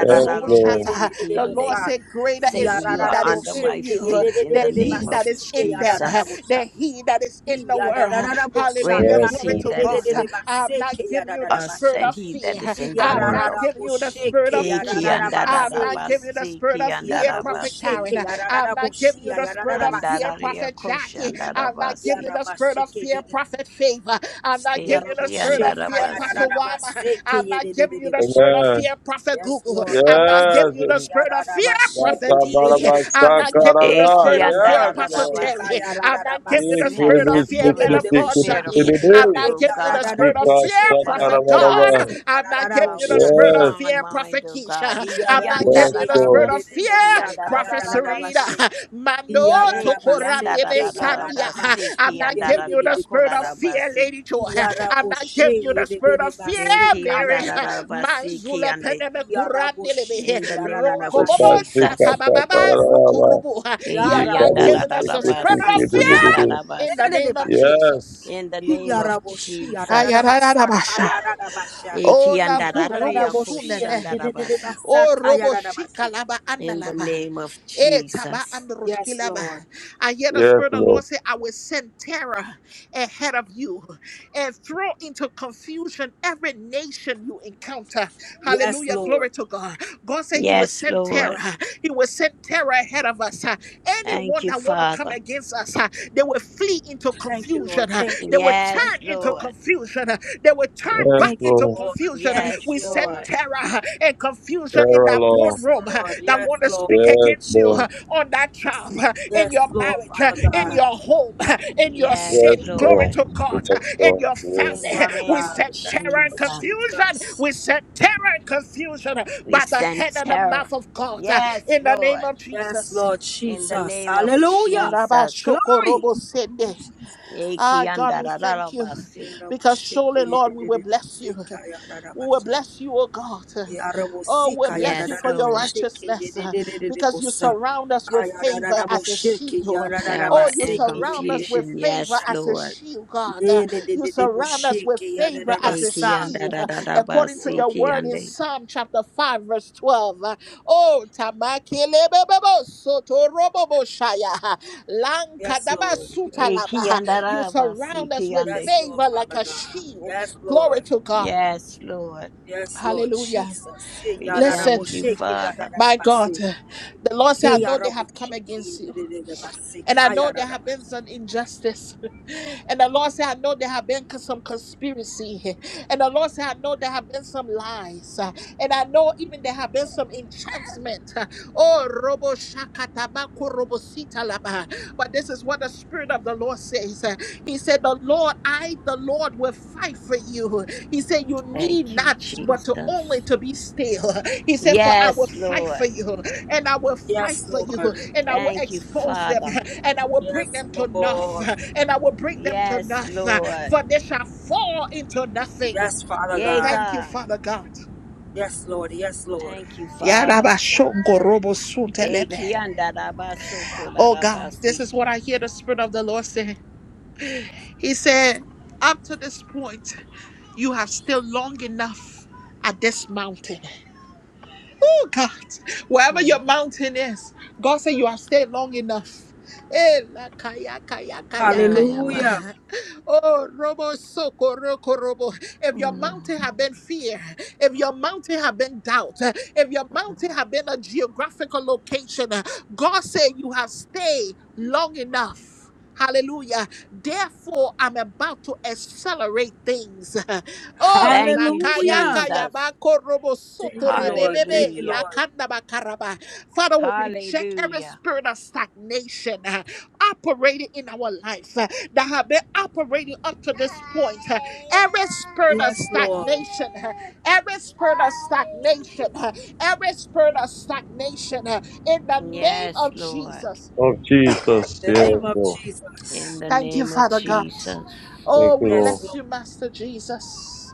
Speaker 2: yes, Lord.
Speaker 1: shata. The Lord
Speaker 3: kiande.
Speaker 4: yededededebosa.
Speaker 1: said, Greater is
Speaker 3: Satan, you
Speaker 1: he
Speaker 3: are
Speaker 1: that is
Speaker 3: under
Speaker 1: in
Speaker 3: my
Speaker 4: Yarararabosheke,
Speaker 1: you
Speaker 3: feet in the
Speaker 1: that
Speaker 3: name
Speaker 1: he
Speaker 3: of
Speaker 1: that is
Speaker 4: yededededebasike,
Speaker 1: in them,
Speaker 3: Jesus.
Speaker 4: yarararabosha.
Speaker 1: that he that is in the world.
Speaker 3: Greater
Speaker 1: Hallelujah.
Speaker 4: Yarararaboshaka,
Speaker 2: Yes,
Speaker 3: is
Speaker 1: Glory
Speaker 3: he
Speaker 2: Lord.
Speaker 1: to
Speaker 3: that
Speaker 1: God.
Speaker 3: is in
Speaker 1: I'm not
Speaker 4: yededededebaseke,
Speaker 1: giving you the
Speaker 3: us
Speaker 1: spirit
Speaker 4: yarararabashe.
Speaker 3: than
Speaker 1: of
Speaker 3: he that
Speaker 1: fear.
Speaker 3: is in the
Speaker 1: I'm
Speaker 2: Mm.
Speaker 3: world.
Speaker 1: not
Speaker 4: Yarara
Speaker 1: giving you the spirit
Speaker 4: bosheke
Speaker 1: of
Speaker 3: Eki
Speaker 1: fear.
Speaker 4: yarara
Speaker 1: I'm
Speaker 4: base.
Speaker 1: not giving you the
Speaker 3: andarabasi,
Speaker 1: spirit
Speaker 3: ki
Speaker 1: of fear,
Speaker 4: Yarara
Speaker 1: Prophet
Speaker 3: andarabasi,
Speaker 4: bosheke
Speaker 1: Karen. I'm
Speaker 4: yarara
Speaker 1: not giving you
Speaker 4: boshia
Speaker 1: the spirit
Speaker 4: yarara
Speaker 1: of
Speaker 4: basa.
Speaker 1: fear,
Speaker 3: andararia
Speaker 1: Prophet
Speaker 3: koshi
Speaker 1: Jackie. I'm not giving you
Speaker 3: andarabasi,
Speaker 4: Yarara
Speaker 1: the spirit of
Speaker 4: basheke
Speaker 1: fear,
Speaker 4: yede.
Speaker 1: Prophet Favor. I'm not giving
Speaker 4: Yarara
Speaker 1: you the
Speaker 3: eki
Speaker 1: spirit of
Speaker 4: bosheke
Speaker 1: fear, Apostle
Speaker 3: andarabasi,
Speaker 4: yarara
Speaker 1: Wama. I'm
Speaker 4: baseke
Speaker 1: not
Speaker 4: yede de
Speaker 1: giving
Speaker 4: de
Speaker 1: you
Speaker 4: de
Speaker 1: the
Speaker 4: busha.
Speaker 1: spirit of
Speaker 2: Amen.
Speaker 1: fear, Prophet
Speaker 4: Yes,
Speaker 1: Google.
Speaker 4: Lord,
Speaker 1: I'm not
Speaker 4: Robose
Speaker 2: Yes.
Speaker 1: giving you
Speaker 2: Yes,
Speaker 1: the spirit of
Speaker 4: yarara
Speaker 1: fear,
Speaker 4: bashi
Speaker 1: Prophet
Speaker 4: yede de
Speaker 1: Didi.
Speaker 4: de de
Speaker 2: Lord.
Speaker 4: de
Speaker 1: I've not
Speaker 4: base.
Speaker 1: given you the
Speaker 3: eki
Speaker 1: spirit of fear,
Speaker 2: Yes,
Speaker 1: Pastor
Speaker 2: Lord.
Speaker 4: Rabosheke
Speaker 1: Terry.
Speaker 3: andarabasi.
Speaker 1: I've
Speaker 4: yarara
Speaker 1: not given you
Speaker 2: Ee,
Speaker 1: the
Speaker 3: You
Speaker 4: basi
Speaker 3: have
Speaker 1: spirit of
Speaker 4: yede
Speaker 3: not
Speaker 2: kelebek
Speaker 4: de
Speaker 1: fear,
Speaker 4: de
Speaker 3: given
Speaker 1: man
Speaker 2: seki
Speaker 4: de
Speaker 3: us
Speaker 4: de
Speaker 1: of
Speaker 3: a
Speaker 1: God,
Speaker 2: teki
Speaker 4: busha.
Speaker 3: spirit of
Speaker 1: Dudley. I've
Speaker 3: fear,
Speaker 2: teki
Speaker 1: not
Speaker 3: O
Speaker 1: given you the
Speaker 3: God,
Speaker 4: Yarara
Speaker 1: spirit of fear,
Speaker 4: bosheke
Speaker 3: but of
Speaker 1: Prophet
Speaker 4: yarara
Speaker 2: Dikasakarabaraba.
Speaker 1: Don.
Speaker 3: power,
Speaker 4: basi
Speaker 1: I've not
Speaker 4: yarara
Speaker 1: given you
Speaker 3: love,
Speaker 1: the
Speaker 3: and
Speaker 4: busha.
Speaker 3: a
Speaker 1: spirit of
Speaker 2: Yes,
Speaker 3: sound
Speaker 1: fear,
Speaker 3: mind,
Speaker 1: Prophet
Speaker 3: O God.
Speaker 1: Keisha.
Speaker 3: Eki
Speaker 1: I've not given
Speaker 2: yes,
Speaker 1: you
Speaker 4: Yaraboshe
Speaker 1: the
Speaker 2: so.
Speaker 1: spirit of fear,
Speaker 3: andarabasi, ki
Speaker 4: Rebosaka
Speaker 1: Prophet Serena.
Speaker 3: andarabasi,
Speaker 4: Yarabashe
Speaker 1: Mano
Speaker 3: eki
Speaker 1: tokorandebe
Speaker 4: Yarabaseke
Speaker 1: sania.
Speaker 3: andarabasi,
Speaker 1: I'm
Speaker 3: ki
Speaker 4: Yarabashi
Speaker 1: not giving you the
Speaker 3: andararia
Speaker 1: spirit of
Speaker 4: Yedededekosa
Speaker 1: fear,
Speaker 3: korarabasi,
Speaker 1: Lady Joy. I'm not
Speaker 4: Yaraboshe
Speaker 1: giving you the spirit of fear,
Speaker 3: eki
Speaker 4: Yedebaseka
Speaker 1: Mary.
Speaker 4: Yarabas
Speaker 3: andarabasi, ki
Speaker 1: Manzule
Speaker 3: ande.
Speaker 1: peneme kurandelebe.
Speaker 3: in
Speaker 4: Yaraboshike
Speaker 3: the name of
Speaker 1: Ronko bobo,
Speaker 4: Yarabaseke
Speaker 1: shata
Speaker 3: Jesus.
Speaker 1: bababa,
Speaker 4: Yedebasa
Speaker 1: ruku
Speaker 2: Dikasakarabaraba.
Speaker 1: He has not
Speaker 2: Yikabu
Speaker 4: Yaraboshi
Speaker 1: given us a
Speaker 2: seki
Speaker 1: spirit of
Speaker 2: teki
Speaker 3: Ekiandarabasi,
Speaker 1: fear
Speaker 4: Yarabasaka
Speaker 2: teki
Speaker 1: in the
Speaker 3: kiandarabasi.
Speaker 1: name of
Speaker 4: Yedebashe
Speaker 2: Yes,
Speaker 1: Jesus.
Speaker 3: In the name of
Speaker 4: Yaraboshi
Speaker 3: Jesus.
Speaker 4: Yarabasaka
Speaker 1: Ayararabasha.
Speaker 4: Yarabasha
Speaker 1: O nakurumo
Speaker 4: Yaraboshi
Speaker 1: sunene.
Speaker 3: Ekiandarariakoshandarabasi.
Speaker 1: O
Speaker 4: Yedebasaka
Speaker 1: robo
Speaker 4: Yarabashe
Speaker 1: shikalaba
Speaker 3: In the
Speaker 1: andalava.
Speaker 3: name of
Speaker 1: Eh, taba
Speaker 3: Jesus.
Speaker 4: Yes,
Speaker 1: androshkilava.
Speaker 4: Lord.
Speaker 1: I hear the
Speaker 2: yes,
Speaker 1: Spirit of the Lord
Speaker 2: Lord.
Speaker 1: say, I will send terror ahead of you and throw into confusion every nation you encounter.
Speaker 4: Yes,
Speaker 1: Hallelujah.
Speaker 4: Lord.
Speaker 1: Glory to God. God said He will
Speaker 3: Yes,
Speaker 1: send
Speaker 3: Lord.
Speaker 1: terror. He will send terror ahead of us. Uh,
Speaker 3: Thank
Speaker 1: Anyone
Speaker 3: you,
Speaker 1: that want to come
Speaker 3: Father.
Speaker 1: against us, uh, they will flee into
Speaker 4: Thank you, Lord.
Speaker 1: confusion. uh,
Speaker 4: Thank you,
Speaker 1: They will
Speaker 4: Lord. Thank
Speaker 3: Yes,
Speaker 1: turn
Speaker 4: you,
Speaker 1: into
Speaker 4: Lord.
Speaker 3: Lord.
Speaker 1: confusion. They were turned
Speaker 2: Yes,
Speaker 1: back
Speaker 4: Thank you,
Speaker 1: into
Speaker 2: Lord.
Speaker 4: Lord.
Speaker 1: confusion.
Speaker 4: Thank you,
Speaker 3: Yes,
Speaker 1: We send
Speaker 4: Lord.
Speaker 3: Lord.
Speaker 1: terror and confusion in
Speaker 2: Era
Speaker 1: that
Speaker 2: Lord.
Speaker 4: Yes,
Speaker 1: boardroom
Speaker 4: Lord.
Speaker 1: that
Speaker 4: Yes,
Speaker 1: want to speak
Speaker 4: Lord.
Speaker 2: Yes,
Speaker 1: against you
Speaker 2: Lord.
Speaker 1: on that job, in your
Speaker 4: Yes, Lord,
Speaker 1: marriage,
Speaker 4: Father
Speaker 1: in
Speaker 2: Yes,
Speaker 4: God.
Speaker 1: your home, in your
Speaker 3: Yes,
Speaker 1: city. Glory
Speaker 2: Lord.
Speaker 3: Lord.
Speaker 1: to God.
Speaker 2: Yes,
Speaker 1: In
Speaker 2: Lord.
Speaker 1: your
Speaker 2: Yes.
Speaker 4: Yes,
Speaker 3: In the
Speaker 1: family,
Speaker 4: Father
Speaker 1: we
Speaker 3: name of
Speaker 4: God.
Speaker 1: send
Speaker 4: Yes,
Speaker 1: terror and
Speaker 4: Lord
Speaker 3: Jesus.
Speaker 1: confusion.
Speaker 4: Jesus.
Speaker 1: We send terror and confusion
Speaker 3: We
Speaker 1: by the
Speaker 3: send
Speaker 1: head and the
Speaker 3: terror.
Speaker 1: mouth of God
Speaker 3: Yes,
Speaker 1: in the name
Speaker 3: Lord.
Speaker 1: of
Speaker 4: Yes,
Speaker 1: Jesus.
Speaker 4: Lord
Speaker 3: In the
Speaker 4: Jesus.
Speaker 3: name of
Speaker 4: Hallelujah.
Speaker 3: Jesus.
Speaker 1: Yarabashoko
Speaker 4: Glory.
Speaker 1: robo sende. Ah, God, we thank you
Speaker 3: Ekiandarararabasi.
Speaker 1: because surely, Lord, we will bless you. We will
Speaker 4: Jesus.
Speaker 1: bless you, oh God. Oh, we
Speaker 4: Yarabosika
Speaker 1: bless you
Speaker 3: Yes,
Speaker 1: for your
Speaker 3: Lord.
Speaker 4: yararabasheke
Speaker 1: righteousness uh, because you
Speaker 4: yededededebosa.
Speaker 1: surround us with favor as a
Speaker 4: Kayarararabosheke
Speaker 1: shield.
Speaker 3: Terror
Speaker 1: Oh, you
Speaker 3: and
Speaker 4: yarararabaseke
Speaker 1: surround us with
Speaker 3: confusion.
Speaker 1: favor
Speaker 3: Yes,
Speaker 4: yededededebosha.
Speaker 1: as a
Speaker 3: Lord.
Speaker 1: shield, God. Uh, You surround us with
Speaker 4: Yededededebosheke
Speaker 1: favor as a
Speaker 4: yararabasa.
Speaker 1: shield, uh, according to
Speaker 3: Ekiandarararabasi,
Speaker 1: your word in
Speaker 3: kiande.
Speaker 1: Psalm chapter 5, verse 12. Uh, Oh, tamakelebebebo sotorobobo shaya, uh,
Speaker 4: Yes, Lord.
Speaker 1: lankadabasutalaba, uh, you
Speaker 3: Ekiandararabasi,
Speaker 1: surround us with
Speaker 3: kiande.
Speaker 4: Yes, Lord,
Speaker 1: favor like
Speaker 4: Father
Speaker 1: a
Speaker 4: God.
Speaker 1: shield.
Speaker 4: Yes,
Speaker 1: Glory
Speaker 4: Lord.
Speaker 1: to God.
Speaker 3: Yes, Lord.
Speaker 4: Yes, Lord
Speaker 1: Hallelujah.
Speaker 4: Jesus. Ye
Speaker 3: We
Speaker 1: Listen,
Speaker 3: thank you,
Speaker 4: yararabosheke
Speaker 3: Father.
Speaker 1: my God,
Speaker 4: yararabase.
Speaker 1: uh, the Lord said,
Speaker 4: Ke
Speaker 1: I know they have come
Speaker 4: yarabosheke
Speaker 1: against you
Speaker 4: yedededebase.
Speaker 1: and I know there have been
Speaker 4: Kayararabasha.
Speaker 1: some injustice. And the Lord said, I know there have been cons- some conspiracy. And the Lord said, I know there have been some lies. Uh, And I know even there have been some enchantment. Uh, Oh, robo shakatabako robo sita laba. But this is what the Spirit of the Lord says. Uh, He said, the Lord, I, the Lord, will fight for you. He said, You need
Speaker 3: Thank you,
Speaker 1: not but to only
Speaker 3: Jesus.
Speaker 1: to be still. He said, For I will
Speaker 3: Yes,
Speaker 1: fight for
Speaker 3: Lord.
Speaker 1: you, and I will fight
Speaker 4: Yes,
Speaker 1: for you,
Speaker 4: Lord.
Speaker 1: and I will
Speaker 3: Thank you,
Speaker 1: expose them,
Speaker 3: Father.
Speaker 1: and I will bring
Speaker 4: Yes,
Speaker 1: them to nothing,
Speaker 4: Lord.
Speaker 1: and I will bring them to
Speaker 3: Yes,
Speaker 1: nothing,
Speaker 3: Lord.
Speaker 1: for they shall fall into nothing.
Speaker 4: Yes, Father
Speaker 3: Yea,
Speaker 4: God.
Speaker 1: Thank you,
Speaker 3: God.
Speaker 1: Father God.
Speaker 4: Yes, Lord. Yes, Lord.
Speaker 3: Thank you, Father.
Speaker 1: Yarabashongorobosuntelebe. Oh God, this
Speaker 3: Ekiandarabasokoladarabasi.
Speaker 1: is what I hear the Spirit of the Lord say. He said, Up to this point, you have still long enough at this mountain. Oh God, wherever your mountain is, God said you have stayed long enough. Eh, la kaya kaya kaya kaya ba.
Speaker 3: Mm,
Speaker 4: Hallelujah.
Speaker 1: Oh, robo soko roko robo. If your
Speaker 3: mm.
Speaker 1: mountain have been fear, if your mountain have been doubt, eh, if your mountain have been a geographical location, eh, God said you have stayed long enough. Hallelujah. Therefore, I'm about to accelerate things. Oh,
Speaker 3: Thank
Speaker 1: la
Speaker 3: you,
Speaker 1: kaya
Speaker 4: Hallelujah.
Speaker 1: kaya
Speaker 3: Jesus.
Speaker 1: ba korobo soto
Speaker 4: Thank you, Lord. Thank
Speaker 1: rebebebe
Speaker 4: you,
Speaker 1: la
Speaker 3: Hallelujah.
Speaker 4: Lord.
Speaker 1: kanda ba karaba. Father, we reject every
Speaker 3: Hallelujah.
Speaker 1: spirit of stagnation uh, operating in our lives uh, that have been operating up to this point. uh, every spirit of
Speaker 4: Yes, Lord.
Speaker 1: stagnation, uh, every spirit of stagnation, uh, every spirit of stagnation uh, in the name
Speaker 3: Yes,
Speaker 1: of
Speaker 3: Lord.
Speaker 1: Jesus.
Speaker 2: Oh, Jesus.
Speaker 4: In the
Speaker 2: Yes,
Speaker 4: name of
Speaker 2: Lord.
Speaker 3: In
Speaker 4: Jesus.
Speaker 3: the
Speaker 1: Thank you,
Speaker 3: name of
Speaker 1: Father God.
Speaker 3: Jesus.
Speaker 2: Thank
Speaker 1: Oh,
Speaker 2: you,
Speaker 1: we
Speaker 4: Yes,
Speaker 2: Lord.
Speaker 1: bless
Speaker 4: Lord.
Speaker 1: you, Master Jesus.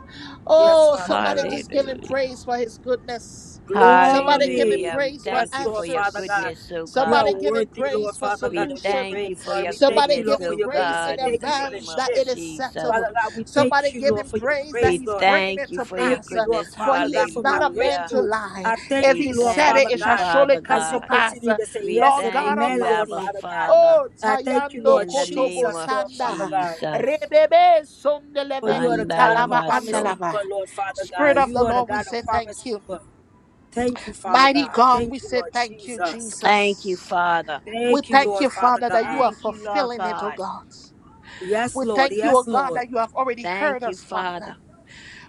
Speaker 4: Yes,
Speaker 1: Oh,
Speaker 4: Father
Speaker 1: somebody
Speaker 4: God.
Speaker 1: just give him
Speaker 3: Hallelujah.
Speaker 1: praise for his goodness. Somebody give him
Speaker 4: Glory.
Speaker 3: Hallelujah. We
Speaker 1: praise for
Speaker 4: Yes,
Speaker 3: thank you for
Speaker 4: Lord,
Speaker 3: your
Speaker 4: Father
Speaker 1: answers.
Speaker 4: God.
Speaker 3: goodness, O
Speaker 4: You are
Speaker 1: Somebody
Speaker 3: God.
Speaker 1: give him
Speaker 4: worthy, Lord,
Speaker 1: praise for
Speaker 4: Father
Speaker 3: We
Speaker 4: God, of your
Speaker 1: solution.
Speaker 3: thank you
Speaker 4: praise,
Speaker 3: for
Speaker 4: Lord.
Speaker 3: your
Speaker 4: We thank
Speaker 1: Somebody
Speaker 4: you,
Speaker 3: goodness,
Speaker 1: give
Speaker 4: Lord, for
Speaker 1: him
Speaker 3: O
Speaker 4: your
Speaker 1: praise
Speaker 4: goodness. We
Speaker 1: in
Speaker 3: God, in
Speaker 4: thank
Speaker 3: the
Speaker 4: you for the
Speaker 3: name
Speaker 1: advance
Speaker 3: of
Speaker 1: that
Speaker 4: shift.
Speaker 1: it is
Speaker 3: Jesus.
Speaker 1: settled.
Speaker 4: Father God, we
Speaker 1: Somebody
Speaker 4: thank you,
Speaker 1: give
Speaker 4: Lord,
Speaker 1: him
Speaker 4: for your
Speaker 1: praise that
Speaker 4: grace,
Speaker 3: We
Speaker 1: he's
Speaker 4: Lord.
Speaker 1: bringing
Speaker 3: thank
Speaker 1: it
Speaker 3: you
Speaker 4: I
Speaker 1: to
Speaker 3: for your
Speaker 4: thank
Speaker 1: pass.
Speaker 4: you,
Speaker 1: uh,
Speaker 4: Lord,
Speaker 3: goodness.
Speaker 1: For
Speaker 4: Father
Speaker 1: he
Speaker 4: God,
Speaker 1: is
Speaker 4: for my
Speaker 1: not a man
Speaker 3: Hallelujah.
Speaker 1: to
Speaker 4: breakthrough.
Speaker 1: lie.
Speaker 4: I
Speaker 1: If
Speaker 4: thank
Speaker 3: We
Speaker 4: you,
Speaker 1: he
Speaker 4: Lord,
Speaker 1: said it,
Speaker 4: Father
Speaker 3: thank
Speaker 1: it
Speaker 3: you,
Speaker 1: shall
Speaker 4: God,
Speaker 1: surely
Speaker 3: Father
Speaker 1: come
Speaker 4: as
Speaker 1: to
Speaker 4: you
Speaker 3: God.
Speaker 1: pass.
Speaker 4: continue
Speaker 1: Uh,
Speaker 4: to say
Speaker 3: We
Speaker 4: yes
Speaker 1: Lord
Speaker 4: and
Speaker 1: God
Speaker 3: thank
Speaker 4: amen,
Speaker 3: you,
Speaker 4: Lord,
Speaker 3: Abba
Speaker 1: Almighty,
Speaker 4: Father God.
Speaker 3: Father,
Speaker 1: Oh,
Speaker 4: I thank you,
Speaker 1: Tayando
Speaker 4: Lord
Speaker 3: in the
Speaker 1: Kotobo
Speaker 3: name
Speaker 4: Jesus,
Speaker 3: of
Speaker 4: Lord, Father
Speaker 1: Shanda.
Speaker 4: God,
Speaker 3: Jesus.
Speaker 1: Rebebe
Speaker 4: for
Speaker 1: Sondeleve
Speaker 4: you are the God of a
Speaker 1: Italava
Speaker 4: promise
Speaker 3: Andarabaso.
Speaker 1: Andalava.
Speaker 4: keeper, Lord, Father God.
Speaker 1: Spirit of
Speaker 4: You
Speaker 1: the
Speaker 4: are the
Speaker 1: Lord, we
Speaker 4: God
Speaker 1: say
Speaker 4: of
Speaker 1: thank
Speaker 4: promise
Speaker 1: you.
Speaker 4: keeper. Thank you, Father
Speaker 1: Mighty
Speaker 4: God.
Speaker 1: God, we
Speaker 4: Thank you,
Speaker 1: say
Speaker 4: Lord
Speaker 1: thank you,
Speaker 4: Jesus.
Speaker 3: Thank you,
Speaker 1: Jesus.
Speaker 3: Father.
Speaker 1: We
Speaker 4: Thank you,
Speaker 1: thank
Speaker 4: Lord,
Speaker 1: you,
Speaker 4: Father
Speaker 1: Father, that you
Speaker 4: God.
Speaker 1: are
Speaker 3: Thank you, Lord
Speaker 1: fulfilling it, oh
Speaker 3: God.
Speaker 1: God.
Speaker 4: Yes,
Speaker 1: We
Speaker 4: Lord.
Speaker 1: thank you, oh
Speaker 4: Yes,
Speaker 1: God,
Speaker 4: Lord.
Speaker 1: that you have already heard
Speaker 3: Thank you,
Speaker 1: us, Father.
Speaker 3: Father.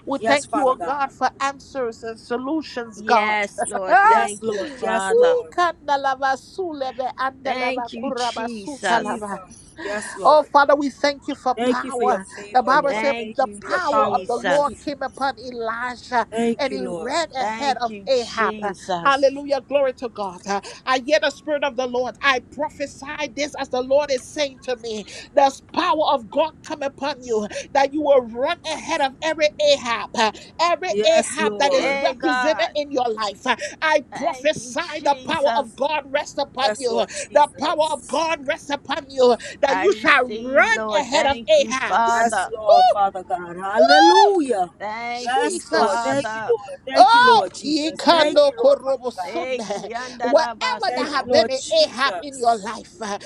Speaker 1: We
Speaker 4: Yes,
Speaker 1: thank you, oh
Speaker 4: Father
Speaker 1: God,
Speaker 4: God.
Speaker 1: for answers and solutions, God.
Speaker 3: Yes, Lord.
Speaker 4: Yes,
Speaker 3: Thank you,
Speaker 4: Lord. Yes,
Speaker 3: Father.
Speaker 4: Lord.
Speaker 1: Ikandalabasulebe
Speaker 3: Thank you, Jesus.
Speaker 1: andalabakurabasutalaba.
Speaker 4: Jesus. Yes,
Speaker 1: Oh,
Speaker 4: Lord.
Speaker 1: Father, we thank you for
Speaker 4: Thank you for your
Speaker 1: power. The
Speaker 4: favor,
Speaker 1: Bible
Speaker 4: Lord.
Speaker 1: said
Speaker 4: Thank
Speaker 3: Thank
Speaker 1: the
Speaker 4: you
Speaker 3: you,
Speaker 4: for your
Speaker 1: power
Speaker 4: power,
Speaker 1: of the
Speaker 4: Lord.
Speaker 3: Jesus.
Speaker 1: Lord
Speaker 4: Jesus.
Speaker 1: came upon Elijah
Speaker 4: Thank
Speaker 1: and
Speaker 4: you,
Speaker 1: he
Speaker 4: Lord.
Speaker 1: ran ahead
Speaker 3: Thank
Speaker 1: of
Speaker 3: you,
Speaker 1: Ahab.
Speaker 3: Jesus.
Speaker 1: Hallelujah. Glory to God. I hear the Spirit of the Lord. I prophesy this as the Lord is saying to me. There's power of God come upon you that you will run ahead of every Ahab, uh, every
Speaker 4: Yes,
Speaker 1: Ahab that is
Speaker 4: Lord.
Speaker 3: Yay,
Speaker 1: represented
Speaker 3: God.
Speaker 1: in your life. Uh, I
Speaker 3: Thank you,
Speaker 1: prophesy the power of
Speaker 3: Jesus.
Speaker 1: God rests upon
Speaker 4: Yes,
Speaker 1: you. uh,
Speaker 4: Lord
Speaker 1: The power of
Speaker 4: Jesus.
Speaker 1: God rests upon you uh, that
Speaker 3: I
Speaker 1: you shall
Speaker 3: receive,
Speaker 1: run
Speaker 3: Lord.
Speaker 1: ahead of
Speaker 3: Thank you,
Speaker 1: Ahab's.
Speaker 4: Yes,
Speaker 3: Father.
Speaker 4: Lord, Father God. Hallelujah.
Speaker 3: Thank you,
Speaker 4: Yes, Lord.
Speaker 1: Jesus.
Speaker 4: Thank you,
Speaker 3: Father.
Speaker 4: Lord. Thank you,
Speaker 1: Oh,
Speaker 4: Lord
Speaker 1: ye
Speaker 4: Jesus.
Speaker 1: can
Speaker 4: Thank you,
Speaker 1: no
Speaker 4: Lord, Father
Speaker 1: korobo
Speaker 4: God.
Speaker 3: Hey,
Speaker 1: sunde. wherever there
Speaker 4: Thank you,
Speaker 1: have
Speaker 3: Kiandarabaso.
Speaker 1: been
Speaker 4: Lord
Speaker 1: an Ahab in your
Speaker 4: Jesus.
Speaker 1: life, uh,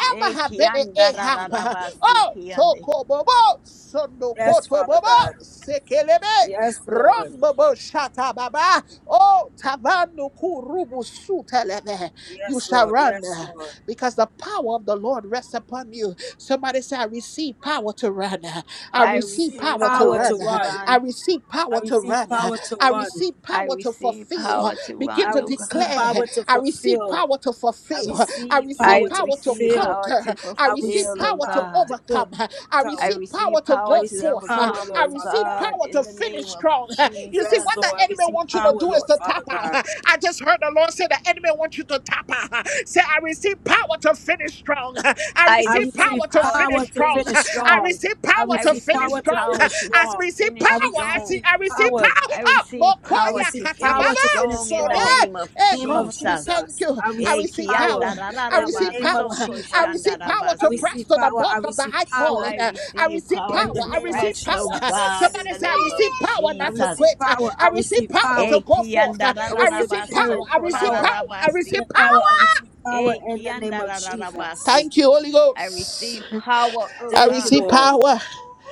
Speaker 3: Hey,
Speaker 1: have been an Ahab, uh,
Speaker 3: Kiandarararabasi,
Speaker 1: oh,
Speaker 3: Kiande.
Speaker 1: toko bobo, sondo
Speaker 4: Yes,
Speaker 1: koto
Speaker 4: Father
Speaker 1: bobo,
Speaker 4: God.
Speaker 1: sekelebe,
Speaker 4: Yes, Lord.
Speaker 1: rombobo shata baba, oh, tavanu kurubu sutelebe. You
Speaker 4: Yes,
Speaker 1: shall
Speaker 4: Lord.
Speaker 1: run
Speaker 4: Yes,
Speaker 1: uh,
Speaker 4: Lord.
Speaker 1: because the power of the Lord rests upon you. Somebody say, I receive power to run. uh, I
Speaker 4: I
Speaker 3: I
Speaker 1: receive
Speaker 4: receive
Speaker 3: receive
Speaker 1: power to
Speaker 4: power
Speaker 3: power
Speaker 4: to
Speaker 1: run.
Speaker 3: to
Speaker 1: uh,
Speaker 4: run.
Speaker 1: I
Speaker 3: run.
Speaker 1: receive
Speaker 4: I
Speaker 1: power to
Speaker 4: receive
Speaker 1: run.
Speaker 4: power to
Speaker 1: I
Speaker 4: run.
Speaker 1: receive
Speaker 3: I
Speaker 1: power to
Speaker 3: receive
Speaker 1: fulfill.
Speaker 3: power to
Speaker 1: Begin
Speaker 4: I
Speaker 3: run,
Speaker 1: to
Speaker 3: oh
Speaker 4: receive
Speaker 3: God.
Speaker 1: declare,
Speaker 4: power to
Speaker 1: I receive
Speaker 4: fulfill.
Speaker 1: power to
Speaker 4: I
Speaker 1: fulfill. I
Speaker 4: receive
Speaker 1: receive
Speaker 4: power
Speaker 3: I
Speaker 4: to
Speaker 1: power to
Speaker 3: receive
Speaker 4: fulfill.
Speaker 3: power
Speaker 1: conquer.
Speaker 3: to
Speaker 1: I
Speaker 4: I
Speaker 1: receive
Speaker 3: fulfill,
Speaker 4: receive
Speaker 3: oh
Speaker 1: power to
Speaker 4: power
Speaker 3: God.
Speaker 4: to go.
Speaker 1: overcome. I
Speaker 3: I
Speaker 4: Come.
Speaker 1: receive power
Speaker 3: receive
Speaker 1: to
Speaker 4: I
Speaker 3: power
Speaker 1: go
Speaker 3: to
Speaker 4: receive
Speaker 1: forth.
Speaker 4: power,
Speaker 3: overcome,
Speaker 4: Lord
Speaker 1: I
Speaker 3: oh
Speaker 4: Father
Speaker 1: receive
Speaker 4: God.
Speaker 3: God,
Speaker 1: power
Speaker 3: in
Speaker 1: to
Speaker 3: the
Speaker 1: finish
Speaker 3: name of
Speaker 1: strong. You see,
Speaker 4: Yes,
Speaker 3: Jesus.
Speaker 1: what the
Speaker 4: Lord. I
Speaker 1: enemy
Speaker 4: receive
Speaker 1: wants you to
Speaker 4: power,
Speaker 1: do is
Speaker 4: Lord
Speaker 1: to
Speaker 4: Father
Speaker 1: tap out.
Speaker 4: God.
Speaker 1: I just heard the Lord say the enemy wants you to tap out. Say, I receive power to finish strong. I
Speaker 3: I
Speaker 4: I
Speaker 1: receive
Speaker 4: receive
Speaker 3: receive
Speaker 1: power to
Speaker 3: power
Speaker 4: power
Speaker 3: to
Speaker 1: finish
Speaker 4: to
Speaker 1: strong.
Speaker 3: finish
Speaker 4: finish
Speaker 1: I
Speaker 4: strong.
Speaker 3: strong.
Speaker 1: receive
Speaker 4: I
Speaker 1: power
Speaker 3: I
Speaker 1: to
Speaker 4: receive
Speaker 1: finish
Speaker 3: receive
Speaker 4: power to
Speaker 1: strong.
Speaker 3: power
Speaker 4: finish
Speaker 3: to
Speaker 1: I
Speaker 4: strong.
Speaker 1: receive power.
Speaker 4: I
Speaker 3: finish
Speaker 1: I
Speaker 3: strong.
Speaker 1: see.
Speaker 4: receive
Speaker 1: I receive
Speaker 4: power.
Speaker 1: power.
Speaker 3: I
Speaker 1: Oh,
Speaker 3: receive
Speaker 4: I
Speaker 3: power
Speaker 1: Mokoya
Speaker 3: to
Speaker 4: receive
Speaker 1: katababa
Speaker 4: power
Speaker 3: finish
Speaker 4: to finish
Speaker 3: strong in
Speaker 1: sore.
Speaker 3: the
Speaker 4: strong.
Speaker 3: name of
Speaker 1: Hey
Speaker 4: Name of
Speaker 1: God, we
Speaker 3: Jesus.
Speaker 1: thank
Speaker 4: Jesus.
Speaker 1: you.
Speaker 4: I
Speaker 1: I
Speaker 3: Eh,
Speaker 4: receive
Speaker 1: receive
Speaker 4: power
Speaker 1: power.
Speaker 3: kianda
Speaker 1: I
Speaker 4: in the
Speaker 1: receive
Speaker 4: name of
Speaker 1: power.
Speaker 3: soko
Speaker 1: I
Speaker 4: Jesus.
Speaker 1: receive power
Speaker 4: I
Speaker 1: to
Speaker 3: shandarabasi.
Speaker 1: press
Speaker 4: receive
Speaker 1: to the
Speaker 4: power.
Speaker 1: mark
Speaker 4: I
Speaker 1: of the
Speaker 4: receive
Speaker 1: high
Speaker 4: power.
Speaker 1: calling.
Speaker 3: I
Speaker 1: I
Speaker 3: receive
Speaker 1: receive power.
Speaker 3: power
Speaker 4: in the
Speaker 3: to
Speaker 1: I
Speaker 4: name of
Speaker 1: receive
Speaker 3: press,
Speaker 1: power.
Speaker 3: oh God, in
Speaker 4: Jesus.
Speaker 1: Somebody
Speaker 3: the
Speaker 1: say, I
Speaker 3: name of
Speaker 1: receive power
Speaker 4: I
Speaker 1: not to
Speaker 3: Jesus.
Speaker 4: receive
Speaker 1: quit.
Speaker 4: power. I
Speaker 1: I receive
Speaker 4: receive
Speaker 1: power
Speaker 4: power.
Speaker 3: Eh,
Speaker 1: to go forth.
Speaker 3: kianda
Speaker 4: I
Speaker 1: I
Speaker 4: receive
Speaker 1: receive power. I
Speaker 3: soko
Speaker 4: parent
Speaker 1: receive
Speaker 4: power.
Speaker 1: power. I
Speaker 3: lararabasi.
Speaker 4: The
Speaker 1: receive
Speaker 4: power.
Speaker 1: power.
Speaker 4: I receive power
Speaker 3: Eh,
Speaker 4: in the name
Speaker 3: kianda
Speaker 4: of Jesus.
Speaker 1: Thank you, Holy
Speaker 3: I
Speaker 1: Ghost.
Speaker 3: receive power, oh
Speaker 1: I
Speaker 4: Thank you,
Speaker 3: God.
Speaker 1: receive
Speaker 4: Lord.
Speaker 1: power.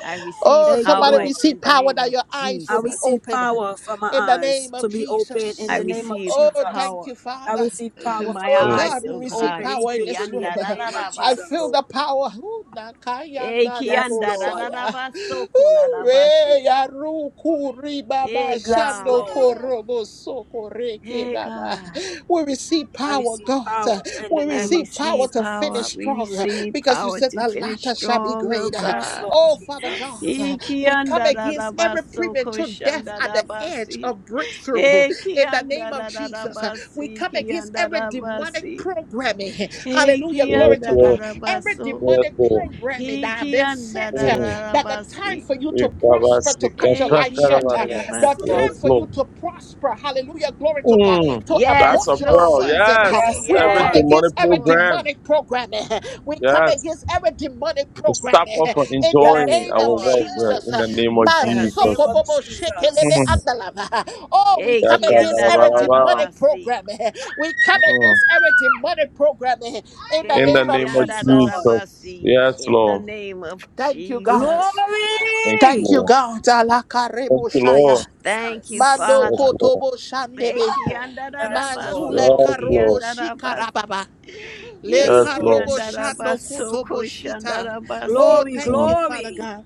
Speaker 3: I receive
Speaker 1: Oh,
Speaker 4: Thank you,
Speaker 1: somebody
Speaker 3: power
Speaker 4: Lord.
Speaker 1: receive
Speaker 3: in the
Speaker 1: power
Speaker 3: name
Speaker 1: that
Speaker 3: of
Speaker 1: your eyes
Speaker 4: I
Speaker 1: will be
Speaker 3: Jesus.
Speaker 4: receive
Speaker 1: open
Speaker 4: power for my
Speaker 1: in the
Speaker 4: eyes
Speaker 1: name
Speaker 4: to
Speaker 1: of
Speaker 4: be open in
Speaker 3: I
Speaker 4: the
Speaker 1: Jesus.
Speaker 4: name of
Speaker 3: receive
Speaker 1: Oh,
Speaker 4: Jesus.
Speaker 1: thank
Speaker 3: power
Speaker 1: you,
Speaker 4: I
Speaker 1: Father.
Speaker 4: receive
Speaker 3: open
Speaker 4: power for
Speaker 3: my
Speaker 4: my
Speaker 1: Oh,
Speaker 2: Mm.
Speaker 4: eyes
Speaker 3: eyes,
Speaker 1: God,
Speaker 4: to
Speaker 1: we
Speaker 3: oh
Speaker 4: be
Speaker 1: receive
Speaker 3: God.
Speaker 4: open
Speaker 1: power in this
Speaker 4: spiritually in
Speaker 1: room.
Speaker 4: the name of
Speaker 1: I feel
Speaker 4: Jesus.
Speaker 3: Ikiandararabaso.
Speaker 1: the power. Ooh, nakaya na na
Speaker 4: Yes, Lord.
Speaker 1: bosaya.
Speaker 3: Ikiandararabaso
Speaker 1: Ooh,
Speaker 3: kolarabasi.
Speaker 1: re ya ru ku ri
Speaker 3: Hey
Speaker 1: baba
Speaker 4: Yes,
Speaker 1: shando
Speaker 3: God,
Speaker 4: Lord.
Speaker 1: korobo soko reke
Speaker 3: hey
Speaker 1: baba.
Speaker 3: God.
Speaker 1: We receive
Speaker 4: I
Speaker 1: power,
Speaker 4: receive
Speaker 1: God.
Speaker 4: power in the
Speaker 1: We
Speaker 3: I
Speaker 4: name
Speaker 1: receive
Speaker 4: of
Speaker 1: power
Speaker 3: receive
Speaker 1: to finish
Speaker 3: power.
Speaker 4: Jesus.
Speaker 3: We
Speaker 1: strong
Speaker 3: receive
Speaker 1: because you
Speaker 3: power
Speaker 1: said
Speaker 3: to
Speaker 1: the
Speaker 3: finish
Speaker 1: latter shall be
Speaker 3: strong, oh
Speaker 1: greater.
Speaker 4: Yes,
Speaker 3: God.
Speaker 4: Lord
Speaker 1: Oh, Father God,
Speaker 4: Jesus.
Speaker 1: uh,
Speaker 3: Iki
Speaker 1: we come
Speaker 3: anda
Speaker 1: against every
Speaker 3: rarabaso
Speaker 1: premature death
Speaker 3: koshanda Ikiandararabaso
Speaker 1: at the edge
Speaker 3: koshandarabasi.
Speaker 1: of breakthrough
Speaker 3: Hey
Speaker 1: in the name of Jesus. Uh, We
Speaker 3: kiandararabasi,
Speaker 1: come against every demonic
Speaker 3: kiandarabasi.
Speaker 1: programming.
Speaker 3: Hey
Speaker 1: Hallelujah. Glory
Speaker 2: Yes,
Speaker 1: to
Speaker 2: Lord.
Speaker 1: God. Every
Speaker 3: kiandararabaso.
Speaker 2: Yes,
Speaker 1: demonic
Speaker 2: Lord.
Speaker 1: programming that have been set uh,
Speaker 2: mm.
Speaker 1: that the
Speaker 3: Ikiandararabasi.
Speaker 1: time for you to prosper, to cut your
Speaker 3: Eh,
Speaker 1: life short, uh,
Speaker 2: Ikabasikatakarabaraba.
Speaker 4: Yes,
Speaker 1: the
Speaker 3: kiandarabasi.
Speaker 1: time
Speaker 4: Lord.
Speaker 2: Yes,
Speaker 1: for you
Speaker 2: Lord.
Speaker 1: to prosper. Hallelujah. Glory to God.
Speaker 2: Mm,
Speaker 1: To
Speaker 2: that's
Speaker 1: abort
Speaker 3: Yes,
Speaker 2: a
Speaker 1: your
Speaker 2: pearl.
Speaker 3: Lord.
Speaker 1: season. uh,
Speaker 4: Yes,
Speaker 2: Yes.
Speaker 1: We
Speaker 2: Every
Speaker 1: come
Speaker 4: Lord.
Speaker 3: Yes,
Speaker 1: against
Speaker 2: demonic
Speaker 1: every
Speaker 3: Lord.
Speaker 2: program.
Speaker 1: demonic programming. We come
Speaker 2: Yes.
Speaker 1: against every demonic programming.
Speaker 2: Stop us from
Speaker 1: in the
Speaker 4: Yes,
Speaker 2: enjoying
Speaker 3: In
Speaker 1: name
Speaker 2: our
Speaker 3: the
Speaker 1: of
Speaker 4: Lord.
Speaker 2: wealth
Speaker 3: name
Speaker 2: yeah,
Speaker 3: of
Speaker 1: Jesus.
Speaker 2: in
Speaker 1: uh,
Speaker 2: the name of
Speaker 4: In the name
Speaker 3: Jesus.
Speaker 4: of
Speaker 2: Jesus.
Speaker 1: Masokobobo shekelebe
Speaker 2: Mm.
Speaker 4: Jesus.
Speaker 1: andalava, uh, Oh, we
Speaker 3: Eh,
Speaker 1: come against every
Speaker 2: Yakabarabaraba.
Speaker 1: demonic
Speaker 3: kiandarararabasi.
Speaker 1: program. uh, We come
Speaker 2: Mm.
Speaker 1: against every demonic program uh, in the
Speaker 3: Eh,
Speaker 2: In the
Speaker 1: name of
Speaker 2: name of
Speaker 4: Yes, Lord.
Speaker 1: Jesus.
Speaker 2: Jesus.
Speaker 3: kiandarararabasi.
Speaker 2: Yes,
Speaker 3: In the
Speaker 2: Lord.
Speaker 3: name of
Speaker 1: Thank you, God.
Speaker 3: Jesus.
Speaker 2: Thank you,
Speaker 4: Glory.
Speaker 1: Thank you,
Speaker 2: Lord.
Speaker 1: God.
Speaker 2: Thank
Speaker 1: Alakarebo
Speaker 2: you,
Speaker 4: Thank you,
Speaker 2: Lord.
Speaker 1: shaya.
Speaker 3: Thank you,
Speaker 4: Jesus.
Speaker 1: Mando
Speaker 2: Yes,
Speaker 3: Father.
Speaker 2: Lord.
Speaker 1: kotobo
Speaker 3: Eh,
Speaker 1: shandebe.
Speaker 4: Yes, Lord.
Speaker 1: Mazule
Speaker 3: kiandarararabaso,
Speaker 2: Yes,
Speaker 1: karobo
Speaker 2: Lord.
Speaker 3: kiandarabasi.
Speaker 1: shikarababa. Le
Speaker 3: Eh,
Speaker 4: Yes,
Speaker 2: Yes,
Speaker 4: Lord.
Speaker 2: Lord.
Speaker 1: karobo shano
Speaker 4: Jesus.
Speaker 3: kiandarabaso,
Speaker 1: kotobo shita. Oh,
Speaker 3: koshandarabasi.
Speaker 4: Glory,
Speaker 1: thank you,
Speaker 2: Mm.
Speaker 1: Father
Speaker 4: glory.
Speaker 1: God.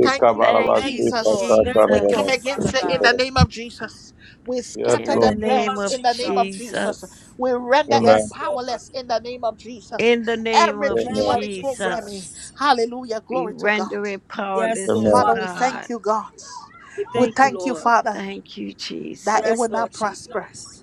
Speaker 1: Thank you, Lord
Speaker 3: Thank
Speaker 4: Thank
Speaker 3: you,
Speaker 4: you, Lord.
Speaker 1: Jesus.
Speaker 4: Thank you,
Speaker 1: We come
Speaker 4: Lord,
Speaker 3: Jesus.
Speaker 4: Father
Speaker 1: against
Speaker 2: Thank
Speaker 1: it
Speaker 2: you,
Speaker 1: in
Speaker 4: God.
Speaker 1: the
Speaker 2: Lord.
Speaker 1: name of Jesus. We
Speaker 2: Yes,
Speaker 1: scatter
Speaker 3: In
Speaker 4: In
Speaker 2: Lord.
Speaker 3: the
Speaker 1: their
Speaker 4: the name
Speaker 3: name
Speaker 4: of
Speaker 1: plans
Speaker 3: of
Speaker 1: in the name of
Speaker 4: Jesus.
Speaker 1: Jesus.
Speaker 3: Jesus.
Speaker 1: We render it
Speaker 4: Yes,
Speaker 2: Amen.
Speaker 4: Lord.
Speaker 1: powerless in the name of Jesus.
Speaker 3: In the name
Speaker 1: Every
Speaker 3: of
Speaker 4: In the name
Speaker 2: Amen.
Speaker 4: of
Speaker 1: demonic programming.
Speaker 3: Jesus.
Speaker 4: Jesus.
Speaker 1: Hallelujah.
Speaker 3: We
Speaker 1: Glory to God.
Speaker 3: render it
Speaker 4: Yes,
Speaker 3: powerless,
Speaker 4: Lord,
Speaker 3: O
Speaker 1: Father,
Speaker 4: Father
Speaker 1: we
Speaker 2: Amen.
Speaker 1: thank
Speaker 3: God.
Speaker 4: God.
Speaker 1: you, God.
Speaker 4: We
Speaker 1: We
Speaker 4: thank you,
Speaker 1: thank you,
Speaker 4: Lord.
Speaker 1: Father,
Speaker 3: Thank you,
Speaker 1: that it
Speaker 4: Yes,
Speaker 3: Jesus.
Speaker 1: will
Speaker 4: Lord
Speaker 1: not prosper,
Speaker 4: Jesus.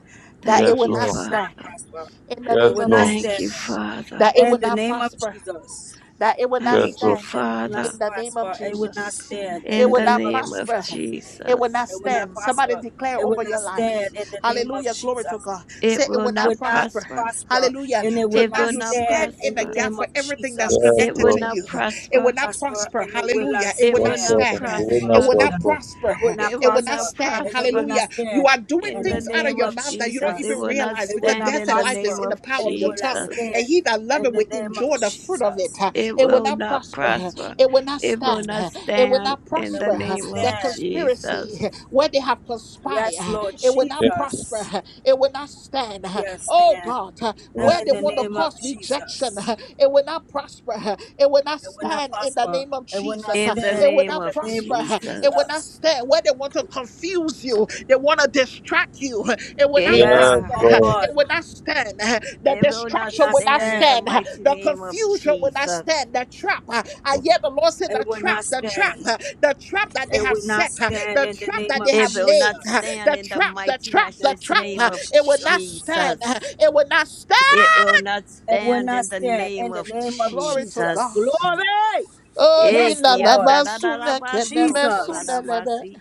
Speaker 1: that it
Speaker 2: Yes,
Speaker 3: Thank
Speaker 1: will
Speaker 3: you,
Speaker 1: not
Speaker 2: Lord.
Speaker 4: and
Speaker 3: Father.
Speaker 1: stand
Speaker 4: not prosper.
Speaker 1: in the
Speaker 4: It
Speaker 1: name
Speaker 2: Yes,
Speaker 4: will
Speaker 1: of
Speaker 4: not
Speaker 2: Lord.
Speaker 3: Thank
Speaker 4: stand.
Speaker 3: you,
Speaker 1: Jesus,
Speaker 3: Father.
Speaker 1: that it
Speaker 4: In
Speaker 1: will
Speaker 4: the
Speaker 1: not
Speaker 4: name of
Speaker 1: prosper
Speaker 4: Jesus,
Speaker 1: that it will not
Speaker 2: Yes,
Speaker 3: Thank you,
Speaker 2: Lord.
Speaker 1: stand
Speaker 4: it will not
Speaker 3: Father.
Speaker 1: in the name of
Speaker 4: prosper. It will not
Speaker 1: Jesus.
Speaker 4: stand. In
Speaker 1: It
Speaker 3: In
Speaker 4: the
Speaker 1: will
Speaker 3: the
Speaker 4: name
Speaker 1: not
Speaker 4: of
Speaker 3: name of
Speaker 1: prosper.
Speaker 4: Jesus,
Speaker 1: It will not
Speaker 3: Jesus.
Speaker 4: it will not
Speaker 1: stand. Somebody
Speaker 4: prosper.
Speaker 1: declare
Speaker 4: It will
Speaker 1: over
Speaker 4: not
Speaker 1: your life.
Speaker 4: stand. In the name of
Speaker 1: Hallelujah. Glory to
Speaker 4: Jesus,
Speaker 1: God.
Speaker 3: It
Speaker 1: Say it
Speaker 3: will
Speaker 1: will not
Speaker 4: will
Speaker 3: not
Speaker 4: not
Speaker 1: prosper.
Speaker 3: prosper.
Speaker 4: prosper,
Speaker 1: Hallelujah.
Speaker 4: and it will
Speaker 3: It
Speaker 4: not
Speaker 1: Tonight
Speaker 3: will
Speaker 1: you
Speaker 3: not
Speaker 4: stand.
Speaker 1: stand in
Speaker 4: In
Speaker 1: the
Speaker 4: the
Speaker 3: prosper.
Speaker 1: gap
Speaker 4: name
Speaker 1: for
Speaker 4: of
Speaker 1: everything that's
Speaker 4: Jesus.
Speaker 2: Yes,
Speaker 3: It
Speaker 1: connected
Speaker 3: will
Speaker 1: to
Speaker 2: Lord.
Speaker 3: not
Speaker 1: you. It will
Speaker 3: prosper.
Speaker 1: not
Speaker 4: prosper
Speaker 1: prosper.
Speaker 4: and it will
Speaker 1: Hallelujah.
Speaker 4: not
Speaker 1: It
Speaker 3: It
Speaker 1: will
Speaker 2: Yes,
Speaker 1: not
Speaker 3: will
Speaker 4: stand
Speaker 3: not
Speaker 2: Lord.
Speaker 4: in
Speaker 2: The
Speaker 1: stand.
Speaker 4: the name
Speaker 2: wind
Speaker 4: of
Speaker 1: It
Speaker 2: of
Speaker 3: prosper.
Speaker 1: will
Speaker 2: your
Speaker 1: not
Speaker 4: Jesus.
Speaker 2: book.
Speaker 1: prosper.
Speaker 4: It will not
Speaker 3: It
Speaker 1: It
Speaker 3: will
Speaker 1: will not
Speaker 4: prosper
Speaker 3: not
Speaker 1: stand.
Speaker 4: and it will
Speaker 3: prosper.
Speaker 4: not
Speaker 1: Hallelujah. You
Speaker 4: stand
Speaker 1: are doing
Speaker 3: In
Speaker 4: in the
Speaker 3: the
Speaker 1: things out of
Speaker 3: name
Speaker 4: name
Speaker 1: your
Speaker 4: of
Speaker 3: of
Speaker 1: mouth that you don't
Speaker 3: Jesus, it
Speaker 4: Jesus.
Speaker 1: even
Speaker 3: will not
Speaker 1: realize
Speaker 4: It
Speaker 1: because
Speaker 4: will
Speaker 3: stand
Speaker 4: not
Speaker 1: death
Speaker 3: in
Speaker 1: and
Speaker 3: the
Speaker 1: life is
Speaker 3: name
Speaker 4: prosper
Speaker 1: in the
Speaker 3: of
Speaker 1: power
Speaker 4: and
Speaker 1: of
Speaker 4: it
Speaker 1: your
Speaker 4: will not
Speaker 1: tongue.
Speaker 3: Jesus.
Speaker 1: And
Speaker 4: stand
Speaker 1: he that
Speaker 4: in
Speaker 1: loveth
Speaker 4: the
Speaker 1: will
Speaker 4: name of
Speaker 1: enjoy the fruit of it.
Speaker 4: Jesus.
Speaker 3: It
Speaker 1: It will
Speaker 3: will
Speaker 1: not
Speaker 3: not
Speaker 1: prosper.
Speaker 3: prosper.
Speaker 1: It will not
Speaker 3: It will
Speaker 1: stand.
Speaker 3: not
Speaker 1: It will
Speaker 3: stand
Speaker 1: not
Speaker 3: in
Speaker 4: It
Speaker 3: the
Speaker 1: prosper.
Speaker 4: will not
Speaker 3: name of
Speaker 1: That
Speaker 4: stand.
Speaker 3: Jesus.
Speaker 1: conspiracy, where they have
Speaker 4: Yes,
Speaker 1: conspired,
Speaker 4: Lord
Speaker 1: it will not
Speaker 2: Yes,
Speaker 1: prosper.
Speaker 4: Jesus.
Speaker 1: It will not stand.
Speaker 4: Yes,
Speaker 1: Oh
Speaker 4: stand.
Speaker 1: God,
Speaker 2: mm.
Speaker 1: where
Speaker 4: In
Speaker 1: they
Speaker 4: the
Speaker 1: want to
Speaker 4: name
Speaker 1: cause
Speaker 4: of
Speaker 1: rejection,
Speaker 4: Jesus.
Speaker 1: it will not prosper. It will not
Speaker 4: It will not
Speaker 1: stand in the
Speaker 4: prosper.
Speaker 1: name of
Speaker 4: It will not
Speaker 1: Jesus.
Speaker 3: In the
Speaker 4: stand
Speaker 1: It will
Speaker 4: in
Speaker 3: name
Speaker 1: not
Speaker 4: the
Speaker 3: of
Speaker 4: name
Speaker 1: prosper.
Speaker 4: of
Speaker 1: It will
Speaker 3: Jesus.
Speaker 1: not
Speaker 4: Jesus.
Speaker 1: stand. Where they want to confuse you, they want to distract you. It will not
Speaker 3: Hey
Speaker 4: Yes,
Speaker 2: Yes,
Speaker 3: God,
Speaker 1: prosper.
Speaker 2: Lord.
Speaker 1: It
Speaker 4: Lord.
Speaker 1: will not stand. The
Speaker 3: it will
Speaker 4: It will
Speaker 3: not
Speaker 1: distraction
Speaker 4: not
Speaker 1: will not
Speaker 3: stand in the
Speaker 4: stand.
Speaker 1: stand. uh,
Speaker 3: mighty
Speaker 1: The
Speaker 3: name of
Speaker 1: confusion will not
Speaker 3: Jesus.
Speaker 1: stand. The trap. uh, I hear the Lord say
Speaker 4: It
Speaker 1: the
Speaker 4: will not
Speaker 1: trap, the trap,
Speaker 4: stand.
Speaker 1: uh, the trap that they
Speaker 4: and
Speaker 1: have
Speaker 4: we not
Speaker 1: set, uh,
Speaker 4: stand
Speaker 1: the
Speaker 4: in the
Speaker 1: trap
Speaker 4: name
Speaker 1: that they
Speaker 4: of
Speaker 3: It
Speaker 1: have
Speaker 3: will not
Speaker 1: laid, uh,
Speaker 4: Jesus.
Speaker 3: stand
Speaker 1: the
Speaker 3: in the
Speaker 1: trap, the
Speaker 3: mighty,
Speaker 1: trap, the
Speaker 3: matchless
Speaker 4: That's the
Speaker 1: trap.
Speaker 4: name
Speaker 3: name
Speaker 1: uh,
Speaker 4: of
Speaker 3: of
Speaker 1: It will not
Speaker 4: Jesus.
Speaker 1: stand. uh,
Speaker 3: Jesus.
Speaker 1: It will not stand.
Speaker 3: It will not
Speaker 4: And we
Speaker 3: stand
Speaker 4: not
Speaker 3: in the
Speaker 4: stand in
Speaker 3: name
Speaker 4: the
Speaker 3: of
Speaker 4: name of
Speaker 1: Glory to
Speaker 4: Jesus.
Speaker 1: God.
Speaker 3: Jesus.
Speaker 4: Glory!
Speaker 1: Oh,
Speaker 3: Eh,
Speaker 4: Yes,
Speaker 1: yina
Speaker 4: Lord.
Speaker 3: kianda
Speaker 1: laba
Speaker 3: da da da
Speaker 1: sune
Speaker 3: baso
Speaker 1: keneme
Speaker 3: kola
Speaker 1: sune
Speaker 3: da
Speaker 4: Jesus.
Speaker 1: lebe.
Speaker 3: basi.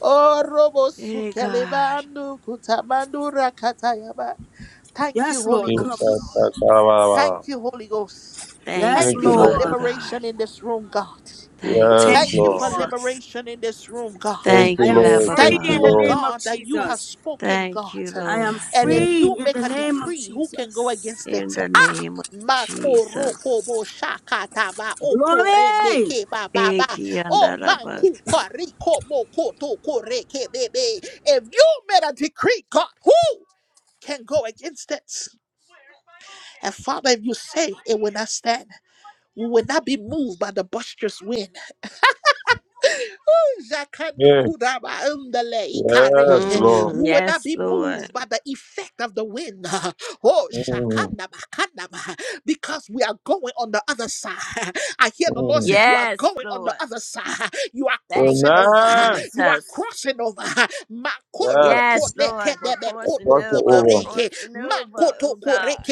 Speaker 1: Oh, robo
Speaker 3: Eh,
Speaker 1: sukeleba
Speaker 3: God.
Speaker 1: andu kutamandu rakatayaba. Thank you,
Speaker 4: Yes,
Speaker 1: Holy
Speaker 4: Lord. Come on,
Speaker 1: Ghost.
Speaker 4: Lord Jesus.
Speaker 1: Thank you, Holy Ghost.
Speaker 3: Thank
Speaker 4: Yes,
Speaker 1: Thank
Speaker 3: you,
Speaker 2: Thank
Speaker 1: you
Speaker 2: you,
Speaker 1: for
Speaker 3: Father
Speaker 2: Lord.
Speaker 4: Lord.
Speaker 3: God.
Speaker 1: liberation in this room, God.
Speaker 3: Thank
Speaker 2: Yes,
Speaker 3: you,
Speaker 4: Thank
Speaker 1: Thank
Speaker 4: you,
Speaker 1: you
Speaker 2: Lord.
Speaker 1: for
Speaker 4: Lord.
Speaker 3: Jesus.
Speaker 1: liberation in this room, God.
Speaker 2: Thank
Speaker 4: I
Speaker 2: you,
Speaker 3: Thank
Speaker 4: am
Speaker 3: you,
Speaker 2: Lord.
Speaker 3: Abba
Speaker 4: free
Speaker 2: Thank
Speaker 1: Thank
Speaker 2: you,
Speaker 1: you,
Speaker 4: in the
Speaker 1: O
Speaker 3: Father.
Speaker 2: Lord.
Speaker 4: name of
Speaker 1: God, that you have
Speaker 4: Jesus.
Speaker 1: spoken,
Speaker 3: Thank you,
Speaker 1: God.
Speaker 4: I am
Speaker 3: Lord.
Speaker 1: And if
Speaker 2: Mm.
Speaker 4: free
Speaker 1: you
Speaker 4: in
Speaker 1: make
Speaker 4: the
Speaker 1: a
Speaker 4: name of
Speaker 1: decree, who can go
Speaker 4: Jesus.
Speaker 1: against it?
Speaker 3: In the name of Jesus.
Speaker 1: Makorokobo shakataba okorene
Speaker 4: Glory!
Speaker 1: ke
Speaker 3: Eh,
Speaker 1: bababa o
Speaker 3: kianda da
Speaker 1: vanku
Speaker 3: basi.
Speaker 1: kariko mokoto koreke bebe. If you made a decree, God, who can go against it? And Father, if you say it will not stand we will not be moved by the boisterous wind Zakandu
Speaker 2: Yeah.
Speaker 1: kuraba umdale
Speaker 2: Yes,
Speaker 1: ikare.
Speaker 2: Lord.
Speaker 3: Hmm,
Speaker 1: We will not
Speaker 3: yes,
Speaker 1: be moved
Speaker 3: Lord.
Speaker 1: by the effect of the wind. Oh,
Speaker 2: Mm.
Speaker 1: shakandaba kandaba. Because we are going on the other side. I hear the Lord
Speaker 2: Mm.
Speaker 1: say, You are
Speaker 3: Yes,
Speaker 1: going on the
Speaker 3: Lord.
Speaker 1: other side. You are
Speaker 3: Thank
Speaker 1: crossing
Speaker 3: you,
Speaker 1: over.
Speaker 2: Amen.
Speaker 1: You are
Speaker 3: Jesus.
Speaker 1: crossing over.
Speaker 3: Yes,
Speaker 2: Yes.
Speaker 3: Lord. We're
Speaker 2: I'm
Speaker 3: crossing
Speaker 2: talking
Speaker 3: over. I'm
Speaker 2: over.
Speaker 1: Makorokone-kedebe-konokotore.
Speaker 3: crossing over, oh God.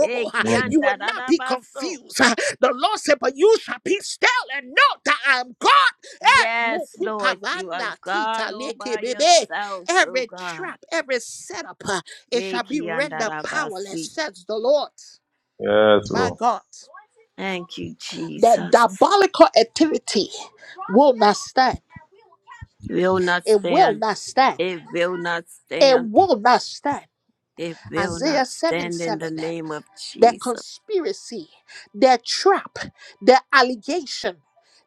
Speaker 3: Eh,
Speaker 2: Mm.
Speaker 1: You will
Speaker 3: kianda da
Speaker 1: not
Speaker 3: da
Speaker 1: be
Speaker 3: baso.
Speaker 1: confused. The Lord said, But you shall be still and know that I am God. Eh,
Speaker 3: Yes, Lord, you are
Speaker 1: Mokutavanda
Speaker 3: God
Speaker 1: kita
Speaker 3: all by
Speaker 1: lekebebe.
Speaker 3: yourself, oh
Speaker 1: Every
Speaker 3: God.
Speaker 1: trap, every setup, uh, it shall be rendered powerless,
Speaker 3: Ekiandarabasi.
Speaker 1: says the Lord.
Speaker 2: Yes,
Speaker 1: My
Speaker 2: Lord.
Speaker 1: God.
Speaker 3: Thank you,
Speaker 1: The
Speaker 3: Jesus.
Speaker 1: diabolical activity will not stand.
Speaker 3: Will not
Speaker 1: It will
Speaker 3: stand.
Speaker 1: not stand.
Speaker 3: It will not
Speaker 1: It
Speaker 3: stand.
Speaker 1: will not stand.
Speaker 3: It will not
Speaker 1: Isaiah 7
Speaker 3: stand in the
Speaker 1: 7.
Speaker 3: name of
Speaker 1: their
Speaker 3: Jesus.
Speaker 1: conspiracy, their trap, their allegation,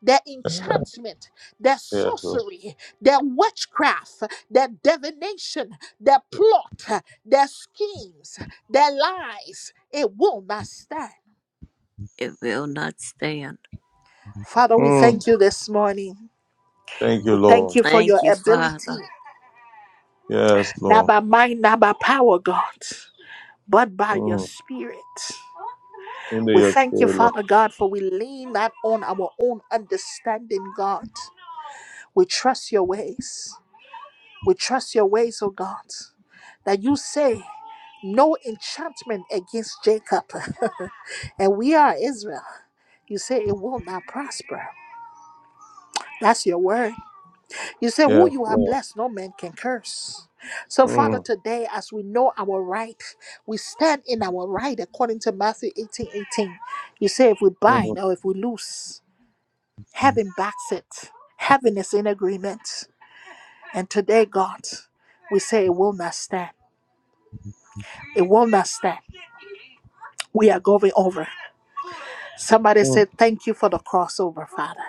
Speaker 1: their enchantment, their
Speaker 2: Yes, Lord.
Speaker 1: sorcery, their witchcraft, their divination, their plot, their schemes, their lies. It will not stand.
Speaker 3: It will not stand.
Speaker 1: Father, we
Speaker 2: Mm.
Speaker 1: thank you this morning.
Speaker 2: Thank
Speaker 1: We
Speaker 2: you, Lord.
Speaker 1: thank you for
Speaker 3: Thank
Speaker 1: your
Speaker 3: you,
Speaker 1: ability,
Speaker 3: Father.
Speaker 2: Yes,
Speaker 1: not
Speaker 2: Lord.
Speaker 1: by might, not by power, God, but by your
Speaker 2: Mm.
Speaker 1: spirit.
Speaker 2: Into
Speaker 1: We
Speaker 2: your
Speaker 1: thank you,
Speaker 2: spirit, Lord.
Speaker 1: Father God, for we lean not on our own understanding, God. We trust your ways. We trust your ways, O God, that you say no enchantment against Jacob. and we are Israel. You say it will not prosper. That's your word. You say, Who
Speaker 2: Yes,
Speaker 1: you have
Speaker 2: Lord.
Speaker 1: blessed, no man can curse. So, Father,
Speaker 2: Mm.
Speaker 1: today, as we know our right, we stand in our right according to Matthew 18 18. You say, If we
Speaker 2: Mm.
Speaker 1: bind or if we loose, heaven backs it. Heaven is in agreement. And today, God, we say it will not stand. It will not stand. We are going over. Somebody
Speaker 2: Mm.
Speaker 1: said, Thank you for the crossover, Father.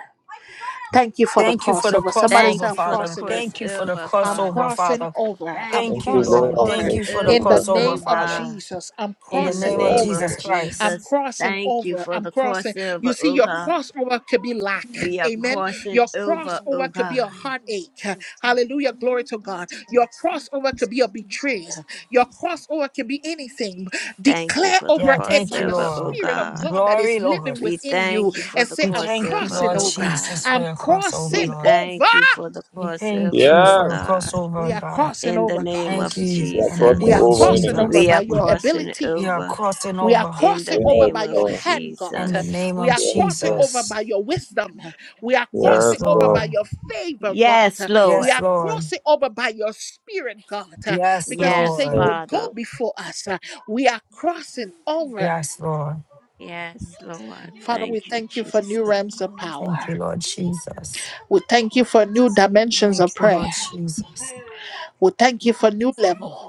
Speaker 1: Thank you for the
Speaker 4: Thank you for the
Speaker 1: crossover. Somebody
Speaker 4: crossover,
Speaker 3: Thank
Speaker 1: said,
Speaker 3: you
Speaker 1: I'm
Speaker 3: for the
Speaker 4: Father.
Speaker 1: crossing
Speaker 4: Thank
Speaker 1: over.
Speaker 4: you for the
Speaker 3: crossover,
Speaker 1: I'm
Speaker 3: Father.
Speaker 4: crossover,
Speaker 1: crossing
Speaker 4: Father.
Speaker 1: over. I'm
Speaker 3: Thank you
Speaker 4: Thank
Speaker 2: Thank
Speaker 4: you,
Speaker 2: you,
Speaker 3: for the
Speaker 1: crossing
Speaker 2: Lord.
Speaker 4: Lord.
Speaker 2: I'm
Speaker 4: Thank
Speaker 1: over.
Speaker 4: you
Speaker 2: crossing
Speaker 4: for the
Speaker 1: In the
Speaker 3: crossover,
Speaker 2: over.
Speaker 4: crossover,
Speaker 3: oh
Speaker 1: name of
Speaker 4: Father.
Speaker 3: God.
Speaker 1: Jesus, I'm
Speaker 4: In the
Speaker 3: In the
Speaker 1: crossing
Speaker 4: name of
Speaker 2: Yes.
Speaker 3: name of
Speaker 4: Jesus
Speaker 1: over. I'm
Speaker 4: Christ.
Speaker 3: Jesus,
Speaker 1: crossing
Speaker 3: thank you
Speaker 1: over.
Speaker 3: for
Speaker 1: I'm
Speaker 3: the
Speaker 1: crossing.
Speaker 3: crossover,
Speaker 1: You see,
Speaker 3: oh
Speaker 1: your
Speaker 3: God.
Speaker 1: crossover could be lack.
Speaker 3: We are
Speaker 1: Amen.
Speaker 3: crossing
Speaker 1: Your
Speaker 3: over, O
Speaker 1: crossover could be a
Speaker 3: God.
Speaker 1: heartache. Hallelujah. Glory to God. Your crossover could be a betrayal. Your crossover can be anything.
Speaker 3: Thank you
Speaker 1: Declare
Speaker 3: for the
Speaker 1: over
Speaker 4: Yeah,
Speaker 1: it
Speaker 4: thank
Speaker 1: by
Speaker 4: you,
Speaker 1: the
Speaker 3: crossover, O
Speaker 4: Lord.
Speaker 1: Spirit of
Speaker 3: God.
Speaker 1: God that is
Speaker 4: Glory,
Speaker 1: living
Speaker 4: Lord.
Speaker 3: We
Speaker 1: within you
Speaker 3: thank you for
Speaker 1: and
Speaker 3: the
Speaker 1: say,
Speaker 4: We
Speaker 1: I'm
Speaker 4: thank you,
Speaker 3: crossover,
Speaker 1: crossing
Speaker 4: Lord
Speaker 3: O
Speaker 1: over.
Speaker 4: Jesus,
Speaker 3: God.
Speaker 4: for
Speaker 1: I'm
Speaker 4: your crossover,
Speaker 3: We
Speaker 1: crossing
Speaker 4: Lord.
Speaker 1: over.
Speaker 3: thank you for the
Speaker 4: We thank
Speaker 3: crossover,
Speaker 4: you
Speaker 3: O
Speaker 4: for the
Speaker 2: Yes.
Speaker 3: God.
Speaker 4: crossover,
Speaker 1: We are
Speaker 4: God.
Speaker 1: crossing
Speaker 3: In the
Speaker 1: over,
Speaker 3: name
Speaker 4: Thank
Speaker 1: God.
Speaker 3: of
Speaker 4: you
Speaker 2: We are
Speaker 4: in the
Speaker 1: We
Speaker 2: crossing
Speaker 4: name
Speaker 1: are
Speaker 3: Jesus,
Speaker 4: of
Speaker 2: over in the
Speaker 1: crossing
Speaker 2: name
Speaker 1: over
Speaker 2: of
Speaker 4: Jesus.
Speaker 3: we
Speaker 1: by
Speaker 3: are
Speaker 1: your
Speaker 2: Jesus.
Speaker 3: crossing
Speaker 1: ability.
Speaker 4: We are
Speaker 3: over.
Speaker 4: crossing
Speaker 1: We are
Speaker 4: over
Speaker 3: In the
Speaker 1: crossing over
Speaker 2: Yes,
Speaker 3: name
Speaker 1: by
Speaker 3: of
Speaker 1: your
Speaker 2: Lord.
Speaker 1: hand, God.
Speaker 4: in the
Speaker 3: Jesus.
Speaker 4: name
Speaker 1: We
Speaker 4: of
Speaker 1: are
Speaker 2: Yes,
Speaker 1: crossing
Speaker 2: Lord.
Speaker 1: over
Speaker 4: Jesus.
Speaker 1: by your wisdom. We are
Speaker 4: Yes,
Speaker 1: crossing
Speaker 2: Yes,
Speaker 1: over
Speaker 2: Lord.
Speaker 1: by
Speaker 4: Lord.
Speaker 1: your favor, God.
Speaker 3: Yes,
Speaker 1: We
Speaker 4: Yes,
Speaker 3: Lord.
Speaker 1: are
Speaker 4: Lord.
Speaker 1: crossing over by your spirit, God,
Speaker 4: Yes,
Speaker 1: because you say
Speaker 3: Yes,
Speaker 1: you
Speaker 4: Lord.
Speaker 2: Yes,
Speaker 1: will go
Speaker 3: Father.
Speaker 2: Lord.
Speaker 1: before us. We are crossing over.
Speaker 4: Yes, Lord.
Speaker 3: Yes, Lord.
Speaker 1: Father, we
Speaker 3: Thank you,
Speaker 1: thank you for
Speaker 3: Jesus.
Speaker 1: new realms of
Speaker 4: Thank
Speaker 1: power.
Speaker 4: you, Lord Jesus.
Speaker 1: We thank you for new dimensions
Speaker 4: Thank
Speaker 1: of
Speaker 4: you,
Speaker 1: prayer.
Speaker 4: Lord Jesus.
Speaker 1: We thank you for new level.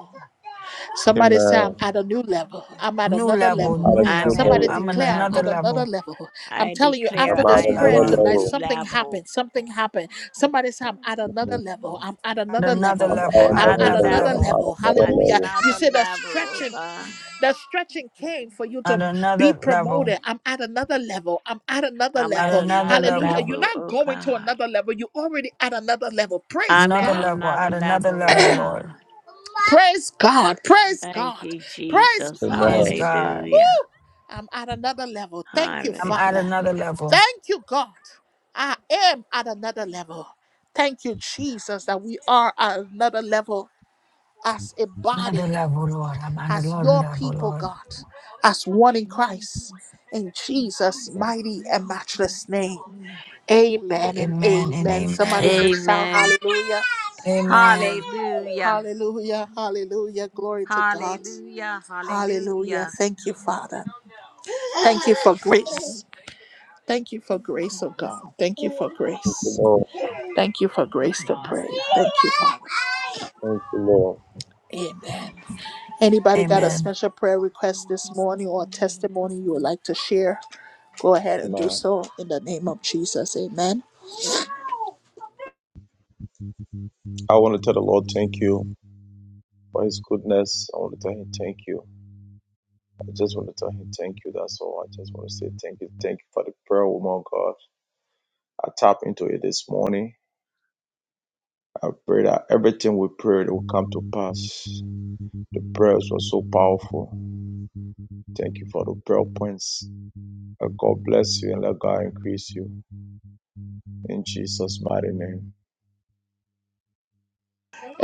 Speaker 1: Somebody say, I'm
Speaker 2: Amen.
Speaker 1: at a new level. I'm at
Speaker 4: New
Speaker 1: another
Speaker 2: I'm
Speaker 4: level,
Speaker 1: level.
Speaker 2: out of
Speaker 4: new
Speaker 2: new
Speaker 3: I'm at
Speaker 4: level.
Speaker 3: a
Speaker 1: Somebody
Speaker 2: level.
Speaker 4: I'm
Speaker 3: new
Speaker 4: on
Speaker 1: declare, I'm
Speaker 4: another
Speaker 1: at
Speaker 3: level.
Speaker 1: another
Speaker 4: level,
Speaker 1: level. I'm
Speaker 3: I
Speaker 1: telling you, after
Speaker 3: declare
Speaker 2: I'm out
Speaker 4: another
Speaker 2: of
Speaker 3: I
Speaker 1: this
Speaker 3: am
Speaker 1: prayer
Speaker 2: another
Speaker 3: at
Speaker 4: level,
Speaker 3: a
Speaker 1: tonight,
Speaker 3: new
Speaker 2: level.
Speaker 1: something
Speaker 3: level.
Speaker 1: happened. Something happened. Somebody say, I'm at another
Speaker 2: Mm.
Speaker 1: level. I'm at
Speaker 4: at
Speaker 1: another
Speaker 4: another
Speaker 2: I'm
Speaker 1: level.
Speaker 2: out
Speaker 4: level,
Speaker 2: of
Speaker 4: at
Speaker 1: I'm
Speaker 2: another
Speaker 3: another
Speaker 1: at
Speaker 4: another
Speaker 1: another
Speaker 2: level.
Speaker 3: level,
Speaker 2: I'm
Speaker 4: level,
Speaker 2: out of
Speaker 1: level.
Speaker 2: another
Speaker 1: Hallelujah.
Speaker 2: level.
Speaker 1: You
Speaker 3: another
Speaker 1: see, the
Speaker 3: level, oh
Speaker 1: stretching,
Speaker 3: God.
Speaker 1: the stretching came for you
Speaker 4: at
Speaker 1: to be
Speaker 4: another level,
Speaker 1: promoted. I'm at another level. I'm at another
Speaker 3: I'm
Speaker 4: at
Speaker 3: at
Speaker 1: level.
Speaker 4: another
Speaker 3: another
Speaker 1: Hallelujah.
Speaker 4: level,
Speaker 1: You're
Speaker 3: level,
Speaker 1: not
Speaker 3: oh
Speaker 1: going to
Speaker 3: God.
Speaker 1: another level. You're already at another level. Praise
Speaker 3: I'm
Speaker 4: another
Speaker 3: at
Speaker 1: God.
Speaker 4: level,
Speaker 3: another
Speaker 4: at another
Speaker 3: level, oh
Speaker 4: level,
Speaker 3: God.
Speaker 4: Lord.
Speaker 1: Praise God. Praise
Speaker 3: Thank
Speaker 1: God.
Speaker 3: you,
Speaker 1: Praise
Speaker 3: Jesus.
Speaker 4: Praise
Speaker 2: Amen.
Speaker 1: God.
Speaker 4: God.
Speaker 3: Hallelujah.
Speaker 1: I'm at another level. Thank you,
Speaker 4: I'm at
Speaker 1: Father.
Speaker 4: another
Speaker 3: Hallelujah.
Speaker 4: level,
Speaker 1: Thank you, God. I am at another level. Thank you, Jesus, that we are at another level as a
Speaker 4: another
Speaker 1: body,
Speaker 4: level, Lord. I'm at
Speaker 1: as
Speaker 4: another
Speaker 1: your
Speaker 4: level,
Speaker 1: people,
Speaker 4: Lord.
Speaker 1: God, as one in Christ. In Jesus' mighty and matchless name. Amen and
Speaker 4: Amen and
Speaker 1: amen. Somebody
Speaker 4: amen.
Speaker 1: just shout
Speaker 3: Amen.
Speaker 1: hallelujah.
Speaker 4: Amen.
Speaker 3: Hallelujah.
Speaker 1: Hallelujah. Hallelujah. Glory to God.
Speaker 3: Hallelujah.
Speaker 1: Hallelujah.
Speaker 3: Hallelujah.
Speaker 1: Thank you, Father. Thank you for grace. Thank you for grace, oh God. Thank you for
Speaker 2: Thank you,
Speaker 1: grace.
Speaker 2: Lord.
Speaker 1: Thank you for grace to pray. Thank you, Father.
Speaker 2: Thank you, Lord.
Speaker 1: Amen. Anybody got a
Speaker 2: Amen.
Speaker 4: Amen.
Speaker 1: special prayer request this morning or a testimony you would like to share? Go ahead and do
Speaker 2: Amen.
Speaker 1: so in the name of Jesus. Amen.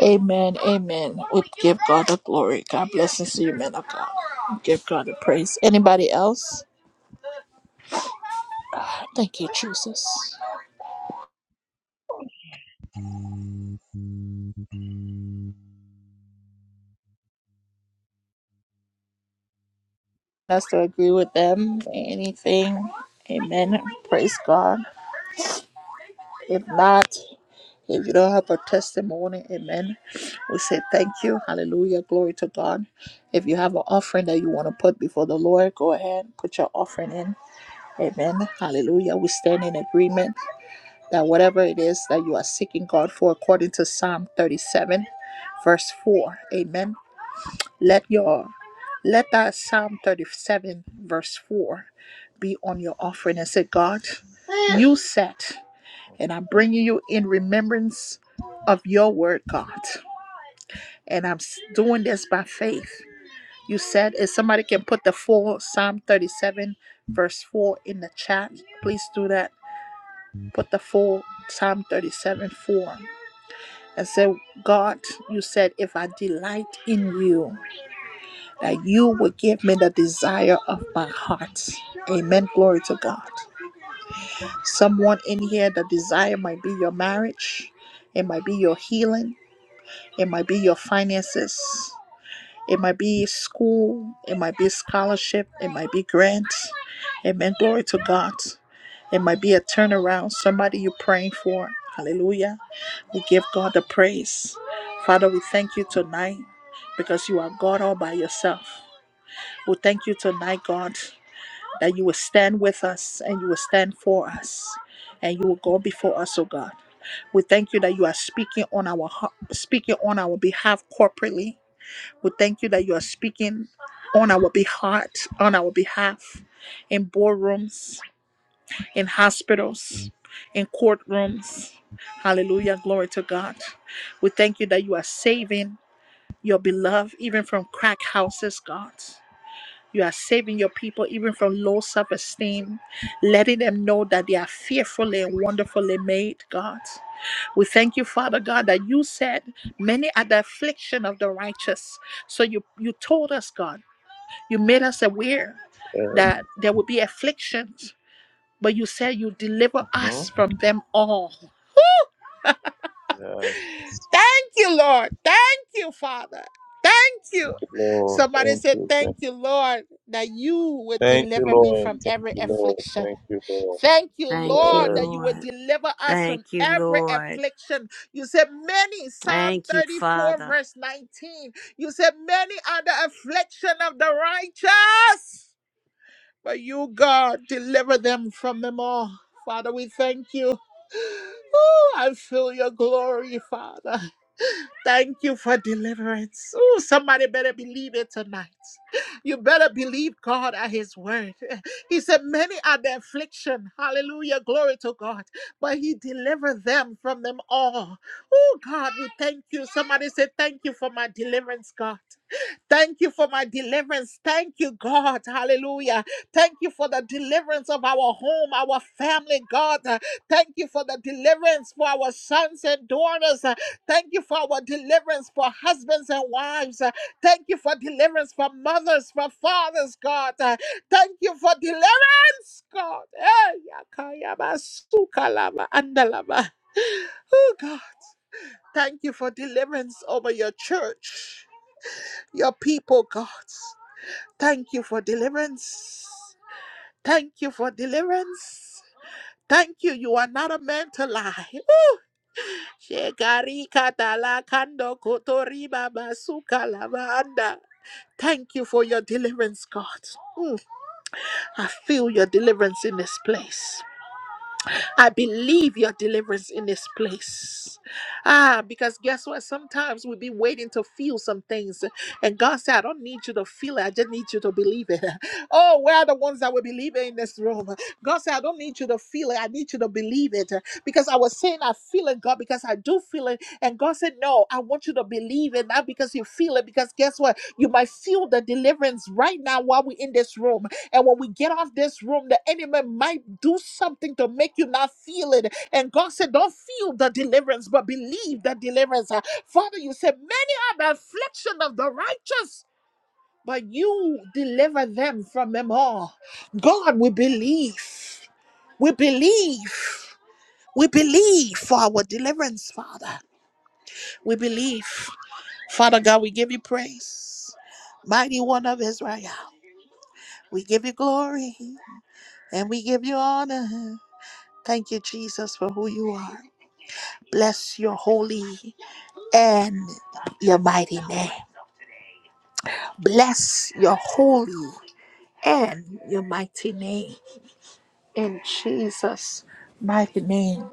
Speaker 1: Amen. Amen. We give God the glory. God bless and see you, man of God. We give God the praise. Anybody else? Thank you, Jesus. Us to agree with them. Anything. Amen. Praise God. If not, If you don't have a testimony, amen. We say thank you. Hallelujah. Glory to God. If you have an offering that you want to put before the Lord, go ahead, put your offering in. Amen. Hallelujah. We stand in agreement that whatever it is that you are seeking God for, according to Psalm 37, verse 4. Amen. Let your let that Psalm 37, verse 4 be on your offering and say, God, you said. And I'm bringing you in remembrance of your word, God. And I'm doing this by faith. You said if somebody can put the full Psalm 37, verse 4 in the chat, please do that. Put the full Psalm 37, 4. And say, God, you said, if I delight in you, that you will give me the desire of my heart. Amen. Glory to God. Someone in here, the desire might be your marriage, it might be your healing, It might be your finances. It might be school. It might be scholarship. It might be grants. Amen. Glory to God. It might be a turnaround. Somebody you're praying for. Hallelujah. We give God the praise. Father, we thank you tonight because you are God all by yourself. We thank you tonight, God, that you will stand with us and you will stand for us and you will go before us, oh God. We thank you that you are speaking on our speaking on our behalf corporately. We thank you that you are speaking on our behalf, on our behalf, in boardrooms, in hospitals, in courtrooms. Hallelujah. Glory to God. We thank you that you are saving your beloved even from crack houses, God. You are saving your people even from low self esteem, letting them know that they are fearfully and wonderfully made, God. We thank you, Father God, that you said many are the affliction of the righteous. So you you told us, God, you made us aware
Speaker 2: Yes.
Speaker 1: that there would be afflictions, but you said you deliver us
Speaker 2: Mhm.
Speaker 1: from them all.
Speaker 2: Yes.
Speaker 1: Thank you, Lord. Thank you, Father. Thank you.
Speaker 2: Thank you, Lord.
Speaker 1: Somebody
Speaker 2: Thank
Speaker 1: said,
Speaker 2: you. Thank
Speaker 1: Thank you, Lord, that you would
Speaker 2: Thank you,
Speaker 1: deliver me
Speaker 2: Lord.
Speaker 1: from
Speaker 2: Thank
Speaker 1: every
Speaker 2: you, Lord.
Speaker 1: affliction.
Speaker 2: Thank you, Lord.
Speaker 1: Thank you,
Speaker 3: Thank you,
Speaker 1: Lord,
Speaker 2: Yes.
Speaker 1: that you will
Speaker 3: Lord.
Speaker 1: deliver us from
Speaker 3: Thank you,
Speaker 1: every
Speaker 3: Lord.
Speaker 1: affliction. You said many, Psalm
Speaker 3: Thank you,
Speaker 1: 34,
Speaker 3: Father.
Speaker 1: verse 19. You said many are the affliction of the righteous, but you, God, deliver them from them all. Father, we thank you. Ooh, I feel your glory, Father. Thank you for deliverance. Oh, somebody better believe it tonight. You better believe God at His word. He said, Many are the affliction. Hallelujah. Glory to God. But He delivered them from them all. Oh, God, we thank you. Somebody say, Thank you for my deliverance, God. Thank you for my deliverance. Thank you, God. Hallelujah. Thank you for the deliverance of our home, our family, God. Uh, Thank you for the deliverance for our sons and daughters. Uh, Thank you for our deliverance for husbands and wives. Uh, Thank you for deliverance for mothers, for fathers, God. Uh, Thank you for deliverance, God. Eh, yakayaba, sukalaba, andalaba. Oh, God. Thank you for deliverance over your church your people, God. Thank you for deliverance. Thank you for deliverance. Thank you. You are not a man to lie. Shekari katala kando kotori baba suka lavanda. Thank you for your deliverance, God. Mm, I feel your deliverance in this place. I believe your deliverance in this place. Ah, because guess what? Sometimes we've been waiting to feel some things. And God said, I don't need you to feel it. I just need you to believe it. Oh, we're the ones that will believe it in this room. God said, I don't need you to feel it. I need you to believe it. Because I was saying, I feel it, God, because I do feel it. And God said, No, I want you to believe it, not because you feel it. Because guess what? You might feel the deliverance right now while we're in this room. And when we get off this room, the enemy might do something to make you not feel it. And God said, Don't feel the deliverance, but believe the deliverance. Uh, Father, you said, Many are the affliction of the righteous, but you deliver them from them all. God, we believe. We believe. We believe for our deliverance, Father. We believe. Father God, we give you praise. Mighty one of Israel, we give you glory. and we give you honor. Thank you, Jesus, for who you are. Bless your holy and your mighty name. Bless your holy and your mighty name. In Jesus' mighty name.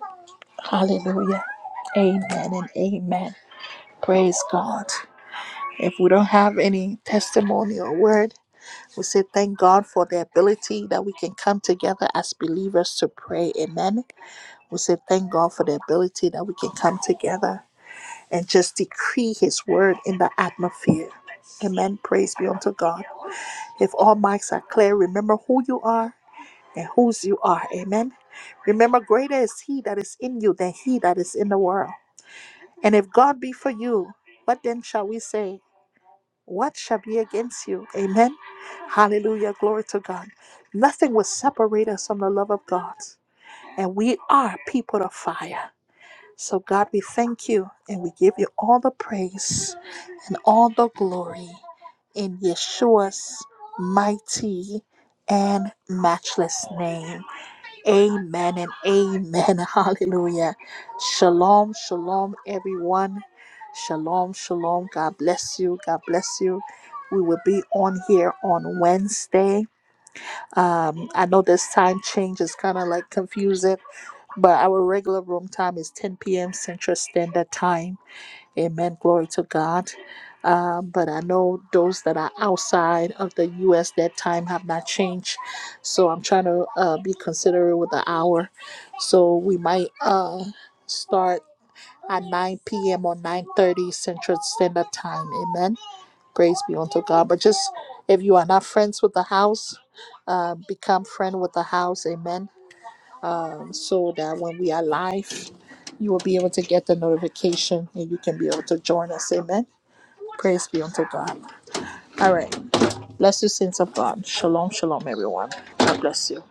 Speaker 1: Hallelujah. Amen and amen. Praise God. If we don't have any testimony or word, we say thank God for the ability that we can come together as believers to pray. Amen. We say, Thank God for the ability that we can come together and just decree His word in the atmosphere. Amen. Praise be unto God. If all mics are clear, remember who you are and whose you are. Amen. Remember, greater is He that is in you than He that is in the world. And if God be for you, what then shall we say? What shall be against you? Amen. Hallelujah. Glory to God. Nothing will separate us from the love of God. And we are people of fire. So, God, we thank you and we give you all the praise and all the glory in Yeshua's mighty and matchless name. Amen and amen. Hallelujah. Shalom, shalom, everyone. Shalom, shalom. God bless you. God bless you. We will be on here on Wednesday um, I know this time change is kind of like confusing, but our regular room time is 10 p.m. Central Standard Time. Amen. Glory to God. Um, but I know those that are outside of the U.S. that time have not changed, so I'm trying to uh, be considerate with the hour. So we might uh, start at 9 p.m. or 9:30 Central Standard Time. Amen. Praise be unto God. But just if you are not friends with the house, uh, become friend with the house. Amen. So that when we are live, you will be able to get the notification and you can be able to join us. Amen. Praise be unto God. All right. Bless you, saints of God. Shalom, shalom, everyone. God bless you.